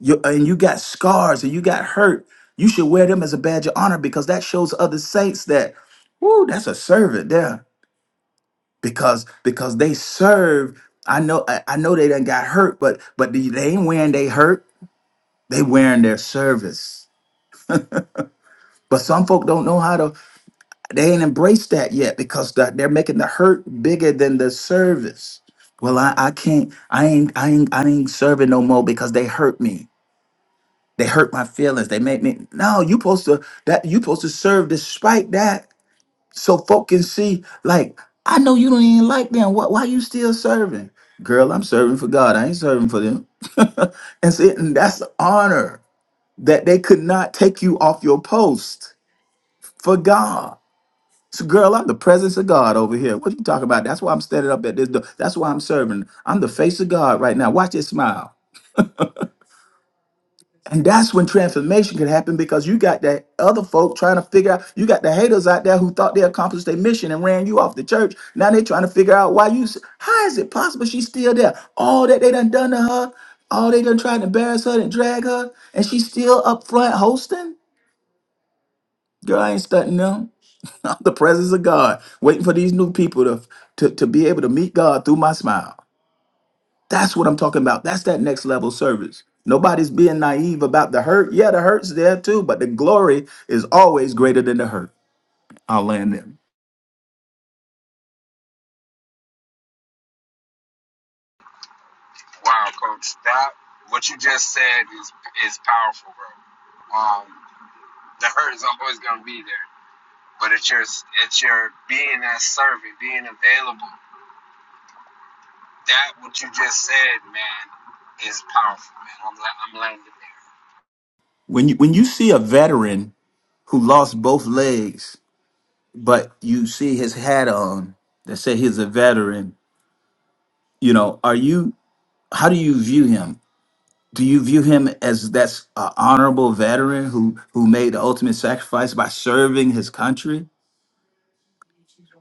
you and you got scars and you got hurt, you should wear them as a badge of honor because that shows other saints that, whoo, that's a servant there. Because because they serve. I know I, I know they done got hurt, but but they they ain't wearing they hurt. They wearing their service. But some folk don't know how to. They ain't embraced that yet because the- they're making the hurt bigger than the service. Well, I, I can't. I ain't. I ain't. I ain't serving no more because they hurt me. They hurt my feelings. They make me no. You supposed to that. You supposed to serve despite that, so folk can see. Like I know you don't even like them. What? why you still serving, girl? I'm serving for God. I ain't serving for them. That's it. And that's the honor that they could not take you off your post for God. So, girl, I'm the presence of God over here. What you talking about? That's why I'm standing up at this door. That's why I'm serving. I'm the face of God right now. Watch it smile. And that's when transformation can happen because you got that other folk trying to figure out, you got the haters out there who thought they accomplished their mission and ran you off the church. Now they're trying to figure out why you, s- how is it possible she's still there? All that they done done to her, all they done tried to embarrass her and drag her, and she's still up front hosting? Girl, I ain't stunting them. I'm the presence of God, waiting for these new people to, to, to be able to meet God through my smile. That's what I'm talking about. That's that next level service. Nobody's being naive about the hurt. Yeah, the hurt's there too, but the glory is always greater than the hurt. I'll land there.
Wow, coach. That what you just said is is powerful, bro. Um, the hurt is always gonna be there, but it's your it's your being that servant, being available. That what you just said, man, is powerful, man. I'm la- I'm landing there.
When you when you see a veteran who lost both legs, but you see his hat on that say he's a veteran, you know, are you how do you view him? Do you view him as that's an honorable veteran who who made the ultimate sacrifice by serving his country?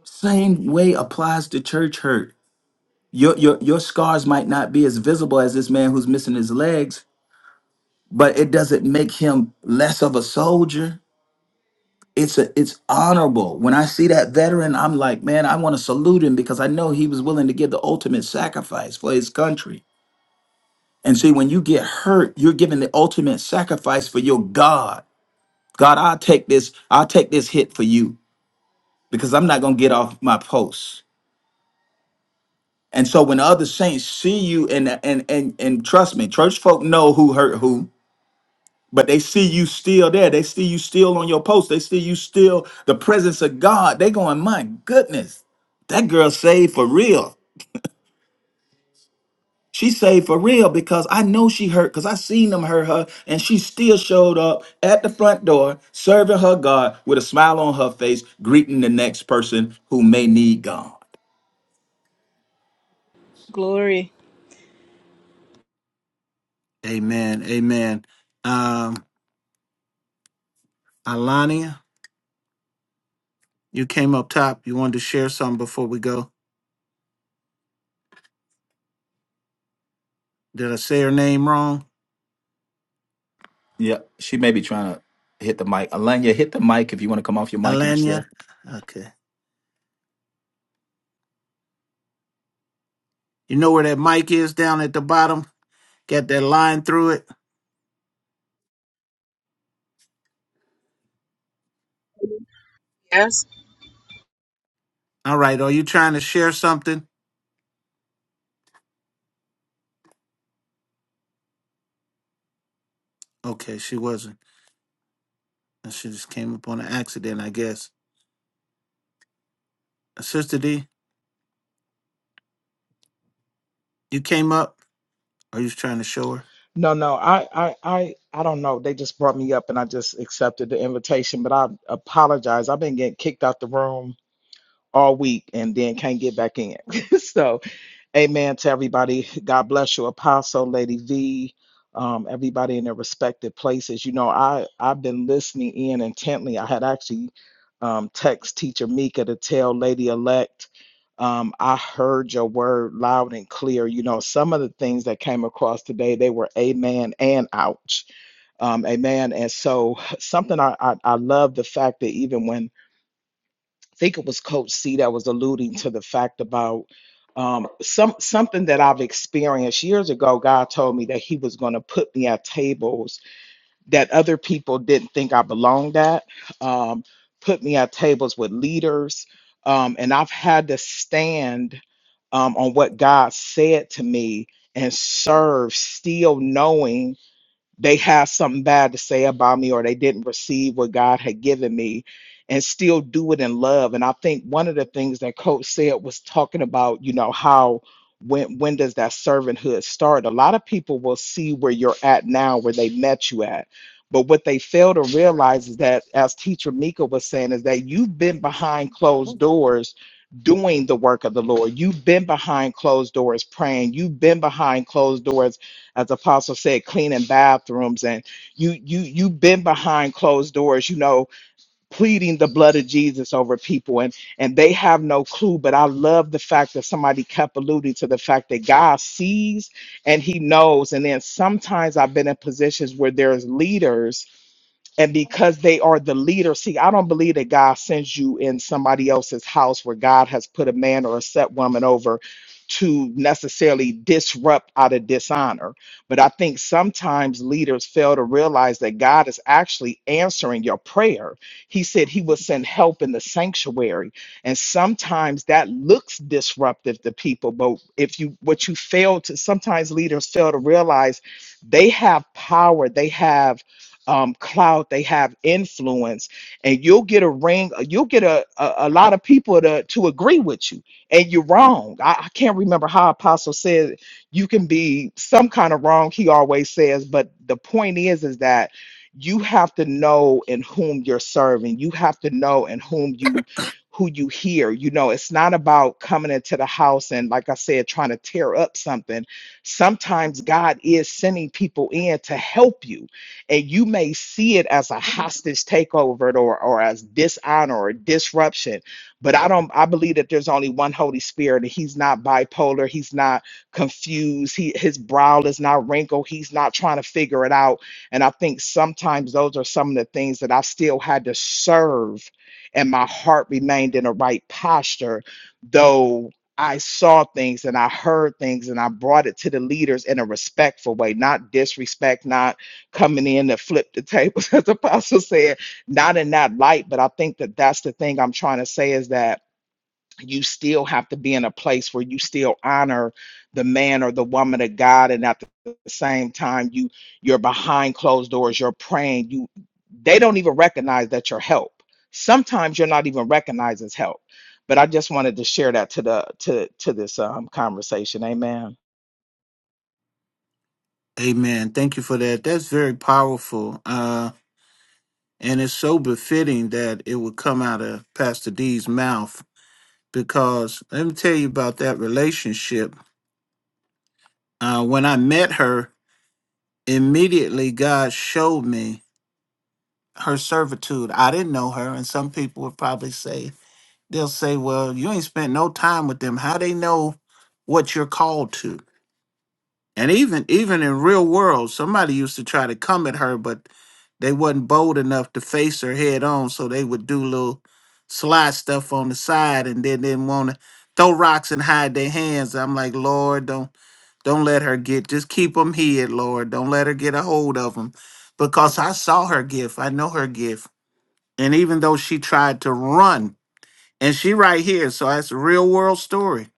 Same way applies to church hurt. Your, your your scars might not be as visible as this man who's missing his legs, but it doesn't make him less of a soldier. It's a it's honorable. When I see that veteran, I'm like, man, I want to salute him because I know he was willing to give the ultimate sacrifice for his country. And see, when you get hurt, you're giving the ultimate sacrifice for your God. God, I'll take this, I'll take this hit for you because I'm not gonna get off my post. And so when other saints see you and and and and trust me, church folk know who hurt who but they see you still there. They see you still on your post. They see you still the presence of God. They going, my goodness, that girl saved for real. She saved for real because I know she hurt because I seen them hurt her and she still showed up at the front door serving her God with a smile on her face, greeting the next person who may need God.
glory
Amen. Amen. Um, Alania, you came up top. You wanted to share something before we go. Did I say her name wrong?
Yeah, she may be trying to hit the mic. Alanya, hit the mic if you want to come off your mic and share.
Alania. Okay. You know where that mic is down at the bottom? Got that line through it.
Yes.
All right. Are you trying to share something? Okay, she wasn't. And She just came up on an accident, I guess. Uh, Sister D, you came up? Are you trying to show her?
No, no, I, I, I, I don't know. They just brought me up, and I just accepted the invitation. But I apologize. I've been getting kicked out the room all week, and then can't get back in. so. Amen to everybody. God bless you, Apostle, Lady V, um, everybody in their respective places. You know, I I've been listening in intently. I had actually um, text Teacher Mika to tell Lady Elect, um, I heard your word loud and clear. You know, some of the things that came across today, they were amen and ouch, um, amen. And so something I, I I love the fact that even when I think it was Coach C that was alluding to the fact about um, some something that I've experienced years ago. God told me that He was going to put me at tables that other people didn't think I belonged at. Um, put me at tables with leaders, um, and I've had to stand um, on what God said to me and serve, still knowing they have something bad to say about me or they didn't receive what God had given me and still do it in love. And I think one of the things that coach said was talking about, you know, how when when does that servanthood start? A lot of people will see where you're at now, where they met you at. But what they fail to realize is that as teacher Mika was saying, is that you've been behind closed doors doing the work of the Lord. You've been behind closed doors praying. You've been behind closed doors as apostle said cleaning bathrooms and you you you've been behind closed doors you know pleading the blood of jesus over people and and they have no clue but i love the fact that somebody kept alluding to the fact that god sees and he knows and then sometimes i've been in positions where there's leaders and because they are the leader, see, I don't believe that God sends you in somebody else's house where God has put a man or a set woman over to necessarily disrupt out of dishonor. But I think sometimes leaders fail to realize that God is actually answering your prayer. He said he will send help in the sanctuary. And sometimes that looks disruptive to people. But if you, what you fail to, sometimes leaders fail to realize they have power, they have um, clout, they have influence, and you'll get a ring, uh, you'll get a, a, a lot of people to, to agree with you, and you're wrong. I, I can't remember how Apostle said you can be some kind of wrong, he always says, but the point is, is that you have to know in whom you're serving, you have to know in whom you who you hear. You know, it's not about coming into the house and like I said, trying to tear up something. Sometimes God is sending people in to help you and you may see it as a hostage takeover or, or as dishonor or disruption but i don't i believe that there's only one holy spirit and he's not bipolar he's not confused he his brow is not wrinkled he's not trying to figure it out and i think sometimes those are some of the things that i still had to serve and my heart remained in the right posture though I saw things and I heard things and I brought it to the leaders in a respectful way, not disrespect, not coming in to flip the tables, as Apostle said, not in that light, but I think that that's the thing I'm trying to say is that you still have to be in a place where you still honor the man or the woman of God, and at the same time, you you're behind closed doors, you're praying, you they don't even recognize that you're help. Sometimes you're not even recognized as help. But I just wanted to share that to the to to this um, conversation. Amen.
Amen. Thank you for that. That's very powerful. Uh, and it's so befitting that it would come out of Pastor D's mouth because let me tell you about that relationship. Uh, when I met her, immediately God showed me her servitude. I didn't know her, and some people would probably say they'll say, "Well, you ain't spent no time with them. How they know what you're called to?" And even even in real world, somebody used to try to come at her, but they wasn't bold enough to face her head on, so they would do little sly stuff on the side, and then didn't want to throw rocks and hide their hands. I'm like, Lord, don't don't let her get. Just keep them hid, Lord. Don't let her get a hold of them, because I saw her gift. I know her gift and even though she tried to run, and she right here, so that's a real world story.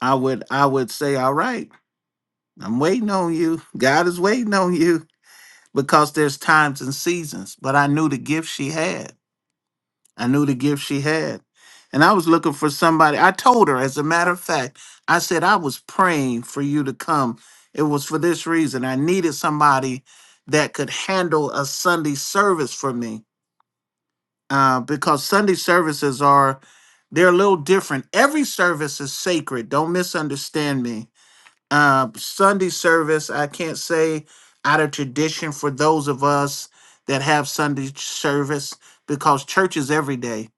I would I would say, all right, I'm waiting on you. God is waiting on you because there's times and seasons. But I knew the gift she had. I knew the gift she had. And I was looking for somebody. I told her, as a matter of fact, I said I was praying for you to come. It was for this reason. I needed somebody that could handle a Sunday service for me uh, because Sunday services are they're a little different. Every service is sacred. Don't misunderstand me. Uh, Sunday service, I can't say out of tradition for those of us that have Sunday service because church is every day.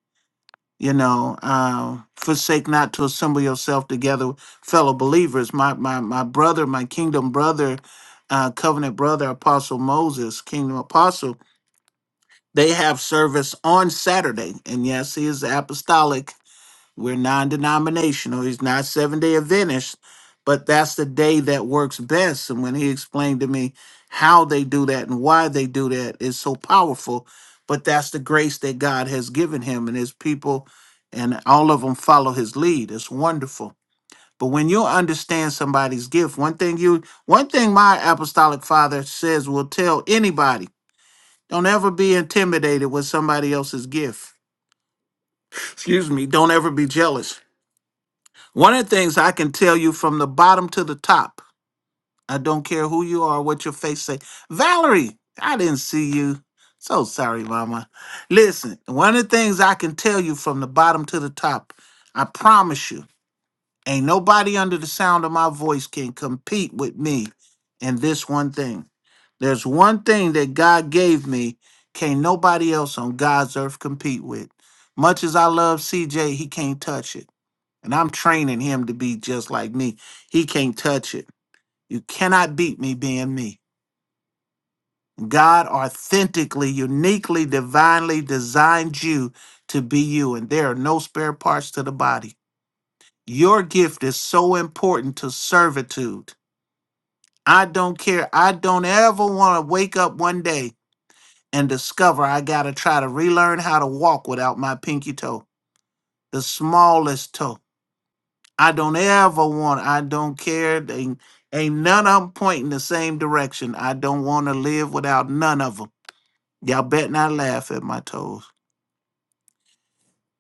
You know, uh, forsake not to assemble yourself together, fellow believers. My my my brother, my kingdom brother, uh, covenant brother, Apostle Moses, kingdom apostle they have service on Saturday. And yes, he is apostolic. We're non denominational. He's not seven day Adventist, but that's the day that works best. And when he explained to me how they do that and why they do that is so powerful. But that's the grace that God has given him and his people, and all of them follow his lead. It's wonderful. But when you understand somebody's gift, one thing you one thing my apostolic father says will tell anybody don't ever be intimidated with somebody else's gift. Excuse me. Don't ever be jealous. One of the things I can tell you from the bottom to the top, I don't care who you are, what your face say. Valerie, I didn't see you. So sorry, mama. Listen, one of the things I can tell you from the bottom to the top, I promise you. Ain't nobody under the sound of my voice can compete with me in this one thing. There's one thing that God gave me, can't nobody else on God's earth compete with. Much as I love CJ, he can't touch it. And I'm training him to be just like me. He can't touch it. You cannot beat me being me. God authentically, uniquely, divinely designed you to be you, and there are no spare parts to the body. Your gift is so important to servitude. I don't care. I don't ever want to wake up one day and discover I got to try to relearn how to walk without my pinky toe, the smallest toe. I don't ever want, I don't care. Ain't, ain't none of them pointing the same direction. I don't want to live without none of them. Y'all bet not laugh at my toes.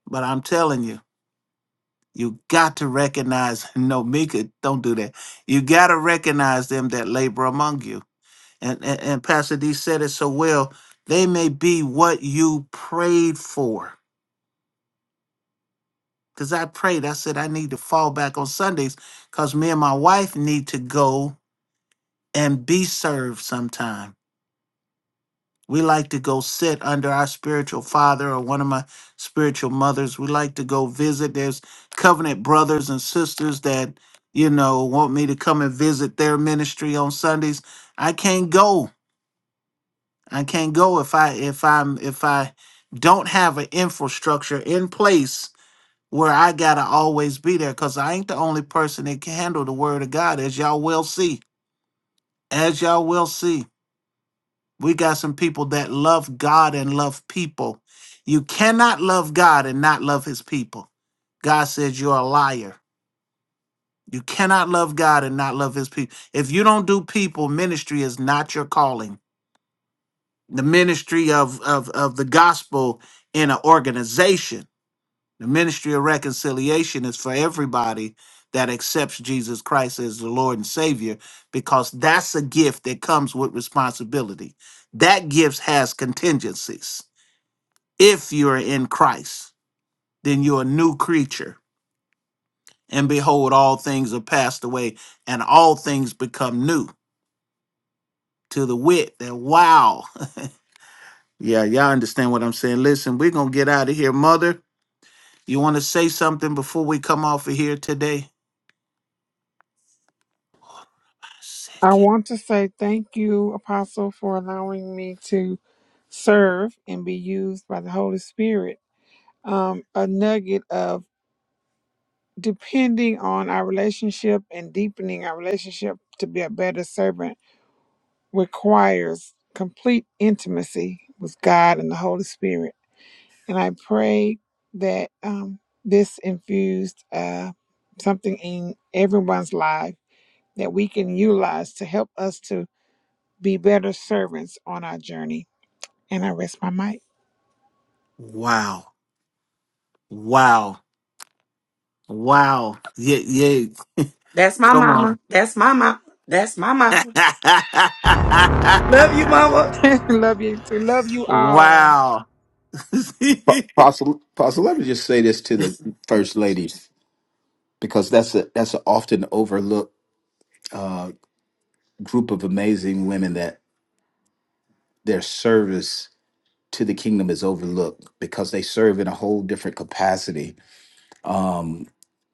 But I'm telling you, you got to recognize, no, Mika, don't do that. You got to recognize them that labor among you and, and, and Pastor D said it so well, they may be what you prayed for. Because I prayed, I said, I need to fall back on Sundays because me and my wife need to go and be served sometime. We like to go sit under our spiritual father or one of my spiritual mothers. We like to go visit. There's covenant brothers and sisters that, you know, want me to come and visit their ministry on Sundays. I can't go I can't go if I if I'm if I don't have an infrastructure in place where I gotta always be there because I ain't the only person that can handle the word of God, as y'all will see. As y'all will see, we got some people that love God and love people. You cannot love God and not love his people. God says you're a liar. You cannot love God and not love his people. If you don't do people, ministry is not your calling. the ministry of, of, of the gospel in an organization. The ministry of reconciliation is for everybody that accepts Jesus Christ as the Lord and Savior because that's a gift that comes with responsibility. That gift has contingencies. If you're in Christ, then you're a new creature. And behold, all things are passed away and all things become new to the wit that wow. yeah, y'all understand what I'm saying. Listen, we're going to get out of here, Mother. You want to say something before we come off of here today?
I
second.
want to say thank you, Apostle, for allowing me to serve and be used by the Holy Spirit. Um, a nugget of depending on our relationship and deepening our relationship to be a better servant requires complete intimacy with God and the Holy Spirit. And I pray that um, this infused uh, something in everyone's life that we can utilize to help us to be better servants on our journey. And I rest my mic.
Wow. Wow. Wow. Yeah, yeah.
That's my
Come on.
mama. That's my mama. That's my mama. Love you, mama.
love you. too. Love you all.
wow.
Apostle, Apostle, let me just say this to the first ladies. because that's a that's an often overlooked uh, group of amazing women that their service to the kingdom is overlooked because they serve in a whole different capacity, um,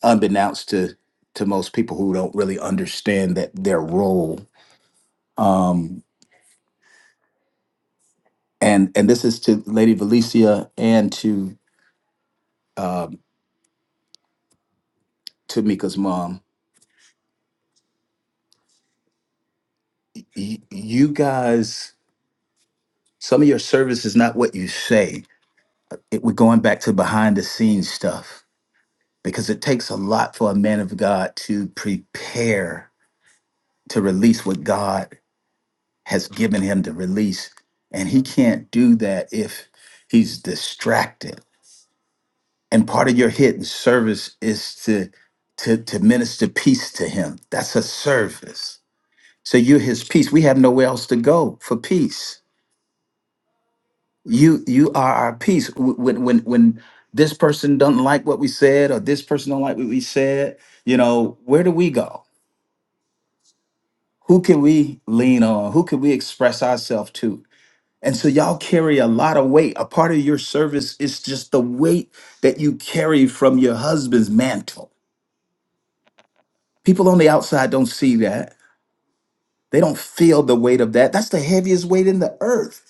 unbeknownst to to most people who don't really understand that their role. Um, and and this is to Lady Valencia and to um, to Mika's mom. Y- you guys, some of your service is not what you say. It, we're going back to behind the scenes stuff because it takes a lot for a man of God to prepare to release what God has given him to release. And he can't do that if he's distracted. And part of your hidden service is to to, to minister peace to him. That's a service. So you're his peace. We have nowhere else to go for peace. You you are our peace. Wh- When when when this person doesn't like what we said, or this person don't like what we said, you know, where do we go? who can we lean on who can we express ourselves to and so y'all carry a lot of weight a part of your service is just the weight that you carry from your husband's mantle people on the outside don't see that they don't feel the weight of that that's the heaviest weight in the earth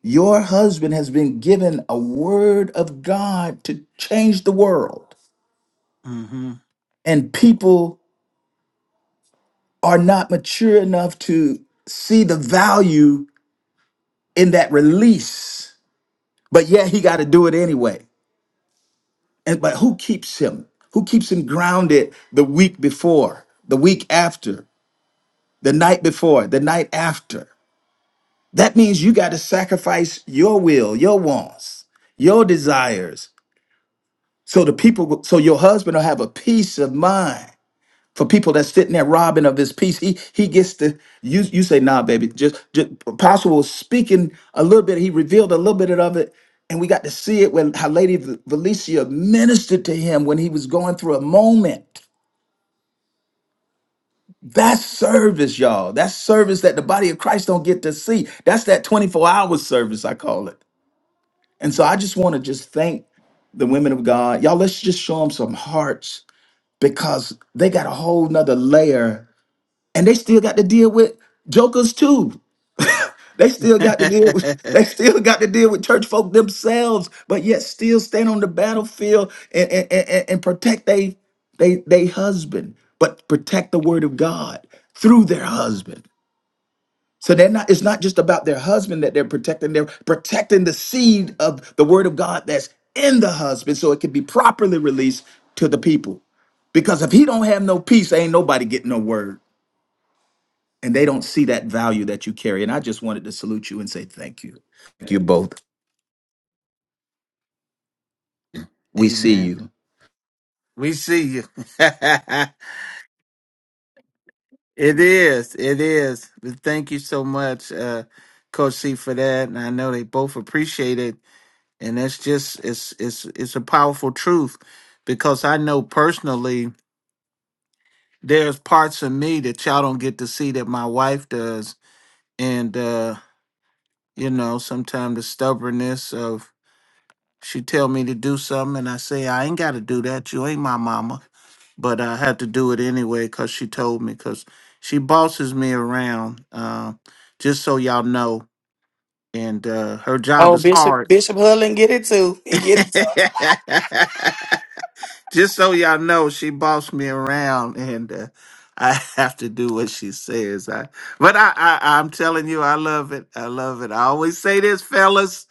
your husband has been given a word of god to change the world
hmm
and people are not mature enough to see the value in that release but yet he got to do it anyway And- but who keeps him? Who keeps him grounded the week before, the week after, the night before, the night after? That means you got to sacrifice your will, your wants, your desires, so the people, so your husband will have a peace of mind for people that's sitting there robbing of his peace. He he gets to you you say, nah, baby, just, just Apostle was speaking a little bit, he revealed a little bit of it. And we got to see it when how Lady V- Valencia ministered to him when he was going through a moment. That's service, y'all. That's service that the body of Christ don't get to see. That's that 24-hour service, I call it. And so I just want to just thank the women of God. Y'all, let's just show them some hearts because they got a whole nother layer and they still got to deal with jokers too. They still got to deal with they still got to deal with church folk themselves, but yet still stand on the battlefield and and, and, and- and protect they they they husband, but protect the word of God through their husband. So they're not it's not just about their husband that they're protecting, they're protecting the seed of the word of God that's in the husband so it can be properly released to the people. Because if he don't have no peace, ain't nobody getting no word and they don't see that value that you carry. And I just wanted to salute you and say thank you. Thank you both. We see
Amen.
you.
We see you. It is. It is. But Thank you so much, uh, Coach C, for that. And I know they both appreciate it. And that's just it's it's it's a powerful truth because I know personally there's parts of me that y'all don't get to see that my wife does. And uh, you know, sometimes the stubbornness of She tell me to do something, and I say I ain't got to do that. You ain't my mama, but I had to do it anyway because she told me. Because she bosses me around, uh, just so y'all know. And uh, her job
Oh,
is
Bishop
hard.
Bishop Hullen get it too. He get it
Just so y'all know, she bossed me around, and uh, I have to do what she says. I, but I, I, I'm telling you, I love it. I love it. I always say this, fellas,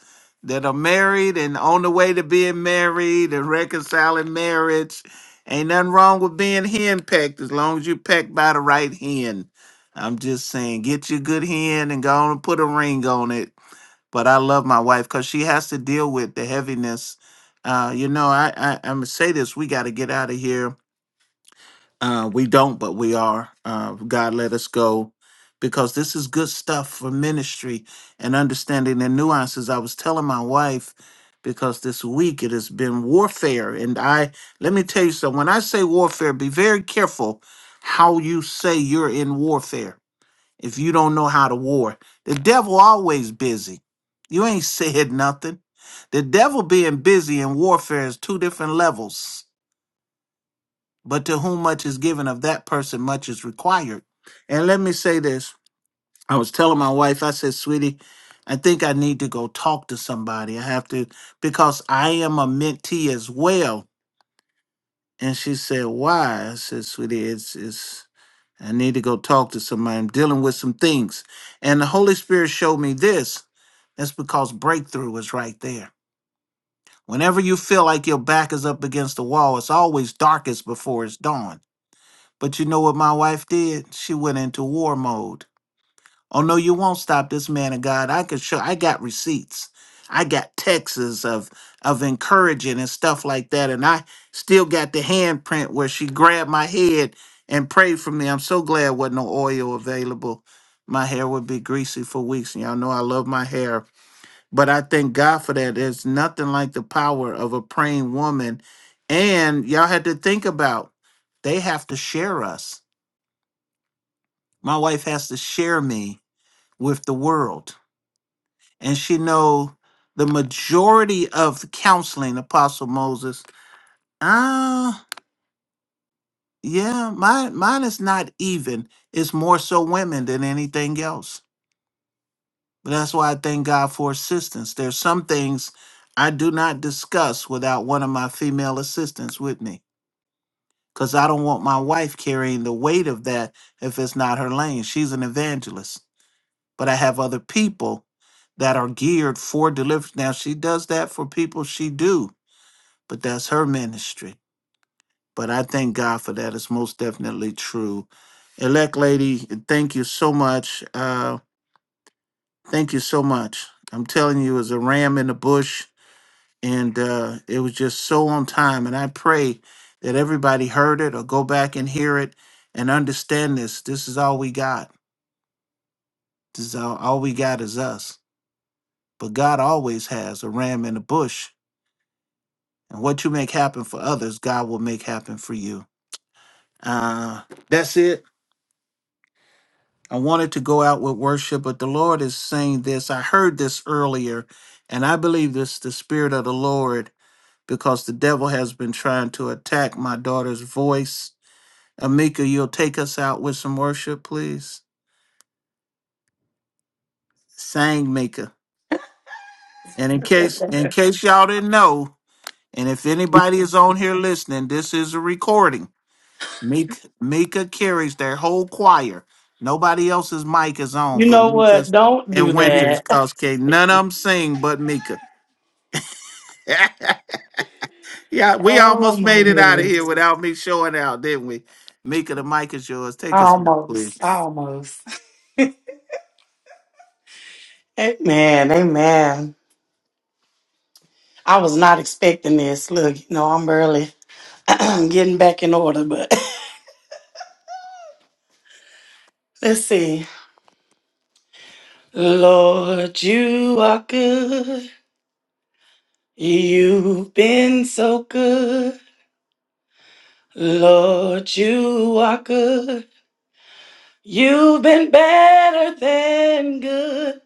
that are married and on the way to being married and reconciling marriage. Ain't nothing wrong with being hen pecked as long as you pecked by the right hen. I'm just saying, get your good hen and go on and put a ring on it but I love my wife because she has to deal with the heaviness. Uh, you know, I, I I'm gonna say this: we got to get out of here. Uh, we don't, but we are. Uh, God let us go because this is good stuff for ministry and understanding the nuances. I was telling my wife because this week it has been warfare, and I let me tell you something. When I say warfare, be very careful how you say you're in warfare if you don't know how to war. The devil always busy. You ain't said nothing. The devil being busy in warfare is two different levels. But to whom much is given of that person, much is required. And let me say this. I was telling my wife, I said, sweetie, I think I need to go talk to somebody. I have to, because I am a mentee as well And she said, Why? I said, Sweetie, it's, it's, I need to go talk to somebody. I'm dealing with some things. And the Holy Spirit showed me this. That's because breakthrough is right there. Whenever you feel like your back is up against the wall, it's always darkest before it's dawn. But you know what my wife did? She went into war mode. Oh no, you won't stop this man of God. I could show I got receipts. I got texts of of encouraging and stuff like that. And I still got the handprint where she grabbed my head and prayed for me. I'm so glad wasn't no oil available. My hair would be greasy for weeks. And y'all know I love my hair. But I thank God for that. There's nothing like the power of a praying woman. And y'all had to think about they have to share us. My wife has to share me with the world and she know the majority of the counseling apostle moses ah yeah mine mine is not even it's more so women than anything else but that's why i thank god for assistance there's some things i do not discuss without one of my female assistants with me because i don't want my wife carrying the weight of that if it's not her lane she's an evangelist but i have other people that are geared for deliverance now she does that for people she do but that's her ministry. But I thank God for that. It's most definitely true. Elect lady, thank you so much. Uh, thank you so much. I'm telling you, it was a ram in the bush, and uh, it was just so on time. And I pray that everybody heard it or go back and hear it and understand this. This is all we got. This is all, all we got is us. But God always has a ram in the bush. And what you make happen for others, God will make happen for you. Uh, that's it. I wanted to go out with worship, but the Lord is saying this. I heard this earlier, and I believe this is the Spirit of the Lord because the devil has been trying to attack my daughter's voice. Amika, you'll take us out with some worship, please. Sang Mika. And in
too.
case in case y'all didn't know, and if anybody is on here listening, this is a recording. Mika, Mika carries their whole choir. Nobody else's mic is
You
on, but
know what?
Mika's
Don't
and
do
Winter's
that.
cause can't none of them sing but Mika. yeah, we
Oh
almost
my
made it out of here
goodness.
without me showing out, didn't we? Mika, the mic is yours. Take us home,
Almost.
please.
Almost. Amen. Amen. I was not expecting this. Look, you know, I'm early. I'm getting back in order, but let's see. Lord, you are good. You've been so good. Lord, you are good. You've been better than good.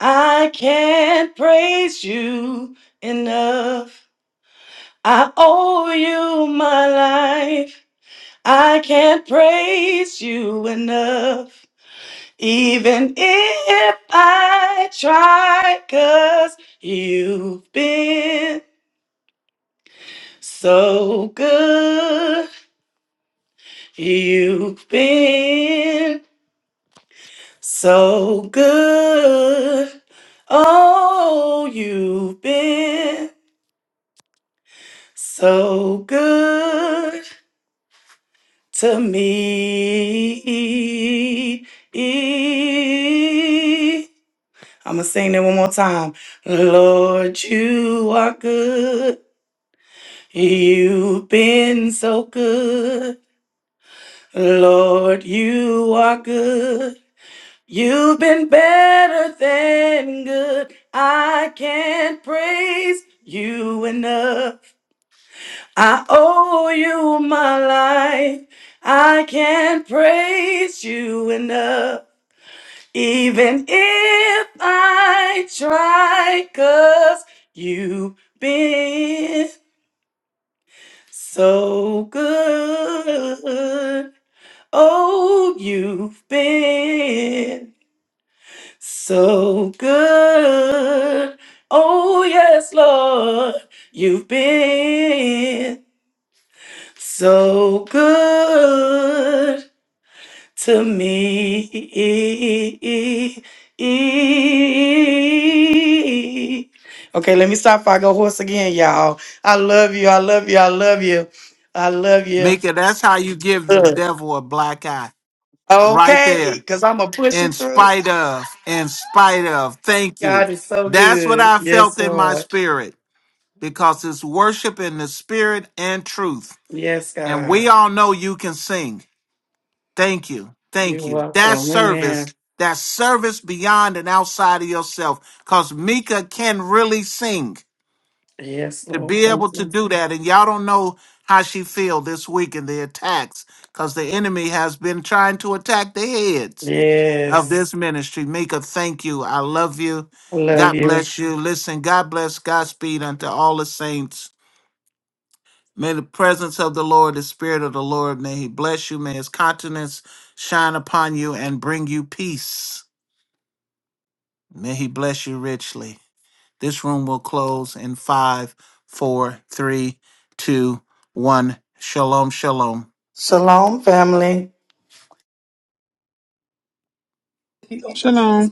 I can't praise you enough. I owe you my life. I can't praise you enough. Even if I try, cause you've been so good. You've been So good. Oh, you've been so good to me. I'm going to sing that one more time. Lord, you are good. You've been so good. Lord, you are good. You've been better than good. I can't praise you enough. I owe you my life. I can't praise you enough. Even if I try, cause you've been so good. Oh, you've been. So good. Oh, yes, Lord, you've been so good to me. Okay, let me stop before I go horse again, y'all. I love you. I love you. I love you. I love you.
Mika, that's how you give the
Ugh.
devil a black eye. Right
Okay,
there.
because I'm going to push
In
it through.
spite of, in spite of. Thank you.
God is so
That's what
good.
I
Yes,
felt in my
Lord.
spirit because it's worship in the spirit and truth.
Yes,
And
God.
we all know you can sing. Thank you.
You're
Thank you. That
welcome. Amen.
service, that service beyond and outside of yourself, because Mika can really sing
Yes,
to
Lord.
be
Thank
able to
you.
do that. And y'all don't know how she feel this week in the attacks, because the enemy has been trying to attack the heads of this
Yes.
ministry. Mika, thank you. I love you.
I love
God
you.
bless you. Listen, God bless, Godspeed unto all the saints. May the presence of the Lord, the Spirit of the Lord, may He bless you. May His countenance shine upon you and bring you peace. May He bless you richly. This room will close in five, four, three, two, one. Shalom, shalom.
Shalom, family.
Shalom.